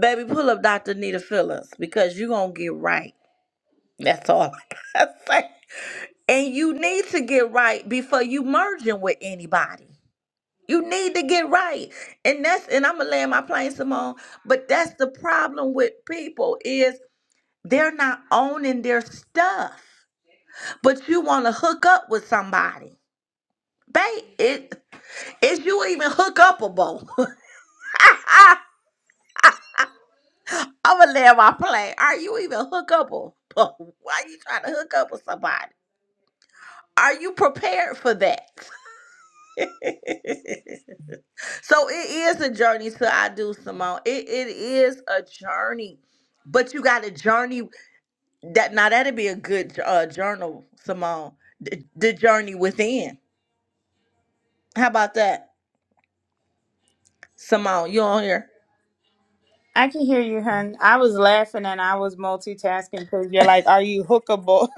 S5: baby, pull up Dr. Anita Phillips because you're going to get right. That's all [LAUGHS] I got to say. And you need to get right before you merging with anybody. You need to get right. And that's and I'm gonna land my plane, Simone. But that's the problem with people is they're not owning their stuff. But you wanna hook up with somebody. Babe, it Is you even hookupable? [LAUGHS] I'ma land my plane. Are you even hookupable? [LAUGHS] Why you trying to hook up with somebody? Are you prepared for that? [LAUGHS] so it is a journey to I do Simone. It it is a journey. But you got a journey that now that'd be a good uh journal, Simone. The, the journey within. How about that? Simone, you on here?
S1: I can hear you, hun. I was laughing and I was multitasking because you're like, are you hookable, [LAUGHS]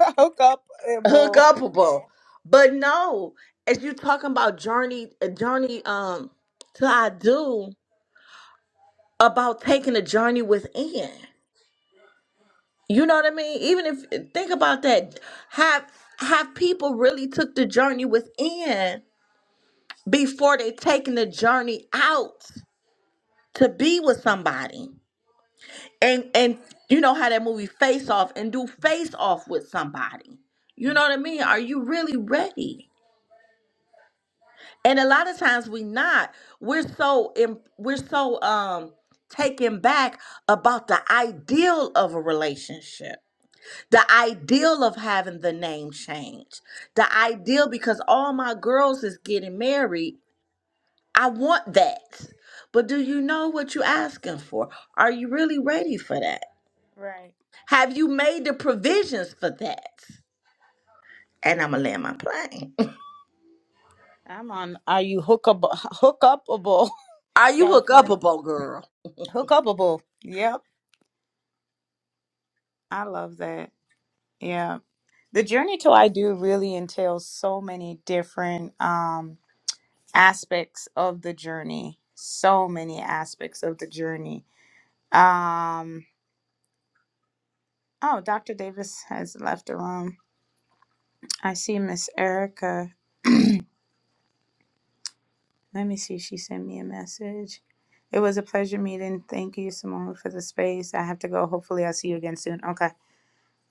S5: hook
S1: hookable?
S5: upable. But no, as you talking about journey, a journey um to I do about taking a journey within. You know what I mean? Even if uh, think about that, have have people really took the journey within before they taking the journey out to be with somebody and and you know how that movie face off and do face off with somebody. You know what I mean? Are you really ready? and a lot of times we not we're so im- we're so um taken back about the ideal of a relationship the ideal of having the name change the ideal because all my girls is getting married i want that but do you know what you're asking for are you really ready for that
S1: Right.
S5: have you made the provisions for that and i'm gonna land my plane [LAUGHS]
S1: I'm on. Are you hookable? [LAUGHS] Hookupable?
S5: are
S1: [LAUGHS]
S5: you
S1: God,
S5: hook up hookupable girl
S1: hookupable. Yep. I love that. Yeah. The journey to I do really entails so many different um, aspects of the journey. So many aspects of the journey. Um, Oh, Dr. Davis has left the room. I see Miss Erica. [CLEARS THROAT] Let me see. She sent me a message. It was a pleasure meeting. Thank you, Simone, for the space. I have to go. Hopefully, I'll see you again soon. Okay.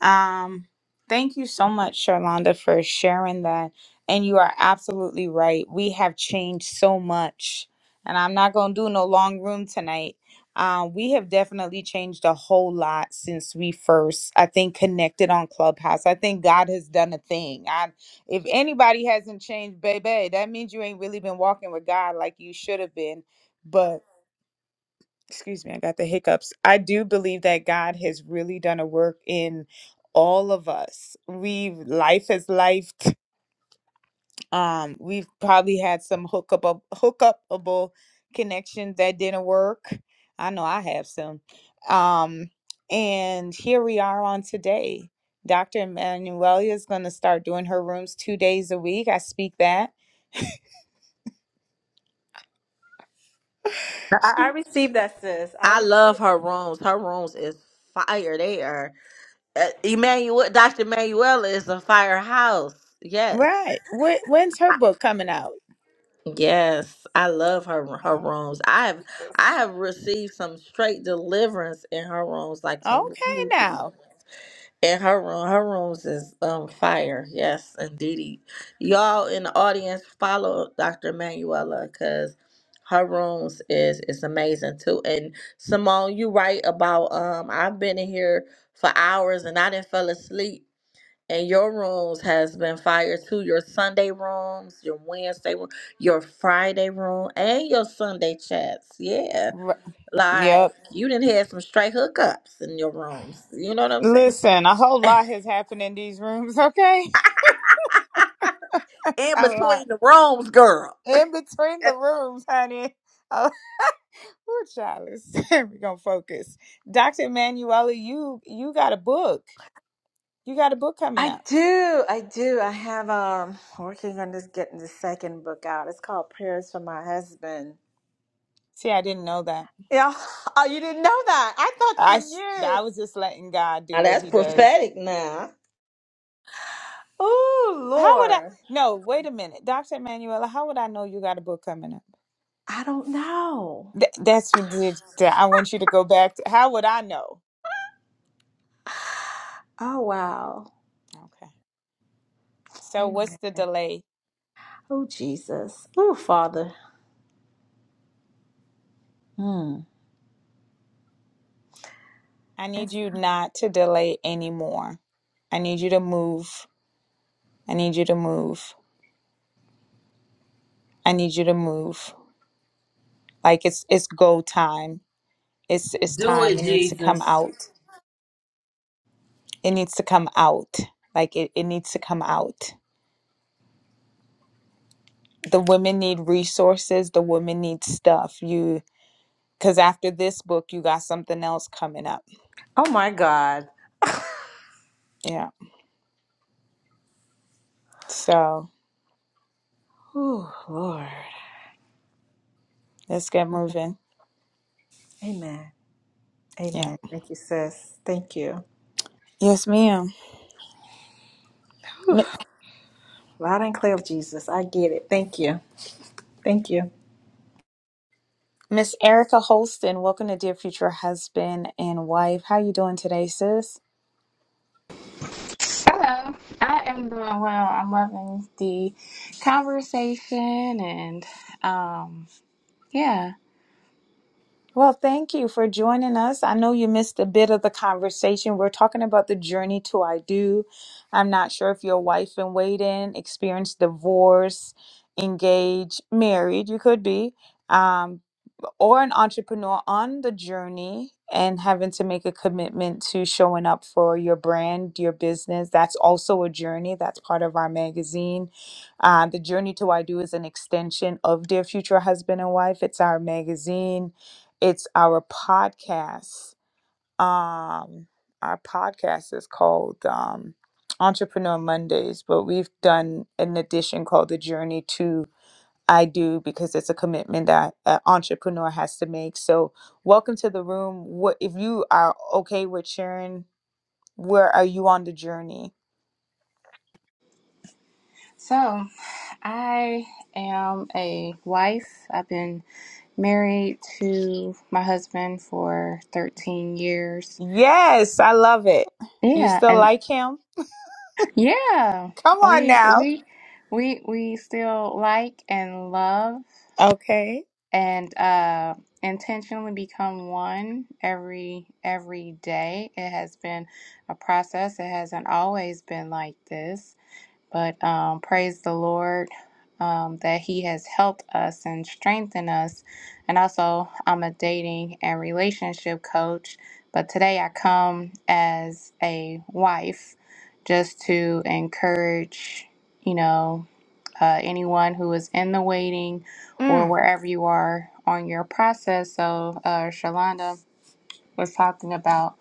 S1: Um, thank you so much, Sharlonda, for sharing that. And you are absolutely right. We have changed so much. And I'm not going to do no long room tonight. Uh, we have definitely changed a whole lot since we first, I think, connected on Clubhouse. I think God has done a thing. I, if anybody hasn't changed, baby, that means you ain't really been walking with God like you should have been. But excuse me, I got the hiccups. I do believe that God has really done a work in all of us. We've life has life. Um, we've probably had some hookup hookupable connections that didn't work. I know I have some. Um, and here we are on today. Dr. Emanuelia is going to start doing her rooms two days a week. I speak that.
S4: I, I
S1: She,
S4: received that, sis. I
S5: I
S4: received
S5: love her
S4: it.
S5: rooms. Her rooms is fire. They are uh, Emmanuel. Dr. Manuela is a firehouse. Yes,
S1: right. Wh- when's her
S5: I,
S1: book coming out?
S5: yes, I love her her rooms. I have I have received some straight deliverance in her rooms, like
S1: Okay,
S5: some. blue
S1: now.
S5: deliverance. And her room, her rooms is um fire. Yes, indeedy. Y'all in the audience, follow Dr. Manuela because her rooms is is amazing too. And Simone, you right about um I've been in here for hours and I didn't fell asleep. And your rooms has been fire too. Your Sunday rooms, your Wednesday room, your Friday room, and your Sunday chats. Yeah.
S1: Right.
S5: Like you didn't have some straight hookups in your rooms. You know what I'm saying?
S1: Listen, a
S5: [LAUGHS]
S1: whole lot has happened in these rooms, okay?
S5: in
S1: [LAUGHS] A lot.
S5: between the rooms, girl.
S1: In between the rooms, honey. Oh, [LAUGHS] ooh, child, [LAUGHS] we're gonna focus. Dr. Emanuela, you you got a book. You got a book coming
S4: I
S1: up.
S4: do, I do. I have um working on this getting the second book out. It's called Prayers for My Husband
S1: See, I didn't know that.
S4: Yeah. Oh, you didn't know that. I thought
S1: I
S4: you
S1: s-
S4: knew.
S1: I was just letting God do
S5: Now
S1: what
S5: that's
S1: he does.
S5: prophetic now.
S4: Oh,
S1: How would I
S4: Lord.
S1: No, wait a minute. Dr. Emanuela, how would I know you got a book coming up?
S4: I don't know.
S1: Th- that's what did- I want you to go back to. How would I know?
S4: Oh, wow.
S1: Okay. So what's
S4: Amen.
S1: the delay?
S4: Oh, Jesus. Oh, Father. Mm.
S1: I need you not to delay anymore. I need you to move. I need you to move. I need you to move. Like it's it's go time. It's it's
S5: Do
S1: time.
S5: it,
S1: It needs to come
S5: Jesus.
S1: out. It needs to come out. Like it, it needs to come out. The women need resources. The women need stuff. You because after this book you got something else coming up.
S4: Oh, my God.
S1: Yeah. So
S4: Oh, Lord.
S1: let's get moving.
S4: Amen.
S1: Yeah.
S4: Amen. Thank you, sis. Thank you.
S1: Yes, ma'am. M-
S4: Loud and clear of Jesus. I get it. Thank you. Thank you.
S1: Miss Erica Holston, welcome to Dear Future Husband and Wife. How you doing today, sis?
S6: Hello, I am doing well. I'm loving the conversation and um yeah.
S1: Well, thank you for joining us. I know you missed a bit of the conversation. We're talking about the journey to I do. I'm not sure if you're a wife in waiting, experienced divorce, engaged, married, you could be. Um, or an entrepreneur on the journey and having to make a commitment to showing up for your brand, your business, that's also a journey. That's part of our magazine. Uh, the Journey to I Do is an extension of Dear Future Husband and Wife. It's our magazine, it's our podcast. Um, our podcast is called um, Entrepreneur Mondays, but we've done an edition called The Journey to I do because it's a commitment that an entrepreneur has to make. So, welcome to the room. What if you are okay with sharing? Where are you on the journey?
S6: So, I am a wife. I've been married to my husband for 13 years.
S1: Yes, I love it. You
S6: Yeah,
S1: still
S6: and
S1: like him?
S6: yeah.
S1: Come on
S6: We
S1: now.
S6: we we we still like and love.
S1: Okay.
S6: and uh, intentionally become one every every day. It has been a process. It hasn't always been like this. But um, praise the Lord um, that He has helped us and strengthened us. And also, I'm a dating and relationship coach, but today I come as a wife just to encourage, you know, uh, anyone who is in the waiting or
S1: Mm.
S6: wherever you are on your process. So, uh, Shalonda was talking about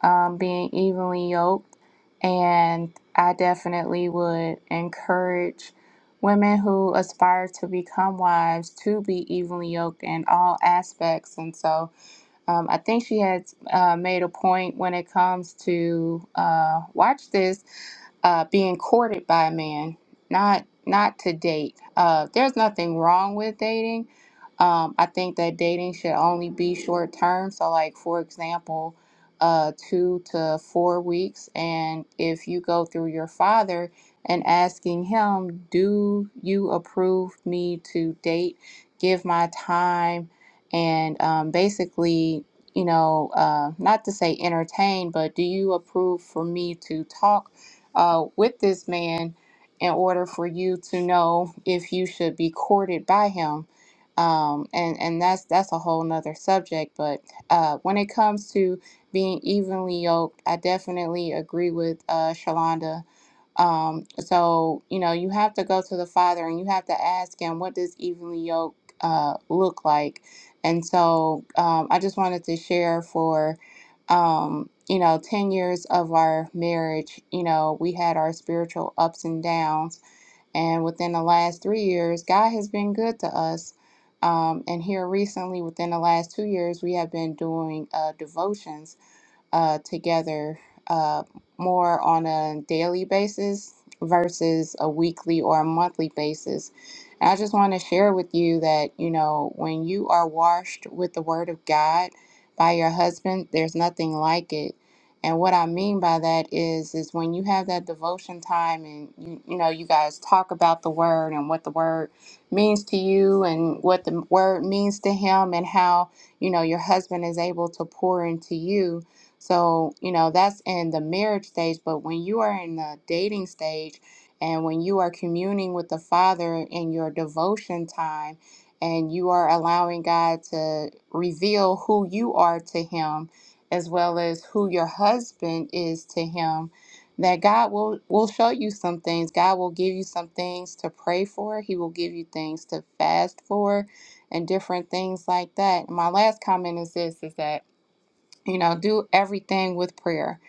S6: um, being evenly yoked. And I definitely would encourage women who aspire to become wives to be evenly yoked in all aspects. And so, um, I think she had uh, made a point when it comes to uh, watch this uh, being courted by a man, not not to date. Uh, there's nothing wrong with dating. Um, I think that dating should only be short term. So, like for example, uh, two to four weeks. And if you go through your father and asking him, "Do you approve me to date? Give my time." and um, basically, you know, uh, not to say entertain, but do you approve for me to talk uh, with this man in order for you to know if you should be courted by him? Um, and and that's that's a whole nother subject. But uh, when it comes to being evenly yoked, I definitely agree with uh, Shalonda um, so, you know, you have to go to the Father and you have to ask Him, what does evenly yoke uh, look like? And so um, I just wanted to share for, um, you know, 10 years of our marriage, you know, we had our spiritual ups and downs. And within the last three years, God has been good to us. Um, and here recently, within the last two years, we have been doing uh, devotions uh, together uh, more on a daily basis versus a weekly or a monthly basis. And I just want to share with you that, you know, when you are washed with the word of God by your husband, there's nothing like it. And what I mean by that is is when you have that devotion time and you you know you guys talk about the word and what the word means to you and what the word means to him and how you know your husband is able to pour into you so, you know, that's in the marriage stage, but when you are in the dating stage and when you are communing with the Father in your devotion time and you are allowing God to reveal who you are to Him as well as who your husband is to Him, that God will, will show you some things. God will give you some things to pray for, He will give you things to fast for, and different things like that. My last comment is this is that you know do everything with prayer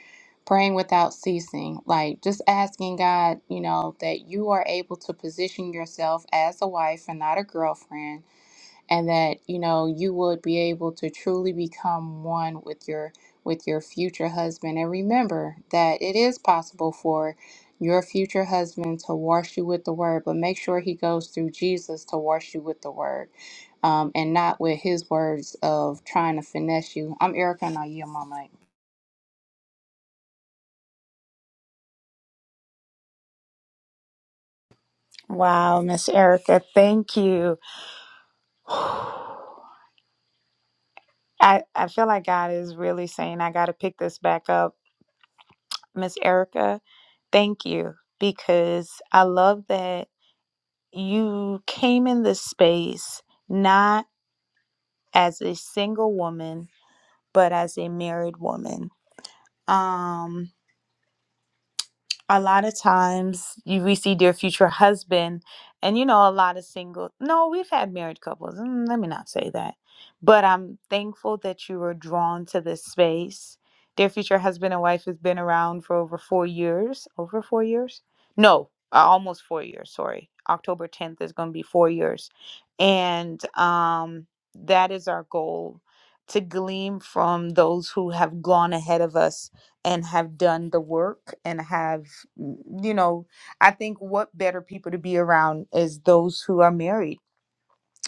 S6: praying without ceasing like just asking god you know that you are able to position yourself as a wife and not a girlfriend and that you know you would be able to truly become one with your with your future husband and remember that it is possible for your future husband to wash you with the word but make sure he goes through jesus to wash you with the word um, and not with his words of trying to finesse you i'm erica and i yield my mic
S1: Wow, Miss Erica, thank you. [SIGHS] I I feel like God is really saying I got to pick this back up, Miss Erica. Thank you because I love that you came in this space not as a single woman, but as a married woman. Um, a lot of times you we see their future husband and you know a lot of single no we've had married couples mm, let me not say that but i'm thankful that you were drawn to this space their future husband and wife has been around for over four years over four years no uh, almost four years sorry october 10th is going to be four years and um that is our goal to glean from those who have gone ahead of us and have done the work and have mm, you know i think what better people to be around is those who are married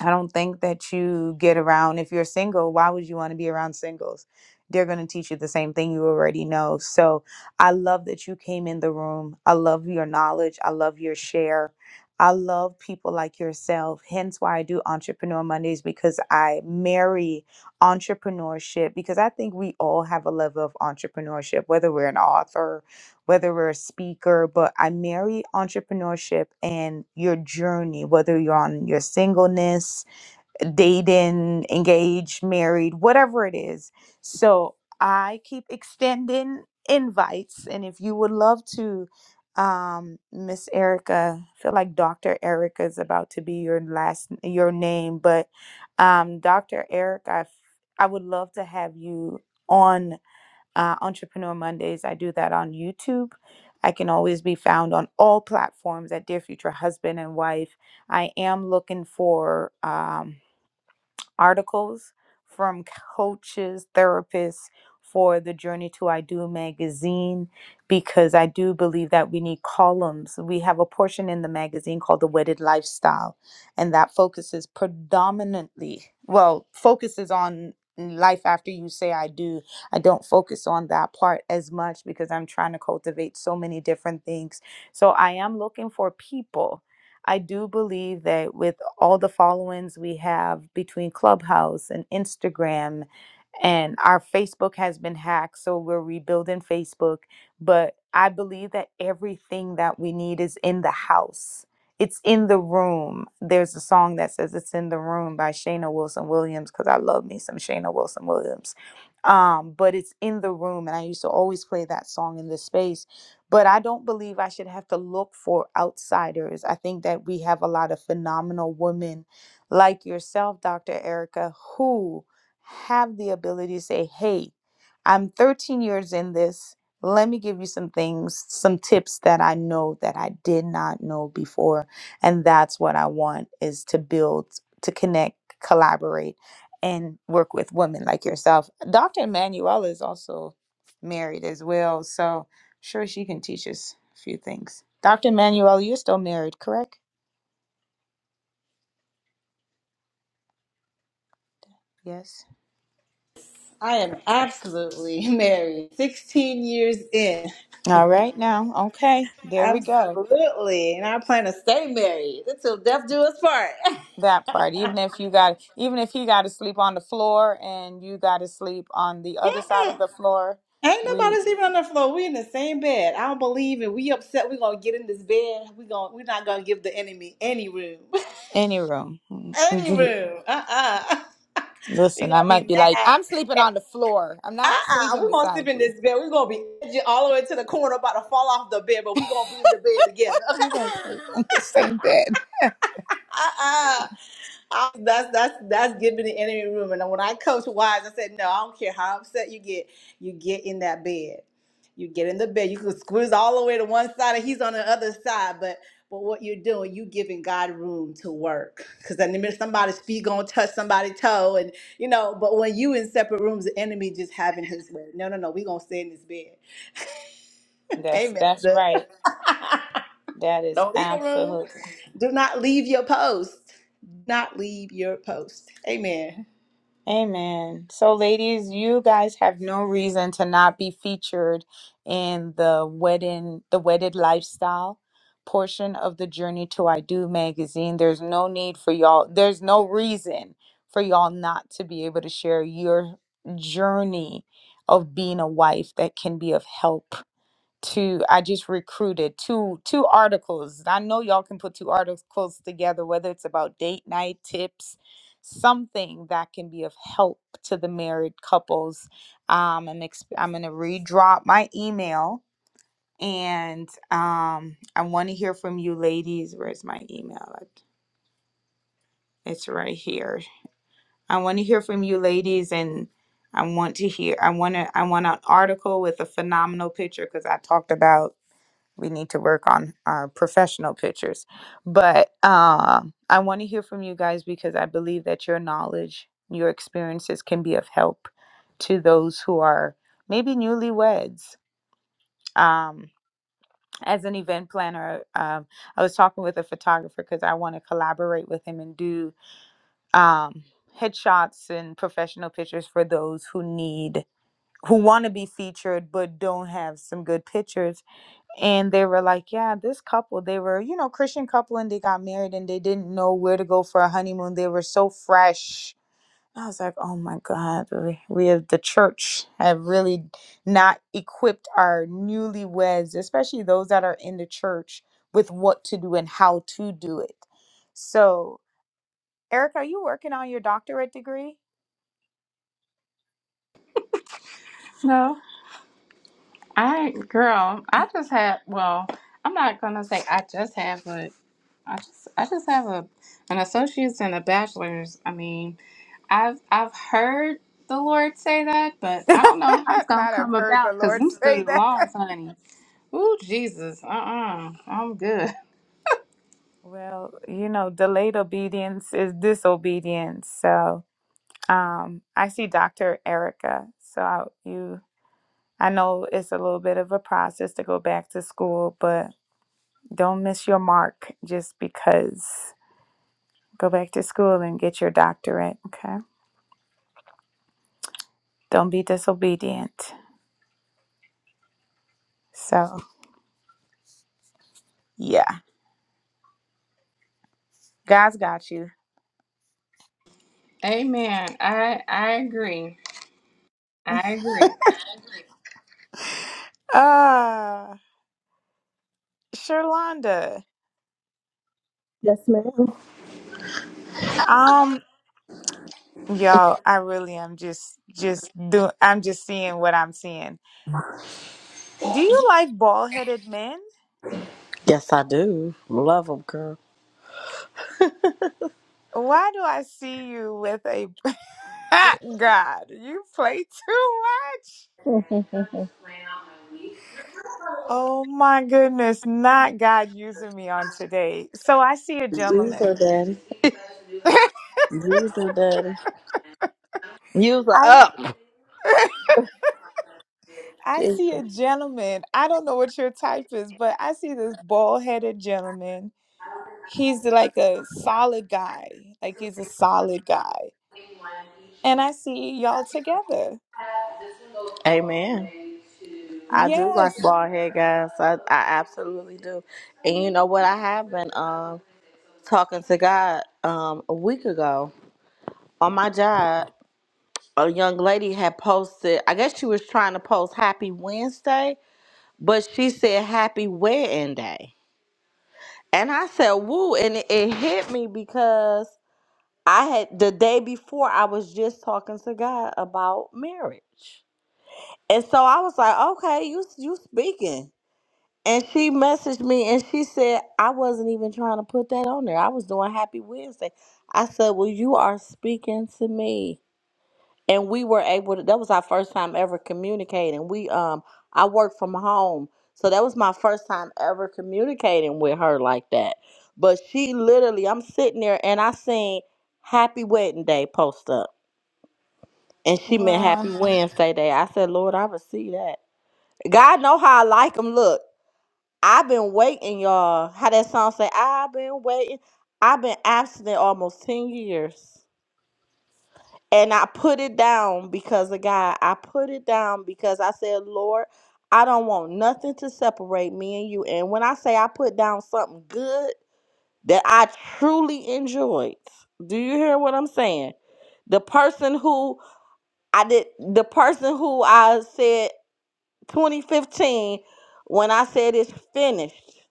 S1: I don't think that you get around if you're single, why would you want to be around singles? They're going to teach you the same thing you already know. So I love that you came in the room. I love your knowledge. I love your share. I love people like yourself. Hence why I do Entrepreneur Mondays because I marry entrepreneurship because I think we all have a level of entrepreneurship, whether we're an author, whether we're a speaker, but I marry entrepreneurship and your journey, whether you're on your singleness, dating, engaged, married, whatever it is. So I keep extending invites. And if you would love to, um, Miss Erica, I feel like Dr. Erica is about to be your last your name, but um, Dr. Erica, I, f- I would love to have you on uh, Entrepreneur Mondays. I do that on YouTube. I can always be found on all platforms at Dear Future Husband and Wife. I am looking for. um, articles from coaches, therapists for the Journey to I Do magazine because I do believe that we need columns. We have a portion in the magazine called The Wedded Lifestyle, and that focuses predominantly, well, focuses on life after you say I do. I don't focus on that part as much because I'm trying to cultivate so many different things. So I am looking for people I do believe that with all the followings we have between Clubhouse and Instagram and our Facebook has been hacked, so we're rebuilding Facebook. But I believe that everything that we need is in the house. It's in the room. There's a song that says "It's in the Room" by Shayna Wilson Williams because I love me some Shayna Wilson Williams. Um, but it's in the room, and I used to always play that song in this space. But I don't believe I should have to look for outsiders. I think that we have a lot of phenomenal women like yourself, Dr. Erica, who have the ability to say, hey, I'm 13 years in this. Let me give you some things, some tips that I know that I did not know before. And that's what I want is to build, to connect, collaborate, and work with women like yourself. Dr. Emanuela is also married as well. So I'm sure she can teach us a few things. Dr. Emanuela, you're still married, correct? Yes.
S4: I am absolutely [LAUGHS] married. 16 years in.
S1: All right
S4: [LAUGHS]
S1: now. Okay. There we go.
S4: Absolutely. And I plan to stay married until death do us part.
S1: That
S4: [LAUGHS]
S1: part, even if you got, even if he got to sleep on the floor and you got to sleep on the other side of
S4: Mm-mm.
S1: the floor,
S4: Ain't
S1: we
S4: nobody sleeping on the floor. We in the same bed. I don't believe it. We upset. We gonna get in this bed. We gonna we're not gonna give the enemy any room.
S1: any room.
S4: [LAUGHS] any room. Uh-uh. [LAUGHS]
S1: [LAUGHS]
S4: we
S1: Listen, I
S4: gonna
S1: might
S4: be
S1: be like,
S4: mad.
S1: I'm sleeping
S4: Eh,
S1: on the floor. I'm not
S4: Uh-uh. uh.
S1: sleeping
S4: we gonna sleep
S1: beside
S4: in
S1: you.
S4: this
S1: [LAUGHS]
S4: bed. we gonna be edging all the way to the corner about to fall off the bed, but we gonna be in the bed together.
S1: We gonna sleep
S4: Okay. [LAUGHS]
S1: on the same bed.
S4: [LAUGHS] uh-uh. I, that's that's that's giving the enemy room. And when I coach wise, I said, no, I don't care how upset you get, you get in that bed. You get in the bed. You can squeeze all the way to one side, and he's on the other side. But but what you're doing, you giving God room to work. Because in the minute somebody's feet gonna touch somebody's toe, and you know. But when you in separate rooms, the enemy just having his way. No, no, no. We gonna stay in this bed.
S1: That's
S4: Amen. I'm
S1: that's
S4: good.
S1: right.
S4: [LAUGHS]
S1: That is
S4: Don't leave the room.
S1: absolute.
S4: Do not leave your post. Do not leave your post. Amen.
S1: Amen. So, ladies, you guys have no reason to not be featured in the wedding, the wedded lifestyle portion of the Journey to I Do magazine. There's no need for y'all, there's no reason for y'all not to be able to share your journey of being a wife that can be of help to i just recruited two two articles i know y'all can put two articles together whether it's about date night tips something that can be of help to the married couples um i'm, exp- I'm gonna redrop my email and um i want to hear from you ladies where's my email it's right here i want to hear from you ladies and i want to hear i want to i want an article with a phenomenal picture because i talked about we need to work on our professional pictures but um i want to hear from you guys because i believe that your knowledge your experiences can be of help to those who are maybe newlyweds um as an event planner um, i was talking with a photographer because i want to collaborate with him and do um headshots and professional pictures for those who need who want to be featured but don't have some good pictures and they were like yeah this couple they were you know christian couple and they got married and they didn't know where to go for a honeymoon they were so fresh i was like oh my god we we have the church have really not equipped our newlyweds especially those that are in the church with what to do and how to do it so eric are you working on your doctorate degree
S6: No, I ain't- girl, I just have well, I'm not gonna say I just have but I just I just have a an associate's and a bachelor's. I mean, I've I've heard the Lord say that, but
S1: [LAUGHS]
S6: I don't know how it's gonna
S1: Not I've
S6: come
S1: heard the
S6: about because
S1: Lord
S6: them
S1: say
S6: student
S1: that.
S6: loans, honey. Ooh, Jesus. Uh Uh-uh. I'm good.
S1: Well, you know, delayed obedience is disobedience. So, um, I see Dr. Erica. So I, you, I know it's a little bit of a process to go back to school, but don't miss your mark just because. Go back to school and get your doctorate. Okay. Don't be disobedient. So, yeah, God's got you.
S6: [LAUGHS] Amen. I I agree. I agree.
S1: Uh, Sherlonda.
S5: Yes, ma'am.
S1: Um, Y'all, I really am just just do I'm just seeing what I'm seeing. Do you like bald-headed men?
S5: Yes, I do. Love him, girl.
S1: Why do I see you with a [LAUGHS] God, you play too much.
S5: [LAUGHS] Use
S1: Oh my goodness, not God using me on today. So I see a
S5: her,
S1: gentleman.
S5: daddy.
S1: [LAUGHS]
S5: Use her, daddy. Use her
S1: I
S5: up.
S1: [LAUGHS] I see a
S5: Jesus.
S1: gentleman. I don't know what your type is, but I see this bald-headed gentleman. He's like a solid guy. Like he's a solid guy. And I see y'all together.
S5: Amen. I do like
S1: Yes.
S5: bald head guys. I, I absolutely do. And you know what? I have been um talking to God um a week ago on my job. A young lady had posted. I guess she was trying to post Happy Wednesday, But she said happy wedding day. And I said, woo. And it, it hit me because I had the day before I was just talking to God about marriage. And so I was like, okay, you you speaking. And she messaged me and she said, I wasn't even trying to put that on there. I was doing happy Wednesday. I said, Well, you are speaking to me. and we were able to that was our first time ever communicating we um i worked from home so that was my first time ever communicating with her like that but she literally i'm sitting there and i seen happy wedding day post up and she meant
S1: Wow.
S5: happy Mhm. wednesday day i said lord i receive that god know how i like him look i've been waiting y'all how that song say i've been waiting i've been absent almost 10 years And I put it down because of God. I put it down because I said, Lord, I don't want nothing to separate me and you. And when I say I put down something good that I truly enjoyed, do you hear what I'm saying? The person who I did, the person who I said 2015, when I said it's finished.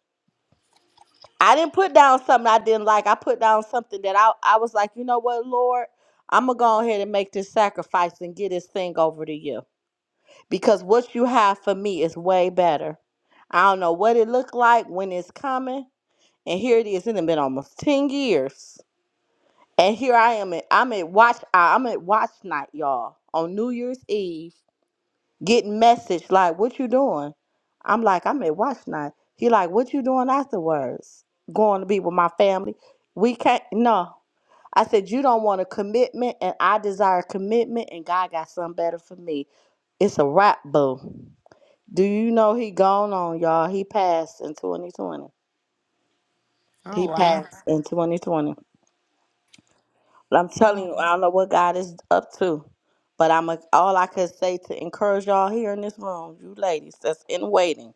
S5: I didn't put down something I didn't like. I put down something that I, I was like, you know what, Lord, I'm going to go ahead and make this sacrifice and get this thing over to you. Because what you have for me is way better. I don't know what it looked like, when it's coming. And here it is. It has been almost 10 years. And here I am. At, I'm at watch. I- I'm at watch night, y'all, on New Year's Eve getting message like what you doing i'm like i'm at watch night he like what you doing afterwards going to be with my family we can't no i said you don't want a commitment and i desire commitment and god got something better for me it's a wrap boo do you know he gone on y'all he passed in 2020
S1: Oh
S5: he
S1: wow.
S5: passed in 2020 But i'm
S1: Oh,
S5: telling you i don't know what god is up to but i'm a, all i could say to encourage y'all here in this room you ladies that's in waiting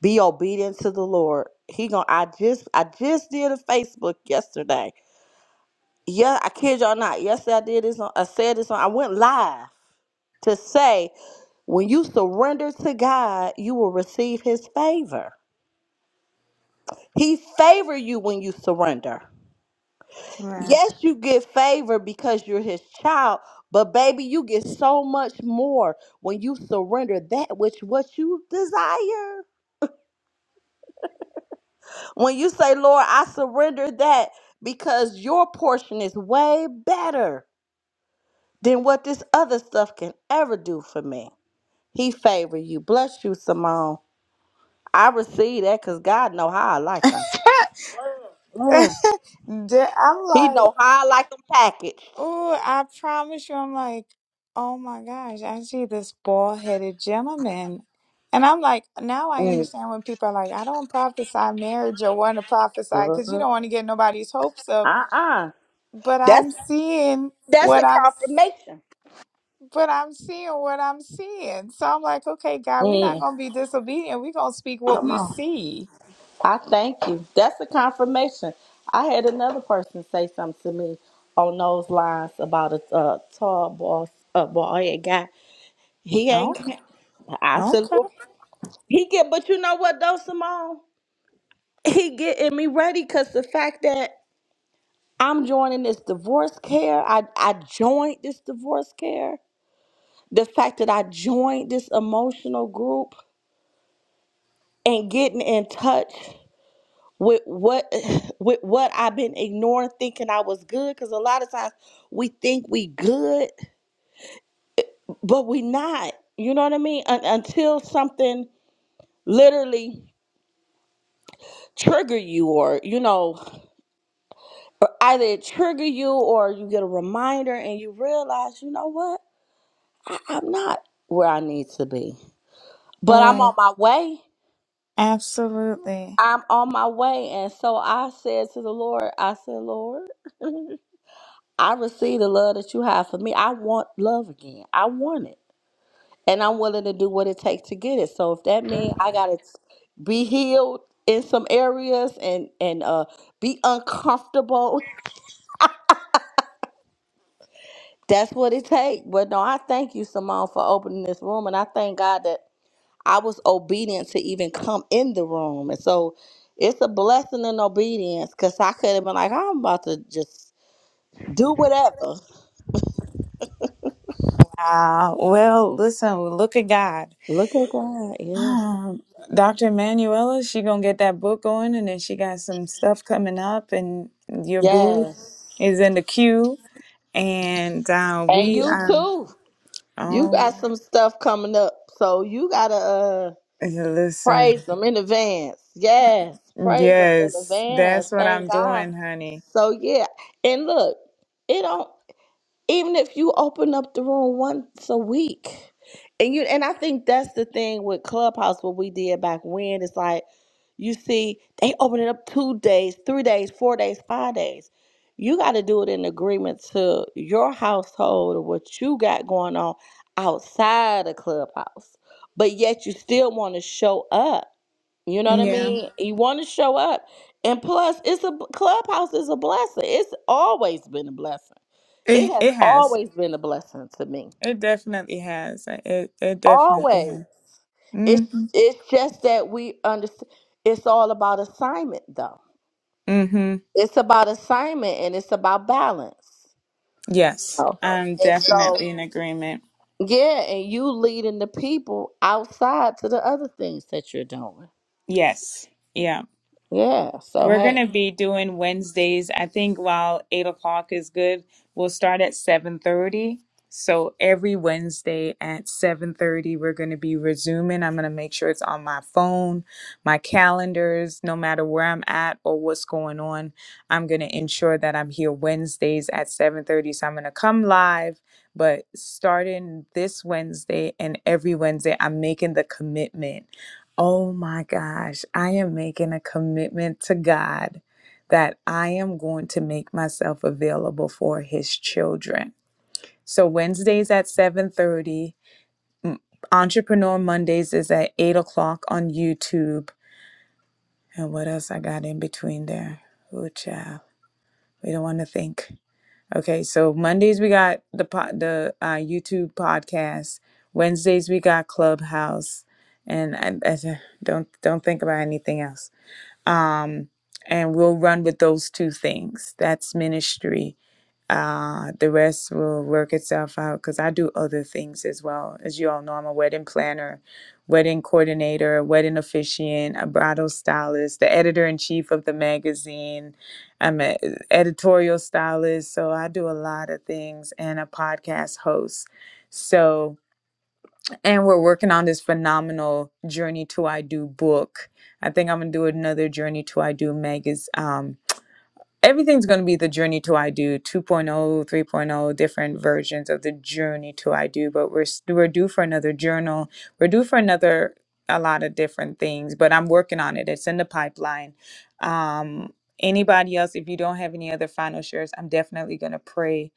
S5: Be obedient to the Lord. He gonna I just I just did a Facebook yesterday. Yeah, I kid y'all not. Yesterday I did this on I said this on I went live to say when you surrender to God, you will receive his favor. He favor you when you surrender.
S1: Right.
S5: Yes, you get favor because you're his child, but baby, you get so much more when you surrender that which what you desire. When you say, Lord, I surrender that because your portion is way better than what this other stuff can ever do for me. He favor you. Bless you, Simone. I receive that because God know how I like them.
S1: [LAUGHS]
S5: Mm.
S1: Da- I'm
S5: He
S1: like,
S5: know how I like them packaged.
S1: oh, I promise you, I'm like, oh my gosh, I see this bald headed gentleman. And I'm like, now I
S5: Mm,
S1: understand when people are like, I don't prophesy marriage or want to prophesy because you don't
S5: girl.
S1: want to get nobody's hopes up.
S5: Uh-uh.
S1: But
S5: That's
S1: I'm seeing
S5: that's
S1: what
S5: a
S1: I'm
S5: confirmation.
S1: But I'm seeing what I'm seeing. So I'm like, okay, God, we're not
S5: Mm.
S1: going to be disobedient. We're going to speak what we see.
S5: I thank you. That's a confirmation. I had another person say something to me on those lines about a, a tall boss, a boy, a guy. He ain't.
S1: Okay.
S5: I said,
S1: Okay.
S5: "Lord," he get, but you know what, though, Simone, he getting me ready because the fact that I'm joining this divorce care, I I joined this divorce care. The fact that I joined this emotional group and getting in touch. with what [SIGHS] with what I've been ignoring thinking I was good cuz a lot of times we think we good but we not you know what I mean Un- until something literally trigger you or you know or either it trigger you or you get a reminder and you realize you know what I- I'm not where I need to be but I'm
S1: Right.
S5: on my way
S1: Absolutely.
S5: I'm on my way and so I said to the Lord I said Lord I receive the love that you have for me I want love again I want it and I'm willing to do what it takes to get it. So if that means I gotta s- be healed in some areas and and uh be uncomfortable, [LAUGHS] that's what it takes. But no, I thank you, Simone, for opening this room, and I thank God that I was obedient to even come in the room, and so it's a blessing in obedience because I could have been like, I'm about to just do whatever.
S1: Wow. Well, listen, look at God.
S5: Look at God, yeah,
S1: Um, Dr. Manuela, she going to get that book going and then she got some stuff coming up and your boo
S5: yes,
S1: is in the queue. And uh,
S5: and
S1: we
S5: you
S1: are,
S5: too. You
S1: oh,
S5: got some stuff coming up, so you gotta uh,
S1: listen.
S5: praise them in advance. Yes, praise them in
S1: Yes,
S5: advance.
S1: that's what I'm
S5: Thank God.
S1: doing, honey.
S5: So yeah, and look, it don't even if you open up the room once a week and you and i think that's the thing with clubhouse what we did back when it's like you see they open it up two days three days four days five days you got to do it in agreement to your household or what you got going on outside of clubhouse but yet you still want to show up you know what i
S1: Yeah,
S5: mean Mhm. you want to show up and plus it's a clubhouse is a blessing it's always been a blessing it
S1: it
S5: has
S1: it has.
S5: always been a blessing to me.
S1: It definitely has. It it definitely
S5: Always.
S1: has.
S5: It's
S1: Mhm.
S5: it's just that we understand it's all about assignment though.
S1: Mhm.
S5: It's about assignment and it's about balance. You
S1: Yes,
S5: know?
S1: I'm
S5: And so
S1: definitely in agreement.
S5: yeah, and you leading the people outside to the other things that you're doing.
S1: Yes. Yeah.
S5: Yeah. So
S1: We're going
S5: hey.
S1: to be doing Wednesdays. I think while eight o'clock is good, we'll start at seven thirty. So every Wednesday at seven thirty, we're going to be resuming. I'm going to make sure it's on my phone, my calendars, no matter where I'm at or what's going on. I'm going to ensure that I'm here Wednesdays at seven thirty. So I'm going to come live, but starting this Wednesday and every Wednesday, I'm making the commitment Oh my gosh, I am making a commitment to God that I am going to make myself available for his children. So Wednesdays at 7:30, Entrepreneur Mondays is at 8 o'clock on YouTube. And what else I got in between there? Oh child. We don't want to think. Okay, so Mondays we got the po- the uh, YouTube podcast. Wednesdays we got Clubhouse, and I, I don't don't think about anything else. um, and we'll run with those two things. That's ministry. Uh, the rest will work itself out because I do other things as well. As you all know, I'm a wedding planner, wedding coordinator, wedding officiant, a bridal stylist, the editor in chief of the magazine. I'm an editorial stylist, so I do a lot of things and a podcast host. So, and we're working on this phenomenal journey to i do book i think i'm gonna do another journey to i do magazine um, everything's going to be the journey to i do two point oh three point oh different versions of the journey to i do but we're s- we're due for another journal we're due for another a lot of different things but i'm working on it it's in the pipeline um anybody else if you don't have any other final shares i'm definitely going to pray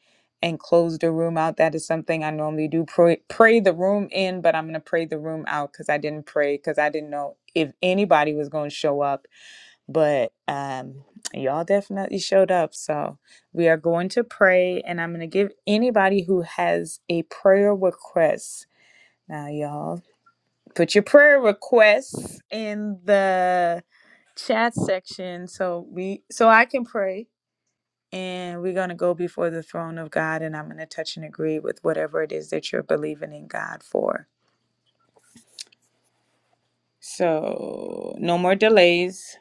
S1: and close the room out that is something i normally do pray, pray the room in but i'm going to pray the room out because i didn't pray because i didn't know if anybody was going to show up but um, y'all definitely showed up. So we are going to pray, and I'm going to give anybody who has a prayer request. Now, y'all, put your prayer requests in the chat section so we so I can pray. And we're going to go before the throne of God, and I'm going to touch and agree with whatever it is that you're believing in God for. So, no more delays.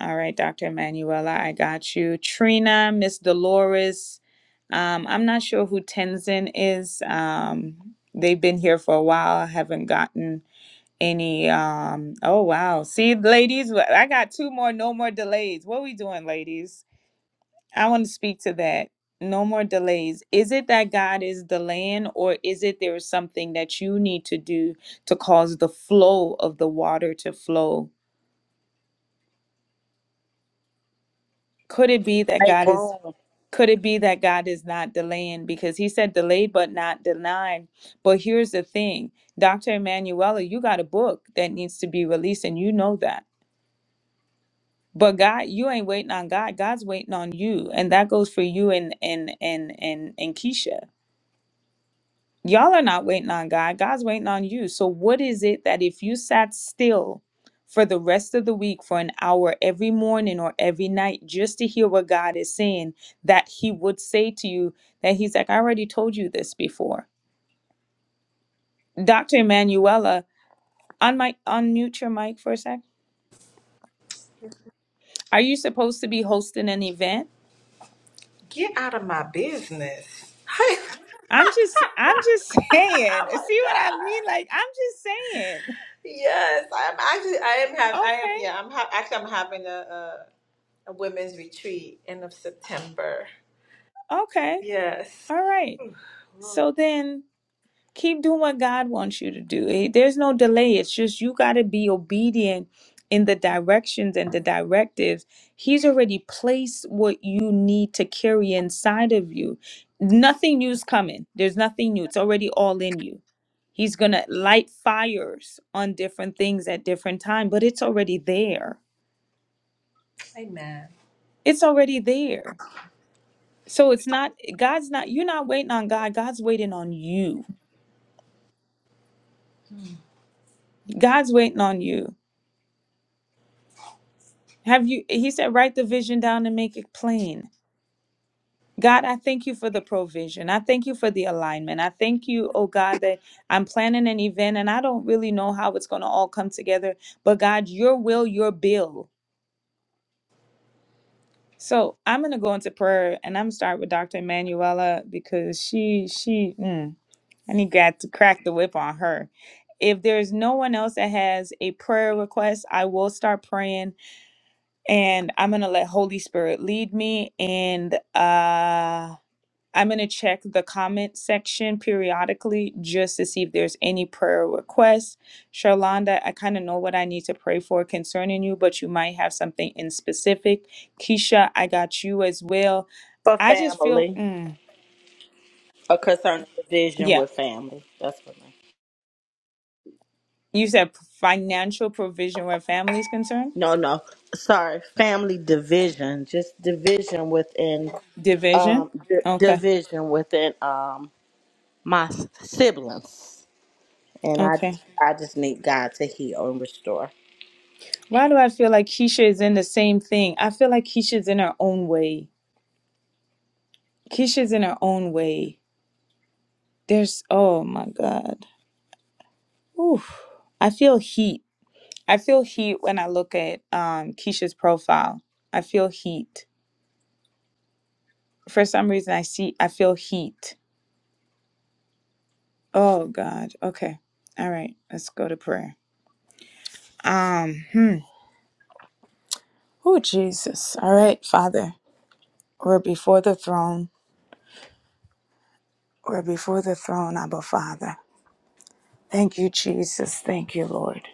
S1: All right, Dr. Emanuela, I got you. Trina, Miss Dolores. Um, I'm not sure who Tenzin is. Um, they've been here for a while. I Haven't gotten any. Um, oh wow! See, ladies, I got two more. No more delays. What are we doing, ladies? I want to speak to that. No more delays. Is it that God is delaying, or is it there is something that you need to do to cause the flow of the water to flow? Could it be that
S5: Make
S1: God is?
S5: room
S1: Could it be that God is not delaying? Because he said delayed but not denied. But here's the thing Dr. Emanuela, you got a book that needs to be released, and you know that. But God, you ain't waiting on God. God's waiting on you. And that goes for you and and and and, and Keisha. Y'all are not waiting on God. God's waiting on you. So, what is it that if you sat still for the rest of the week for an hour every morning or every night just to hear what God is saying, that He would say to you that He's like, I already told you this before? Dr. Emanuela, on my unmute your mic for a sec. Are you supposed to be hosting an event?
S4: Get out of my business.
S1: I'm just, I'm just [LAUGHS] saying.
S4: Oh my
S1: See what I
S4: God.
S1: mean? Like, I'm just saying.
S4: Yes, I'm actually. I am having. I am.
S1: Okay,
S4: Yeah, I'm ha- actually. I'm having a, a a women's retreat end of September.
S1: okay,
S4: Yes.
S1: all right.
S4: Lord.
S1: So then keep doing what God wants you to do. Eh, There's no delay. It's just you got to be obedient in the directions and the directives. He's already placed what you need to carry inside of you. Nothing new's coming. There's nothing new. It's already all in you. He's going to light fires on different things at different time, but it's already there. It's already there. So it's not God's not you're not waiting on God. God's waiting on you. God's waiting on you Have you, he said, write the vision down and make it plain. God, I thank you for the provision. I thank you for the alignment. I thank you, oh God, that I'm planning an event and I don't really know how it's going to all come together, but God, your will, your bill. So I'm going to go into prayer and I'm start with Dr. Emanuela because she, she, mm, I need God to crack the whip on her. If there's no one else that has a prayer request, I will start praying and I'm gonna let Holy Spirit lead me, and uh, I'm gonna check the comment section periodically just to see if there's any prayer requests. Charlanda, I kind of know what I need to pray for concerning you, but you might have something in specific. Keisha, I got you as well.
S5: for
S1: I just feel,
S5: family.
S1: mm,
S5: Or concerning division
S1: yeah,
S5: with family. That's what I
S1: you said financial provision where family is concerned,
S5: no, no. Sorry, family division. Just division within
S1: division.
S5: um, d-
S1: Okay,
S5: division within um, my s- siblings, and I just
S1: okay.
S5: I just need God to heal and restore.
S1: Why do I feel like Keisha is in the same thing? I feel like Keisha's in her own way. Keisha's in her own way. There's oh my god. Oof. I feel heat. I feel heat when I look at um Keisha's profile. I feel heat. For some reason I see I feel heat. Oh god. Okay. All right. Let's go to prayer. Um hmm. Oh Jesus. All right, Father. We're before the throne. We're before the throne, Abba Father. Thank you, Jesus. Thank you, Lord.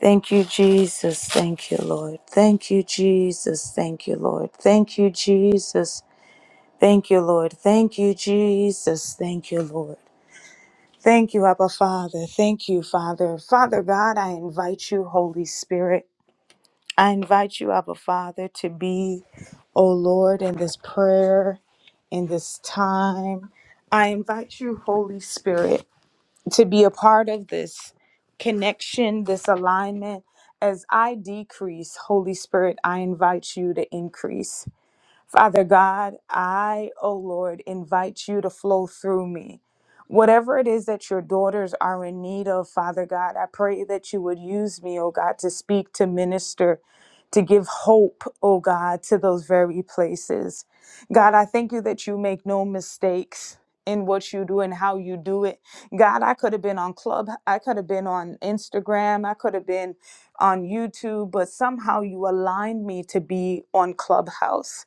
S1: Thank you, Jesus. Thank you, Lord. Thank you, Jesus. Thank you, Lord. Thank you, Jesus. Thank you, Lord. Thank you, Jesus. Thank you, Lord. Thank you, Abba Father. Thank you, Father. Father God, I invite you, Holy Spirit. I invite you, Abba Father, to be, O Lord, in this prayer, in this time. I invite you, Holy Spirit to be a part of this connection, this alignment. As I decrease, Holy Spirit, I invite you to increase. Father God, I, oh Lord, invite you to flow through me. Whatever it is that your daughters are in need of, Father God, I pray that you would use me, oh God, to speak, to minister, to give hope, oh God, to those very places. God, I thank you that you make no mistakes in what you do and how you do it. God, I could have been on Club, I could have been on Instagram, I could have been on YouTube, but somehow you aligned me to be on Clubhouse.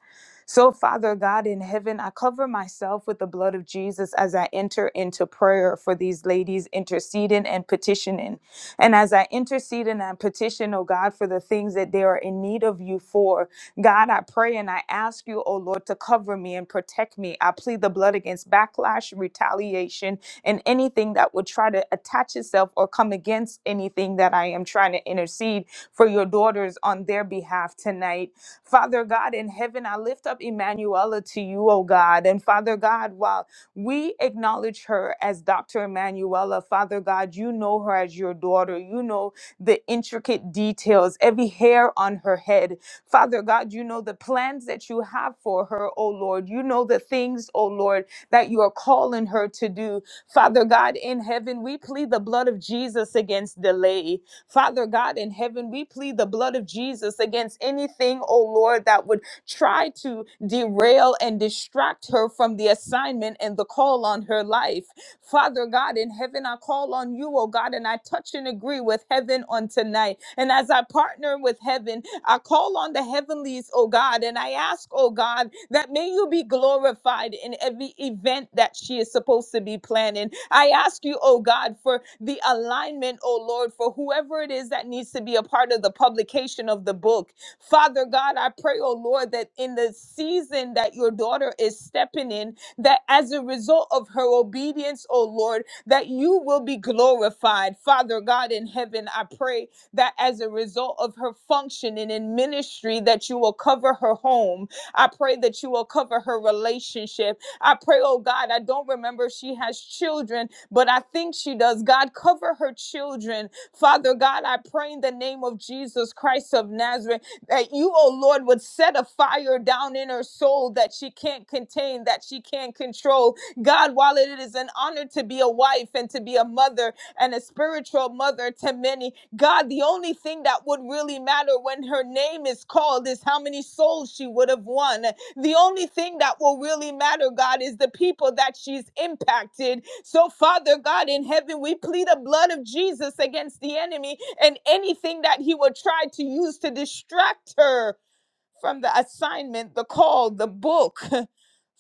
S1: So, Father God in heaven, I cover myself with the blood of Jesus as I enter into prayer for these ladies interceding and petitioning. And as I intercede and I petition, oh God, for the things that they are in need of you for, God, I pray and I ask you, oh Lord, to cover me and protect me. I plead the blood against backlash, retaliation, and anything that would try to attach itself or come against anything that I am trying to intercede for your daughters on their behalf tonight Father God in heaven, I lift up Emanuela to you, oh God. And Father God, while we acknowledge her as Dr. Emanuela, Father God, you know her as your daughter. You know the intricate details, every hair on her head. Father God, you know the plans that you have for her, oh Lord. You know the things, oh Lord, that you are calling her to do. Father God in heaven, we plead the blood of Jesus against delay. Father God in heaven, we plead the blood of Jesus against anything, oh Lord, that would try to derail and distract her from the assignment and the call on her life. Father God in heaven, I call on you, oh God, and I touch and agree with heaven on tonight. And as I partner with heaven, I call on the heavenlies, oh God, and I ask, oh God, that may you be glorified in every event that she is supposed to be planning. I ask you, oh God, for the alignment, oh Lord, for whoever it is that needs to be a part of the publication of the book. Father God, I pray, oh Lord, that in the season that your daughter is stepping in, that as a result of her obedience, oh Lord, that you will be glorified. Father God in heaven, I pray that as a result of her functioning in ministry, that you will cover her home. I pray that you will cover her relationship. I pray, oh God, I don't remember if she has children, but I think she does. God, cover her children. Father God, I pray in the name of Jesus Christ of Nazareth that you, oh Lord, would set a fire down in her soul that she can't contain, that she can't control. God, while it is an honor to be a wife and to be a mother and a spiritual mother to many, God, the only thing that would really matter when her name is called is how many souls she would have won. The only thing that will really matter, God, is the people that she's impacted so, Father God in heaven, we plead the blood of Jesus against the enemy and anything that he would try to use to distract her from the assignment, the call, the book. [LAUGHS]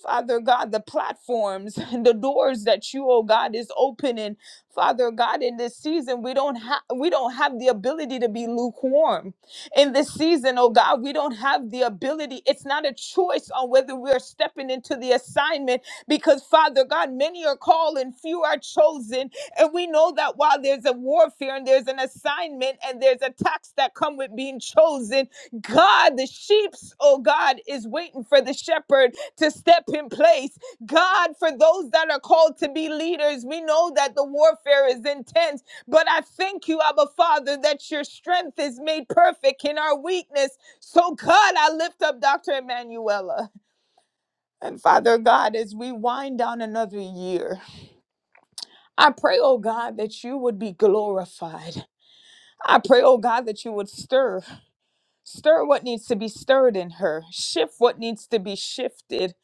S1: Father God, the platforms, [LAUGHS] and the doors that you, oh God, is opening. Father God, in this season, we don't have we don't have the ability to be lukewarm. In this season, oh God, we don't have the ability. It's not a choice on whether we're stepping into the assignment because Father God, many are called and few are chosen. And we know that while there's a warfare and there's an assignment and there's attacks that come with being chosen, God, the sheep's, oh God, is waiting for the shepherd to step in place. God, for those that are called to be leaders, we know that the warfare is intense, but I thank you, Abba Father, that your strength is made perfect in our weakness. So, God, I lift up Dr. Emanuela. And Father God, as we wind down another year, I pray, oh God, that you would be glorified. I pray, oh God, that you would stir. Stir what needs to be stirred in her, shift what needs to be shifted.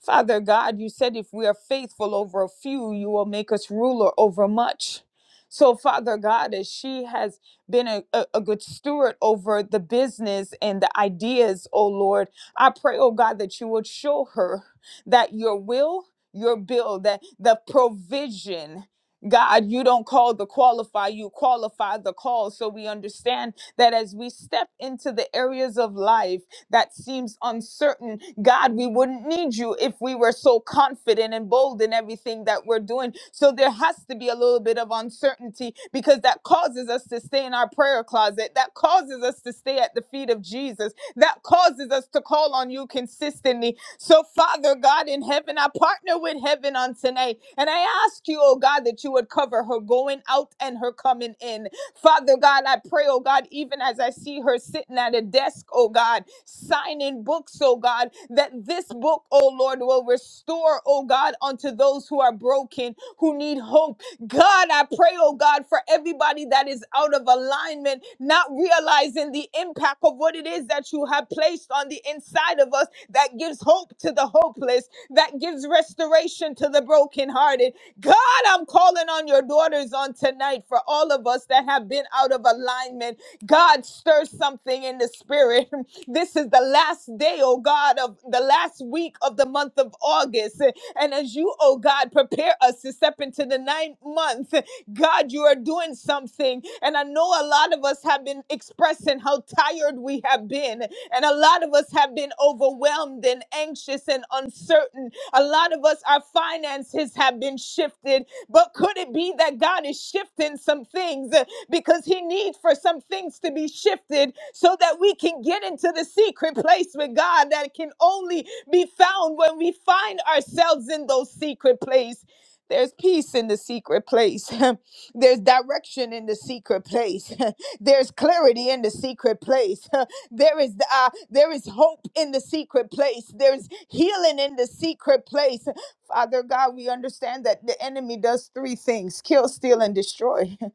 S1: Father God, you said if we are faithful over a few, you will make us ruler over much. So, Father God, as she has been a, a, a good steward over the business and the ideas, oh Lord, I pray, oh God, that you would show her that your will, your bill, that the provision, God, you don't call the qualify, you qualify the call. So we understand that as we step into the areas of life that seems uncertain, God, we wouldn't need you if we were so confident and bold in everything that we're doing. So there has to be a little bit of uncertainty because that causes us to stay in our prayer closet. That causes us to stay at the feet of Jesus. That causes us to call on you consistently. So, Father God in heaven, I partner with heaven on tonight. And I ask you, oh God, that you would cover her going out and her coming in. Father God, I pray, oh God, even as I see her sitting at a desk, oh God, signing books, oh God, that this book, oh Lord, will restore, oh God, unto those who are broken, who need hope God, I pray, oh God, for everybody that is out of alignment, not realizing the impact of what it is that you have placed on the inside of us that gives hope to the hopeless, that gives restoration to the brokenhearted. God, I'm calling on your daughters on tonight for all of us that have been out of alignment. God, stir something anything in the spirit. [LAUGHS] This is the last day, oh God, of the last week of the month of August. And as you, oh God, prepare us to step into the ninth month, God, you are doing something. And I know a lot of us have been expressing how tired we have been. And a lot of us have been overwhelmed and anxious and uncertain a lot of us, our finances have been shifted, but could it be that God is shifting some things uh, because He needs for some things to be shifted so that we can get into the secret place with God that can only be found when we find ourselves in those secret place. There's peace in the secret place. [LAUGHS] There's direction in the secret place. [LAUGHS] There's clarity in the secret place. [LAUGHS] There is uh, there is hope in the secret place. There's healing in the secret place. Father God, we understand that the enemy does three things: kill, steal, and destroy. [LAUGHS]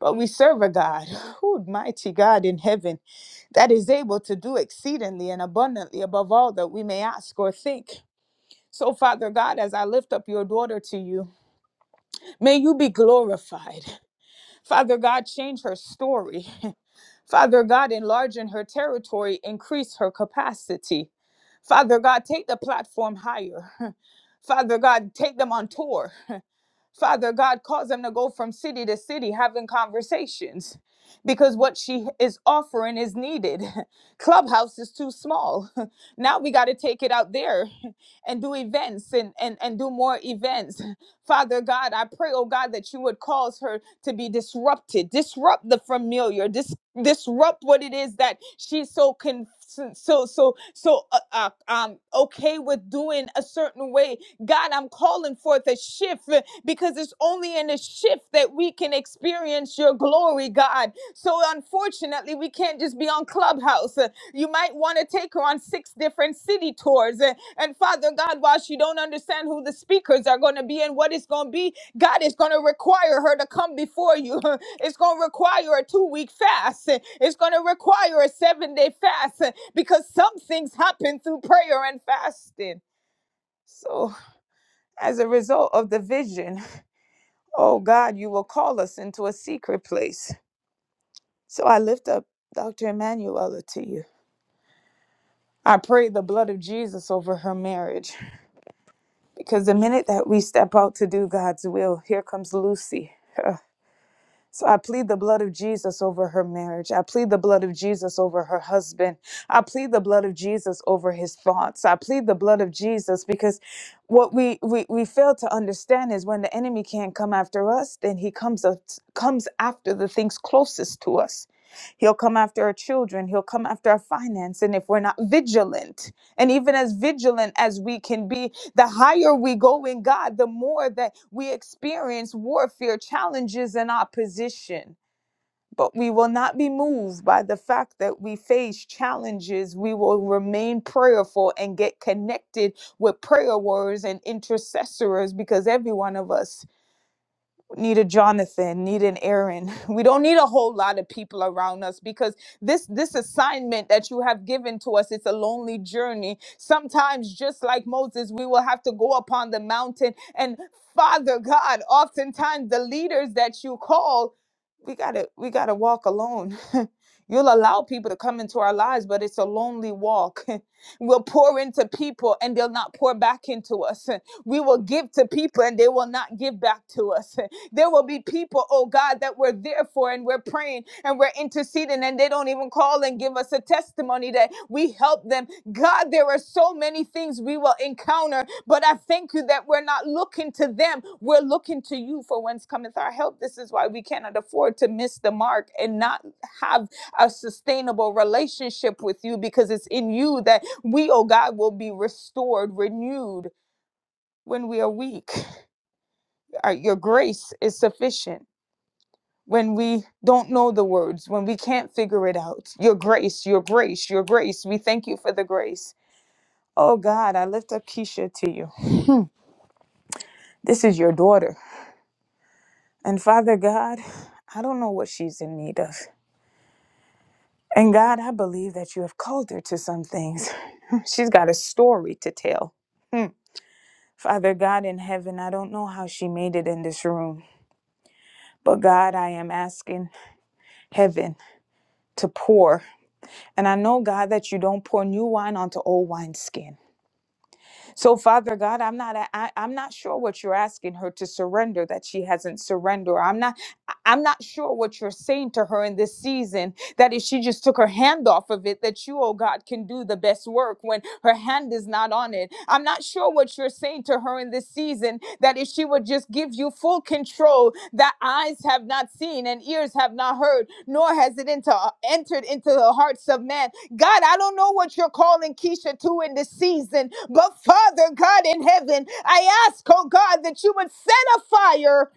S1: But we serve a God, who mighty God in heaven, that is able to do exceedingly and abundantly above all that we may ask or think. So, Father God, as I lift up your daughter to you, may you be glorified. Father God, change her story. [LAUGHS] Father God, enlarge in her territory, increase her capacity. Father God, take the platform higher. [LAUGHS] Father God, take them on tour. Father God, cause them to go from city to city having conversations because what she is offering is needed. [LAUGHS] Clubhouse is too small. [LAUGHS] Now we got to take it out there [LAUGHS] and do events and, and, and do more events. [LAUGHS] Father God, I pray, oh God, that you would cause her to be disrupted, disrupt the familiar, dis- disrupt what it is that she's so con- so so so so uh, uh, um okay with doing a certain way God, I'm calling forth a shift uh, because it's only in a shift that we can experience your glory, God. So, unfortunately, we can't just be on Clubhouse. Uh, You might want to take her on six different city tours. Uh, And, Father God, while she don't understand who the speakers are going to be and what it's going to be, God is going to require her to come before you. [LAUGHS] It's going to require a two week fast. Uh, It's going to require a seven day fast uh, because some things happen through prayer and fasting. So, as a result of the vision, oh God, you will call us into a secret place. So I lift up Dr. Emanuela to you. I pray the blood of Jesus over her marriage because the minute that we step out to do God's will, here comes Lucy. [LAUGHS] So I plead the blood of Jesus over her marriage. I plead the blood of Jesus over her husband. I plead the blood of Jesus over his thoughts. I plead the blood of Jesus because what we we, we fail to understand is when the enemy can't come after us, then he comes up, comes after the things closest to us. He'll come after our children. He'll come after our finance. And if we're not vigilant, and even as vigilant as we can be the higher we go in God, the more that we experience warfare, challenges, and opposition. But we will not be moved by the fact that we face challenges. We will remain prayerful and get connected with prayer warriors and intercessors because every one of us need a Jonathan, need an Aaron. [LAUGHS] We don't need a whole lot of people around us because this this assignment that you have given to us, it's a lonely journey. Sometimes just like Moses, we will have to go upon the mountain and Father God, oftentimes the leaders that you call, we got to we got to walk alone. [LAUGHS] You'll allow people to come into our lives, but it's a lonely walk. [LAUGHS] We'll pour into people and they'll not pour back into us. [LAUGHS] We will give to people and they will not give back to us. [LAUGHS] There will be people, oh God, that we're there for and we're praying and we're interceding and they don't even call and give us a testimony that we help them. God, there are so many things we will encounter, but I thank you that we're not looking to them. We're looking to you for whence cometh our help. This is why we cannot afford to miss the mark and not have a sustainable relationship with you because it's in you that we, oh God, will be restored, renewed when we are weak. Our- Your grace is sufficient when we don't know the words, when we can't figure it out. Your grace, your grace, your grace. We thank you for the grace. Oh God, I lift up Keisha to you. This is your daughter. And Father God, I don't know what she's in need of. And God, I believe that you have called her to some things. [LAUGHS] She's got a story to tell. Hmm. Father God in heaven, I don't know how she made it in this room, but God, I am asking heaven to pour. And I know, God, that you don't pour new wine onto old wineskin. So, Father God, I'm not a- I, am not i am not sure what you're asking her to surrender that she hasn't surrendered. I'm not I- I'm not sure what you're saying to her in this season that if she just took her hand off of it, that you, oh God, can do the best work when her hand is not on it. I'm not sure what you're saying to her in this season that if she would just give you full control, that eyes have not seen and ears have not heard, nor has it into, uh, entered into the hearts of man God, I don't know what you're calling Keisha to in this season, but Father God in heaven, I ask, oh God, that you would set a fire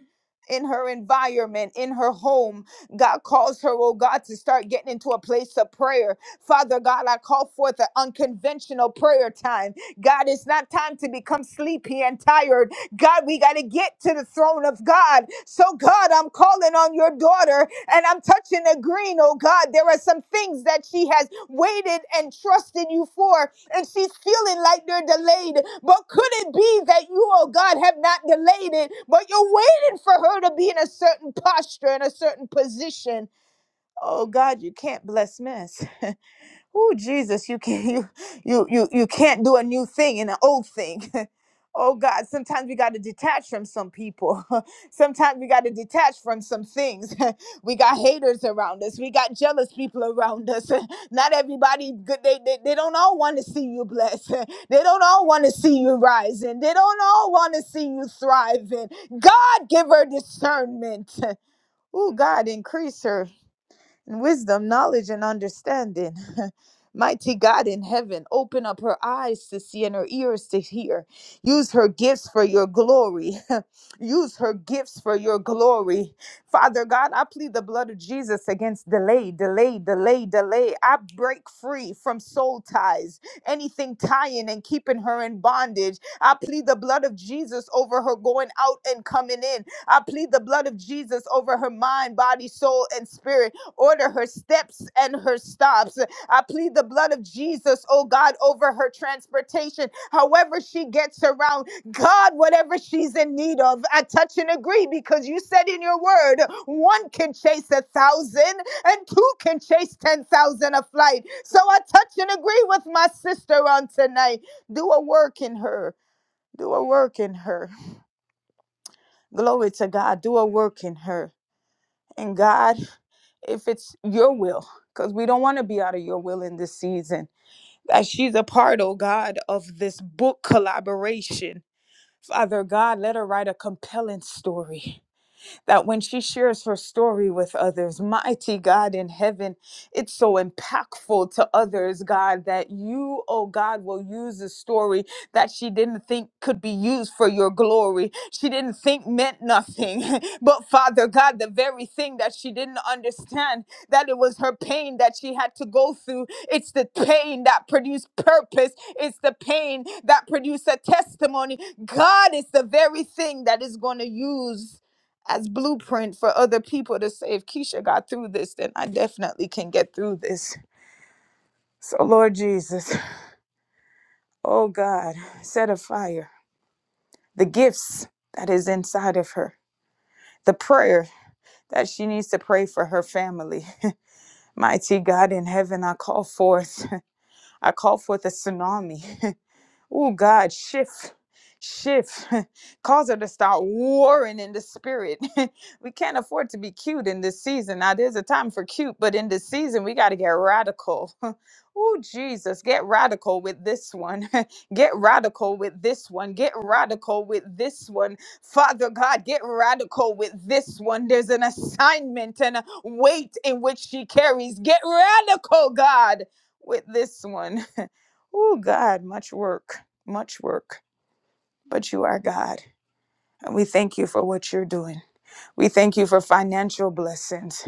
S1: in her environment, in her home. God calls her, oh God, to start getting into a place of prayer. Father God, I call forth an unconventional prayer time. God, it's not time to become sleepy and tired. God, we got to get to the throne of God. So, God, I'm calling on your daughter and I'm touching the green, oh God. There are some things that she has waited and trusted you for and she's feeling like they're delayed. But could it be that you, oh God, have not delayed it, but you're waiting for her to be in a certain posture, in a certain position? Oh God, you can't bless mess. [LAUGHS] Oh Jesus, you can [LAUGHS] you you you you can't do a new thing in an old thing. [LAUGHS] oh God, sometimes we got to detach from some people. [LAUGHS] sometimes we got to detach from some things. [LAUGHS] we got haters around us. We got jealous people around us. [LAUGHS] Not everybody good they, they they don't all want to see you blessed. [LAUGHS] they don't all want to see you rising. They don't all want to see you thriving. God give her discernment. [LAUGHS] Oh God, increase her wisdom, knowledge, and understanding. [LAUGHS] Mighty God in heaven, open up her eyes to see and her ears to hear. Use her gifts for your glory. [LAUGHS] Use her gifts for your glory. Father God, I plead the blood of Jesus against delay, delay, delay, delay. I break free from soul ties, anything tying and keeping her in bondage. I plead the blood of Jesus over her going out and coming in. I plead the blood of Jesus over her mind, body, soul, and spirit. Order her steps and her stops. I plead the blood of Jesus, oh God, over her transportation. However, she gets around, God, whatever she's in need of, I touch and agree because you said in your word, one can chase a thousand and two can chase 10,000 a flight. So I touch and agree with my sister on tonight. Do a work in her. Do a work in her. Glory to God. Do a work in her. And God if it's your will, because we don't want to be out of your will in this season. That she's a part, oh God, of this book collaboration. Father God, let her write a compelling story that when she shares her story with others, mighty God in heaven, it's so impactful to others, God, that you, oh God, will use a story that she didn't think could be used for your glory. She didn't think meant nothing. [LAUGHS] but Father God, the very thing that she didn't understand, that it was her pain that she had to go through. It's the pain that produced purpose. It's the pain that produced a testimony. God is the very thing that is going to use as blueprint for other people to say if Keisha got through this, then I definitely can get through this. So Lord Jesus, oh God, set a fire. The gifts that is inside of her, the prayer that she needs to pray for her family. [LAUGHS] Mighty God in heaven, I call forth, [LAUGHS] I call forth a tsunami. [LAUGHS] Oh God, shift, shift. [LAUGHS] Cause her to start warring in the spirit. [LAUGHS] we can't afford to be cute in this season. Now there's a time for cute, but in this season we gotta get radical. [LAUGHS] oh Jesus, get radical with this one. [LAUGHS] get radical with this one. Get radical with this one. Father God, get radical with this one. There's an assignment and a weight in which she carries. Get radical, God, with this one. [LAUGHS] Oh, God, much work, much work. But you are God. And we thank you for what you're doing. We thank you for financial blessings.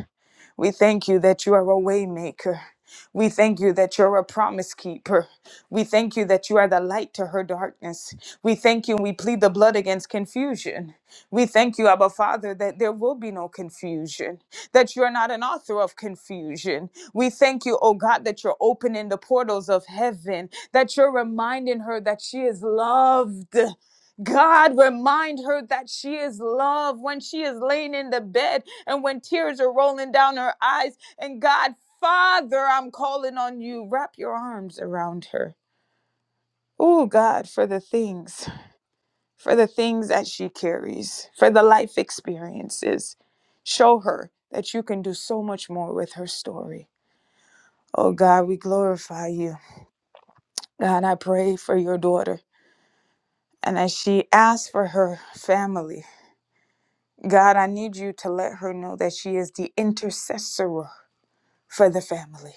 S1: We thank you that you are a waymaker. We thank you that you're a promise keeper. We thank you that you are the light to her darkness. We thank you and we plead the blood against confusion. We thank you, Abba Father, that there will be no confusion, that you're not an author of confusion. We thank you, oh God, that you're opening the portals of heaven, that you're reminding her that she is loved. God, remind her that she is loved when she is laying in the bed and when tears are rolling down her eyes. And God, Father, I'm calling on you. Wrap your arms around her. Oh, God, for the things, for the things that she carries, for the life experiences. Show her that you can do so much more with her story. Oh, God, we glorify you. God, I pray for your daughter. And as she asks for her family, God, I need you to let her know that she is the intercessor for the family.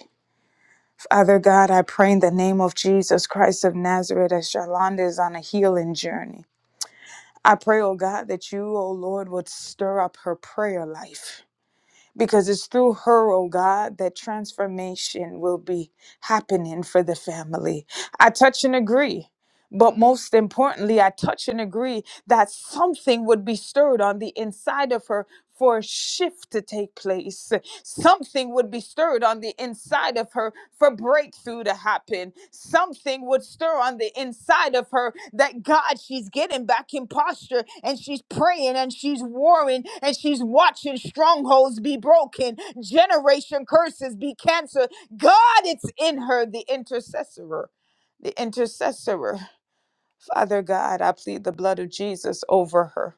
S1: Father God, I pray in the name of Jesus Christ of Nazareth as Shalonda is on a healing journey. I pray, oh God, that you, oh Lord, would stir up her prayer life. Because it's through her, oh God, that transformation will be happening for the family. I touch and agree but most importantly, I touch and agree that something would be stirred on the inside of her for a shift to take place. Something would be stirred on the inside of her for breakthrough to happen. Something would stir on the inside of her that God, she's getting back in posture and she's praying and she's warring and she's watching strongholds be broken, generation curses be canceled. God, it's in her, the intercessor the intercessor. Father God, I plead the blood of Jesus over her.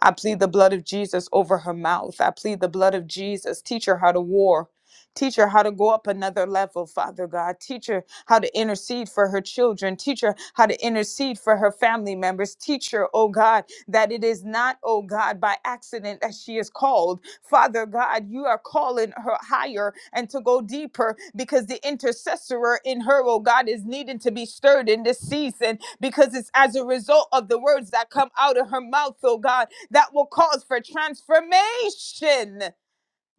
S1: I plead the blood of Jesus over her mouth. I plead the blood of Jesus. Teach her how to war. Teach her how to go up another level, Father God. Teach her how to intercede for her children. Teach her how to intercede for her family members. Teach her, oh God, that it is not, oh God, by accident that she is called. Father God, you are calling her higher and to go deeper because the intercessor in her, oh God, is needing to be stirred in this season because it's as a result of the words that come out of her mouth, oh God, that will cause for transformation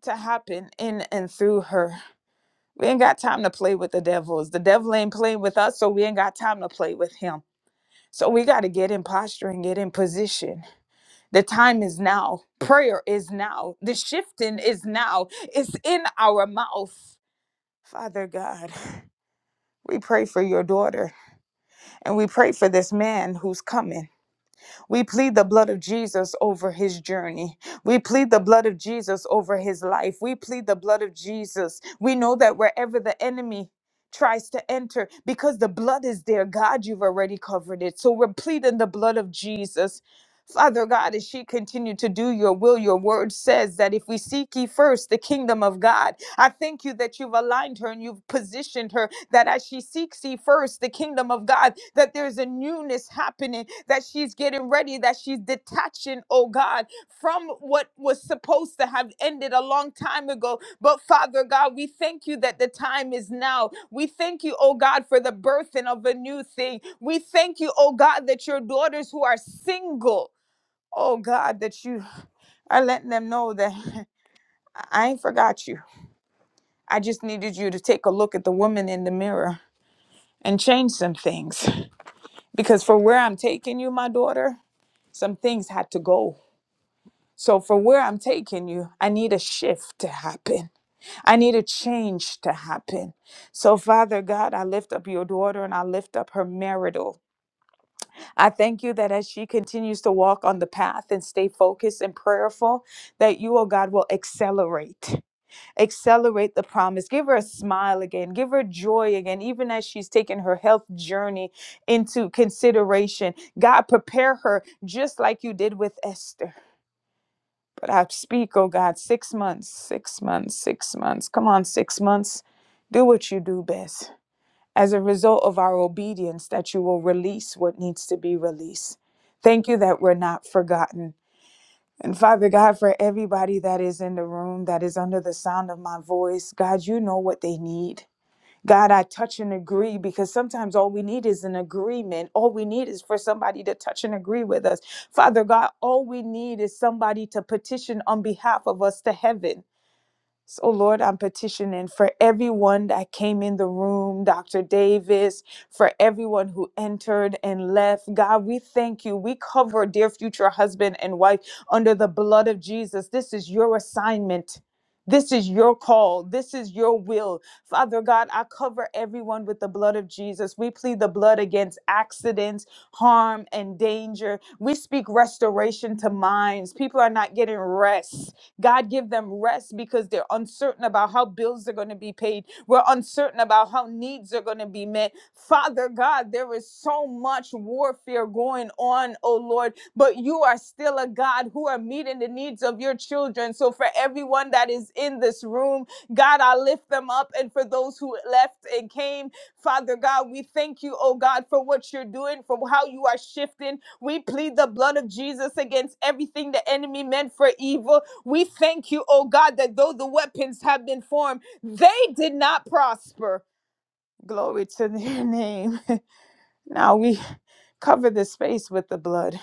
S1: to happen in and through her. We ain't got time to play with the devils. The devil ain't playing with us, so we ain't got time to play with him. So we got to get in posture and get in position the time is now. Prayer is now. The shifting is now. It's in our mouth. Father God, we pray for your daughter and we pray for this man who's coming. We plead the blood of Jesus over his journey. We plead the blood of Jesus over his life. We plead the blood of Jesus. We know that wherever the enemy tries to enter, because the blood is there, God, you've already covered it. So we're pleading the blood of Jesus. Father God, as she continued to do your will, your word says that if we seek ye first the kingdom of God, I thank you that you've aligned her and you've positioned her that as she seeks ye first the kingdom of God, that there's a newness happening, that she's getting ready, that she's detaching, oh God, from what was supposed to have ended a long time ago. But Father God, we thank you that the time is now. We thank you, oh God, for the birthing of a new thing. We thank you, oh God, that your daughters who are single, oh God, that you are letting them know that [LAUGHS] I ain't forgot you. I just needed you to take a look at the woman in the mirror and change some things. because for where I'm taking you, my daughter, some things had to go. So, for where I'm taking you, I need a shift to happen. I need a change to happen. So, Father God, I lift up your daughter and I lift up her marital. I thank you that as she continues to walk on the path and stay focused and prayerful, that you, oh God, will accelerate accelerate the promise. Give her a smile again. Give her joy again, even as she's taking her health journey into consideration. God, prepare her just like you did with Esther. But I speak, oh God, six months, six months, six months. Come on, six months. Do what you do best. As a result of our obedience, that you will release what needs to be released. Thank you that we're not forgotten. And Father God, for everybody that is in the room that is under the sound of my voice, God, you know what they need. God, I touch and agree because sometimes all we need is an agreement. All we need is for somebody to touch and agree with us. Father God, all we need is somebody to petition on behalf of us to heaven. So, Lord, I'm petitioning for everyone that came in the room, Dr. Davis, for everyone who entered and left. God, we thank you. We cover dear future husband and wife under the blood of Jesus. This is your assignment. This is your call. This is your will. Father God, I cover everyone with the blood of Jesus. We plead the blood against accidents, harm, and danger. We speak restoration to minds. People are not getting rest. God, give them rest because they're uncertain about how bills are going to be paid. We're uncertain about how needs are going to be met. Father God, there is so much warfare going on, oh Lord, but you are still a God who are meeting the needs of your children. So for everyone that is in this room, God, I lift them up. And for those who left and came, Father God, we thank you, oh God, for what you're doing, for how you are shifting. We plead the blood of Jesus against everything the enemy meant for evil. We thank you, oh God, that though the weapons have been formed, they did not prosper. Glory to their name. [LAUGHS] Now we cover the space with the blood.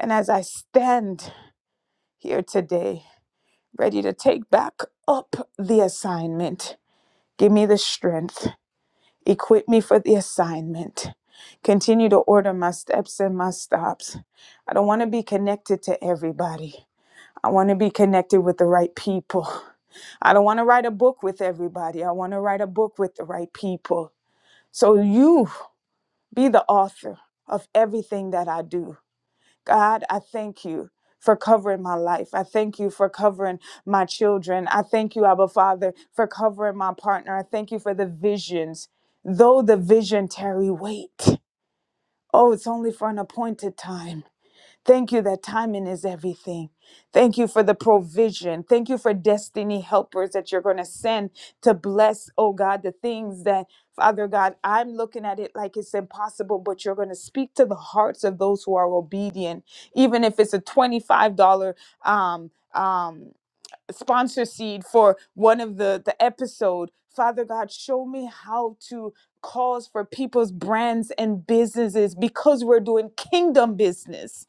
S1: And as I stand here today, ready to take back up the assignment, give me the strength, equip me for the assignment. Continue to order my steps and my stops. I don't want to be connected to everybody. I want to be connected with the right people. I don't want to write a book with everybody. I want to write a book with the right people. So you be the author of everything that I do. God, I thank you for covering my life. I thank you for covering my children. I thank you, Abba Father, for covering my partner. I thank you for the visions. Though the vision tarry, wait. Oh, it's only for an appointed time. Thank you that timing is everything. Thank you for the provision. Thank you for destiny helpers that you're going to send to bless, oh God, the things that, Father God, I'm looking at it like it's impossible, but you're going to speak to the hearts of those who are obedient, even if it's a $25 um, um, sponsor seed for one of the, the episode. Father God, show me how to cause for people's brands and businesses because we're doing kingdom business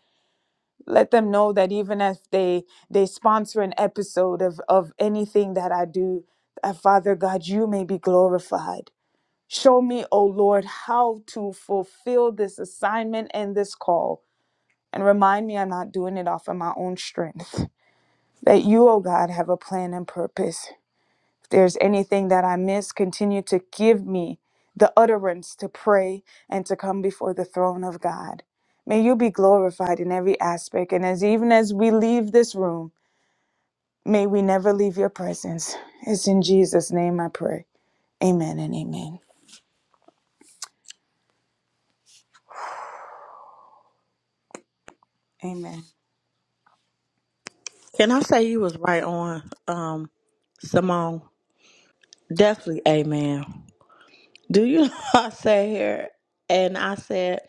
S1: let them know that even if they they sponsor an episode of of anything that i do that father god you may be glorified show me O lord how to fulfill this assignment and this call and remind me i'm not doing it off of my own strength [LAUGHS] that you O god have a plan and purpose there's anything that I miss, continue to give me the utterance to pray and to come before the throne of God. May you be glorified in every aspect. And as even as we leave this room, may we never leave your presence. It's in Jesus' name I pray. Amen and amen. Amen.
S5: Can I say you was right on, um, Simone? Definitely, Amen. Do you know [LAUGHS] I sat here and I said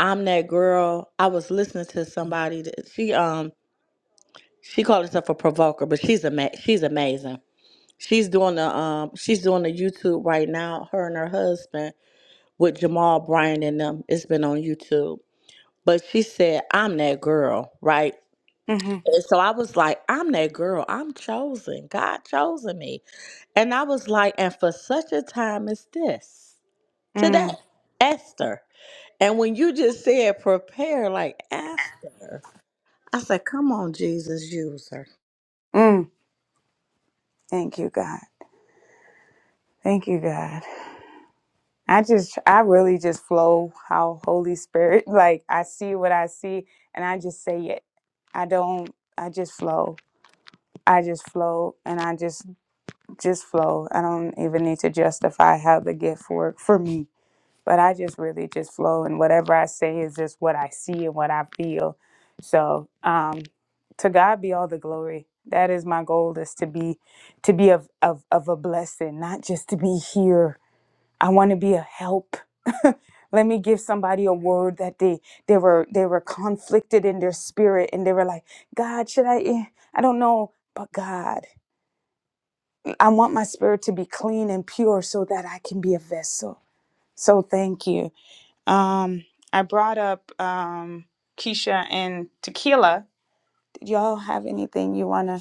S5: I'm that girl? I was listening to somebody that she um she called herself a provoker, but she's ama- she's amazing. She's doing the um she's doing the YouTube right now. Her and her husband with Jamal Bryan and them. It's been on YouTube. But she said, I'm that girl, right?
S1: hmm
S5: And so I was like, I'm that girl. I'm chosen. God chosen me. And I was like, and for such a time as this, today,
S1: Mm,
S5: Esther. And when you just said prepare like Esther, I said, come on, Jesus, use her.
S1: mm. Thank you, God. Thank you, God. I just, I really just flow how Holy Spirit, [LAUGHS] like I see what I see and I just say it. I don't, I just flow. I just flow and I just just flow. I don't even need to justify how the gift worked for me, but I just really just flow, and whatever I say is just what I see and what I feel. So, um, to God be all the glory. That is my goal: is to be, to be of of of a blessing, not just to be here. I want to be a help. [LAUGHS] Let me give somebody a word that they they were they were conflicted in their spirit, and they were like, God, should I? eh, I don't know, but God. I want my spirit to be clean and pure so that I can be a vessel. So thank you. Um, I brought up um, Keisha and Tequila. Did y'all have anything you wanna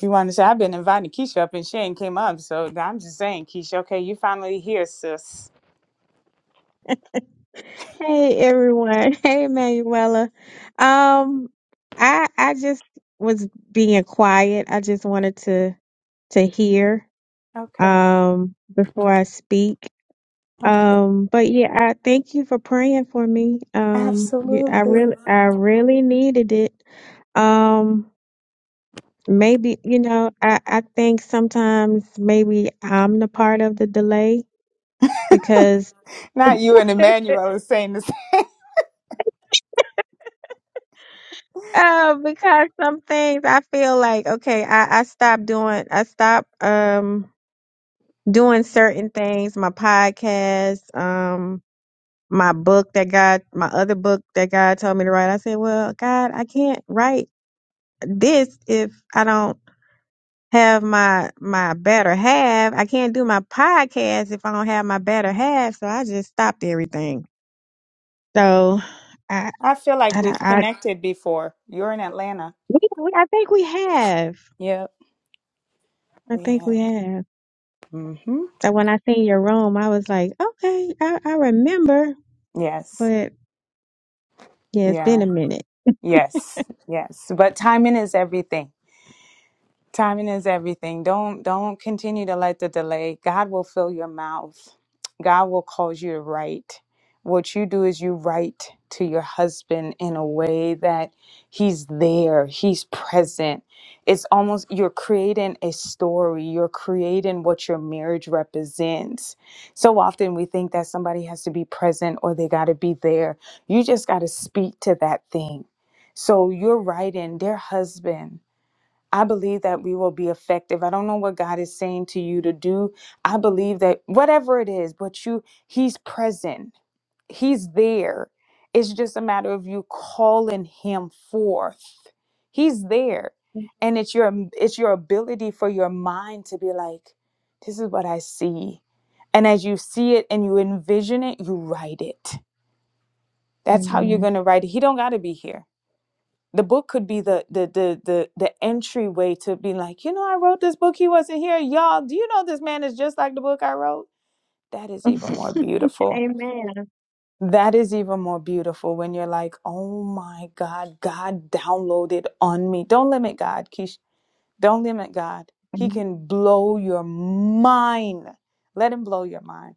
S1: you wanna say? I've been inviting Keisha up and she ain't came up, so I'm just saying, Keisha. Okay, you finally here, sis.
S7: Hey everyone. [LAUGHS] Hey Manuela. Um I I just was being quiet. I just wanted to to hear
S1: Okay,
S7: um before I speak.
S1: okay,
S7: Um but yeah, I thank you for praying for me. Um you- I
S1: absolutely.
S7: really I really needed it. Um maybe you know, I I think sometimes maybe I'm the part of the delay
S1: [LAUGHS]
S7: because
S1: Not you and
S7: [LAUGHS]
S1: Emmanuel is saying this.
S7: Um, because some things I feel like okay, I I stopped doing I stopped um doing certain things, my podcast, um my book that God my other book that God told me to write. I said, "Well, God, I can't write this if I don't have my my better half. I can't do my podcast if I don't have my better half." So I just stopped everything. So I
S1: I feel
S7: I
S1: like
S7: I,
S1: we've connected before. You're in Atlanta.
S7: we- we- I think we have.
S1: Yep.
S7: I
S1: We
S7: think
S1: have.
S7: we have.
S1: Mm-hmm.
S7: So when I seen your room, I was like, okay, I, I remember,
S1: Yes.
S7: but yeah, it's been
S1: Yeah.
S7: a minute.
S1: Yes, yes. But timing is everything. Timing is everything. Don't don't continue to let the delay. God will fill your mouth. God will cause you to write. What you do is you write to your husband in a way that he's there, he's present. It's almost you're creating a story, you're creating what your marriage represents. So often we think that somebody has to be present or they got to be there. You just got to speak to that thing. So you're writing, dear husband. I believe that we will be effective. I don't know what God is saying to you to do. I believe that whatever it is, but you he's present. He's there. It's just a matter of you calling him forth. He's there. And it's your it's your ability for your mind to be like, this is what I see. And as you see it and you envision it, you write it. That's how you're
S7: Amen.
S1: gonna write it. He don't gotta be here the book could be the the the the, the entryway to being like you know i wrote this book he wasn't here y'all do you know this man is just like the book i wrote that is
S7: [LAUGHS]
S1: even more beautiful
S7: Amen.
S1: that is even more beautiful when you're like oh my god god downloaded on me don't limit god Keish. don't limit god he can blow your mind let him blow your mind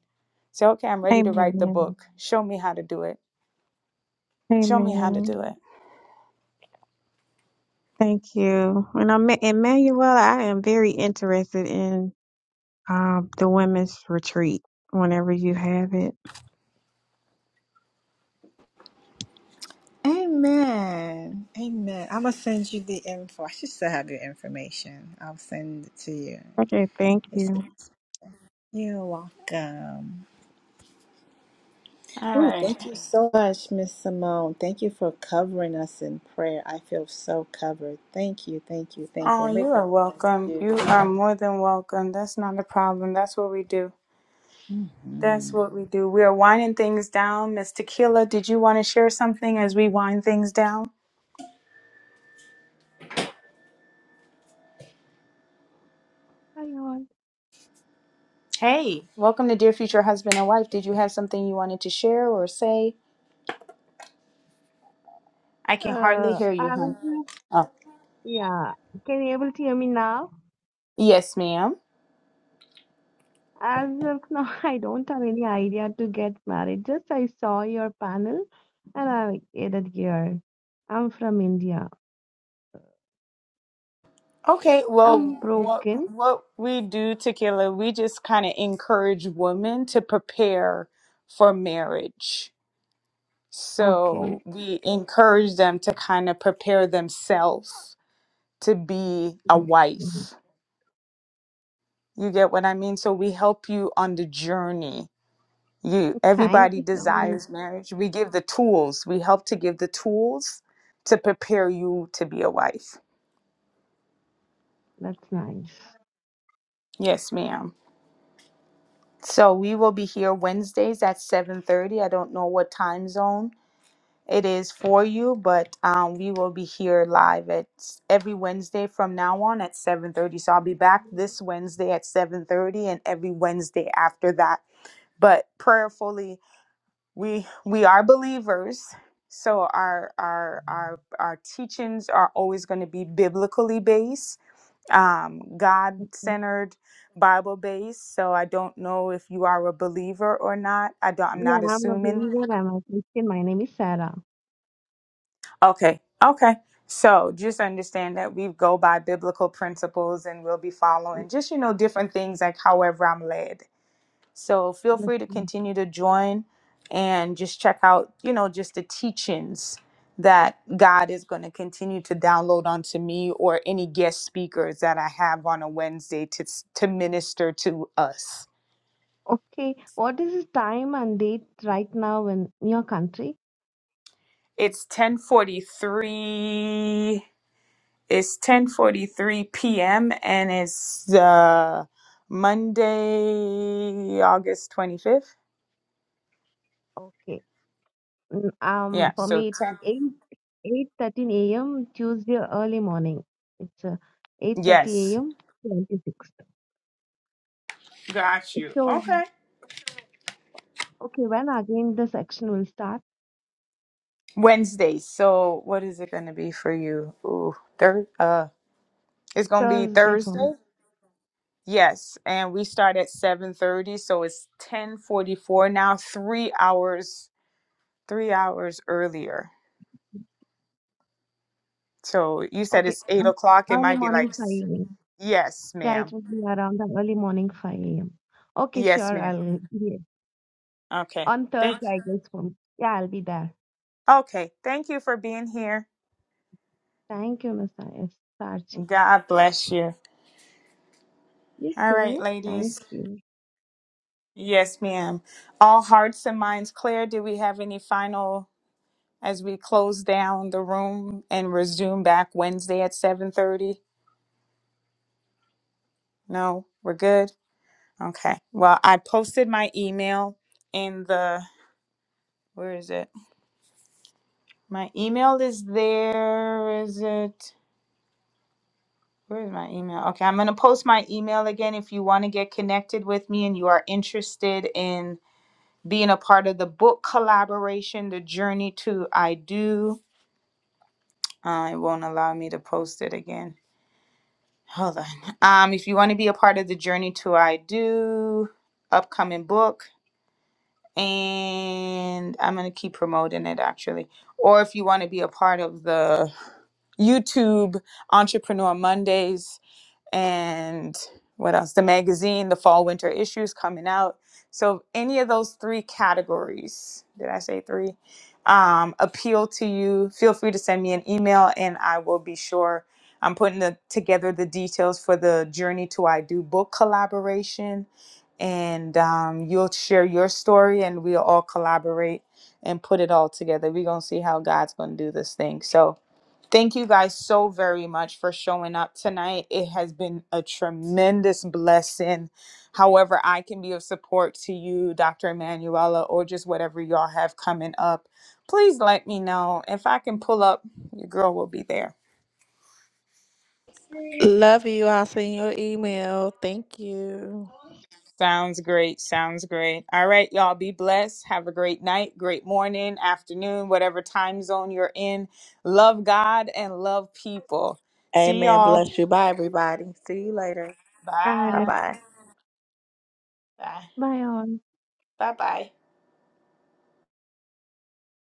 S1: say okay i'm ready to write the
S7: Amen.
S1: book show me how to do it show me how to
S7: Amen.
S1: do it
S7: Thank you. And I'm Emmanuel. I am very interested in um, the women's retreat whenever you have it.
S4: Amen. Amen. I'm gonna send you the info. I should still have your information. I'll send it to you.
S7: Okay, thank
S4: It's,
S7: you.
S4: you're welcome.
S1: all
S4: Ooh,
S1: right
S4: thank you so much, Miss Simone. Thank you for covering us in prayer. I feel so covered. Thank you, thank you, thank
S1: Oh,
S4: you. May
S1: you
S4: God
S1: are
S4: bless
S1: welcome. You
S4: you.
S1: are more than welcome. That's not a problem. That's what we do.
S4: Mhm.
S1: That's what we do. We are winding things down. Miss Tequila, did you want to share something as we wind things down?
S8: Hi all.
S1: Hey, welcome to Dear Future Husband and Wife. Did you have something you wanted to share or say? I can hardly
S8: Uh,
S1: hear you,
S8: as
S1: hon.
S8: of,
S1: Oh,
S8: yeah, can you able to hear me now?
S1: yes, ma'am.
S8: As of now, [LAUGHS] I don't have any idea to get married. Just I saw your panel and I added here. I'm from India.
S1: Okay,
S8: I'm
S1: well, what
S8: broken.
S1: what we do, Tequila, we just kind of encourage women to prepare for marriage So
S8: Okay.
S1: we encourage them to kind of prepare themselves to be a
S8: [LAUGHS] Mhm.
S1: wife. You get what I mean? So we help you on the journey. You
S8: Thank
S1: everybody
S8: you so much.
S1: desires marriage. We give the tools. We help to give the tools to prepare you to be a wife.
S8: That's nice.
S1: Yes, ma'am. So we will be here Wednesdays at 7:30. I don't know what time zone It is for you, but um, we will be here live at s- every Wednesday from now on at 7:30. So I'll be back this Wednesday at 7:30 and every Wednesday after that. But prayerfully, we we are believers, so our our our our teachings are always going to be biblically based, um,
S8: Okay.
S1: God-centered, Bible-based. So I don't know if you are a believer or not. I don't. I'm
S8: Yeah,
S1: not
S8: I'm a
S1: assuming
S8: believer. I'm a Christian. My name is Sarah.
S1: Okay. Okay. So just understand that we go by biblical principles and we'll be following just, you know, different things like however I'm led. So feel
S8: Let's
S1: free to
S8: see.
S1: continue to join and just check out, you know, just the teachings that God is going to continue to download onto me or any guest speakers that I have on a Wednesday to to minister to us.
S8: Okay. What is the time and date right now in your country?
S1: It's 1043 It's 10:43 p.m. and it's uh, Monday, August 25th.
S8: Okay. Mm,
S1: Yeah,
S8: Um, for
S1: so
S8: me, it's
S1: 10.
S8: 8, 8.13 a.m. Tuesday early morning. It's uh, 8.30
S1: Yes.
S8: a.m. 26th.
S1: Got you.
S8: So,
S1: Okay.
S8: okay, when again the section will start?
S1: Wednesday. So what is it going to be for you? Ooh, thir- uh it's going to be
S8: Thursday for me.
S1: Thursday? Yes, and we start at 7:30, so it's 10:44 now, 3 hours 3 hours earlier. So you said
S8: Okay,
S1: it's 8
S8: uh,
S1: o'clock. It
S8: early
S1: might be like
S8: morning 5
S1: s-
S8: a.m.
S1: Yes,
S8: Yeah, it
S1: ma'am.
S8: will be around the early morning 5 a.m. Okay,
S1: Yes,
S8: sure,
S1: ma'am.
S8: I'll be
S1: Okay.
S8: on
S1: Thank
S8: Thursday, I guess, for me. Yeah, I'll be there.
S1: Okay. Thank you for being here.
S8: Thank you, Mr. S. Sarchi.
S1: God bless you.
S8: You
S1: All right,
S8: too. Thank
S1: ladies.
S8: you.
S1: Yes, ma'am. All hearts and minds clear. Do we have any final as we close down the room and resume back Wednesday at 7:30? No, we're good. Okay. Well, I posted my email in the where is it? My email is there. Is it? Where's my email? Okay, I'm going to post my email again if you want to get connected with me and you are interested in being a part of the book collaboration, The Journey to I Do. Uh, it won't allow me to post it again. Hold on. Um, if you want to be a part of the Journey to I Do upcoming book, and I'm going to keep promoting it actually. Or if you want to be a part of the YouTube Entrepreneur Mondays, and what else? The magazine, the fall winter issues coming out. So any of those three categories, did I say three? Um, appeal to you. Feel free to send me an email, and I will be sure. I'm putting the, together the details for the Journey to I Do book collaboration, and um, you'll share your story, and we'll all collaborate and put it all together. We're gonna see how God's gonna do this thing. So Thank you guys so very much for showing up tonight. It has been a tremendous blessing. However, I can be of support to you, Dr. Emanuela, or just whatever y'all have coming up. Please let me know. If I can pull up, your girl will be there.
S5: Love you. I'll send you email. Thank you.
S1: Sounds great. Sounds great. All right, y'all be blessed. Have a great night, great morning, afternoon, whatever time zone you're in. Love God and love people. See
S5: Amen.
S1: y'all.
S5: Bless you. Bye, everybody. See you later.
S7: Bye.
S5: Bye
S1: Bye.
S5: bye.
S1: Bye.
S8: Bye all.
S1: Bye bye.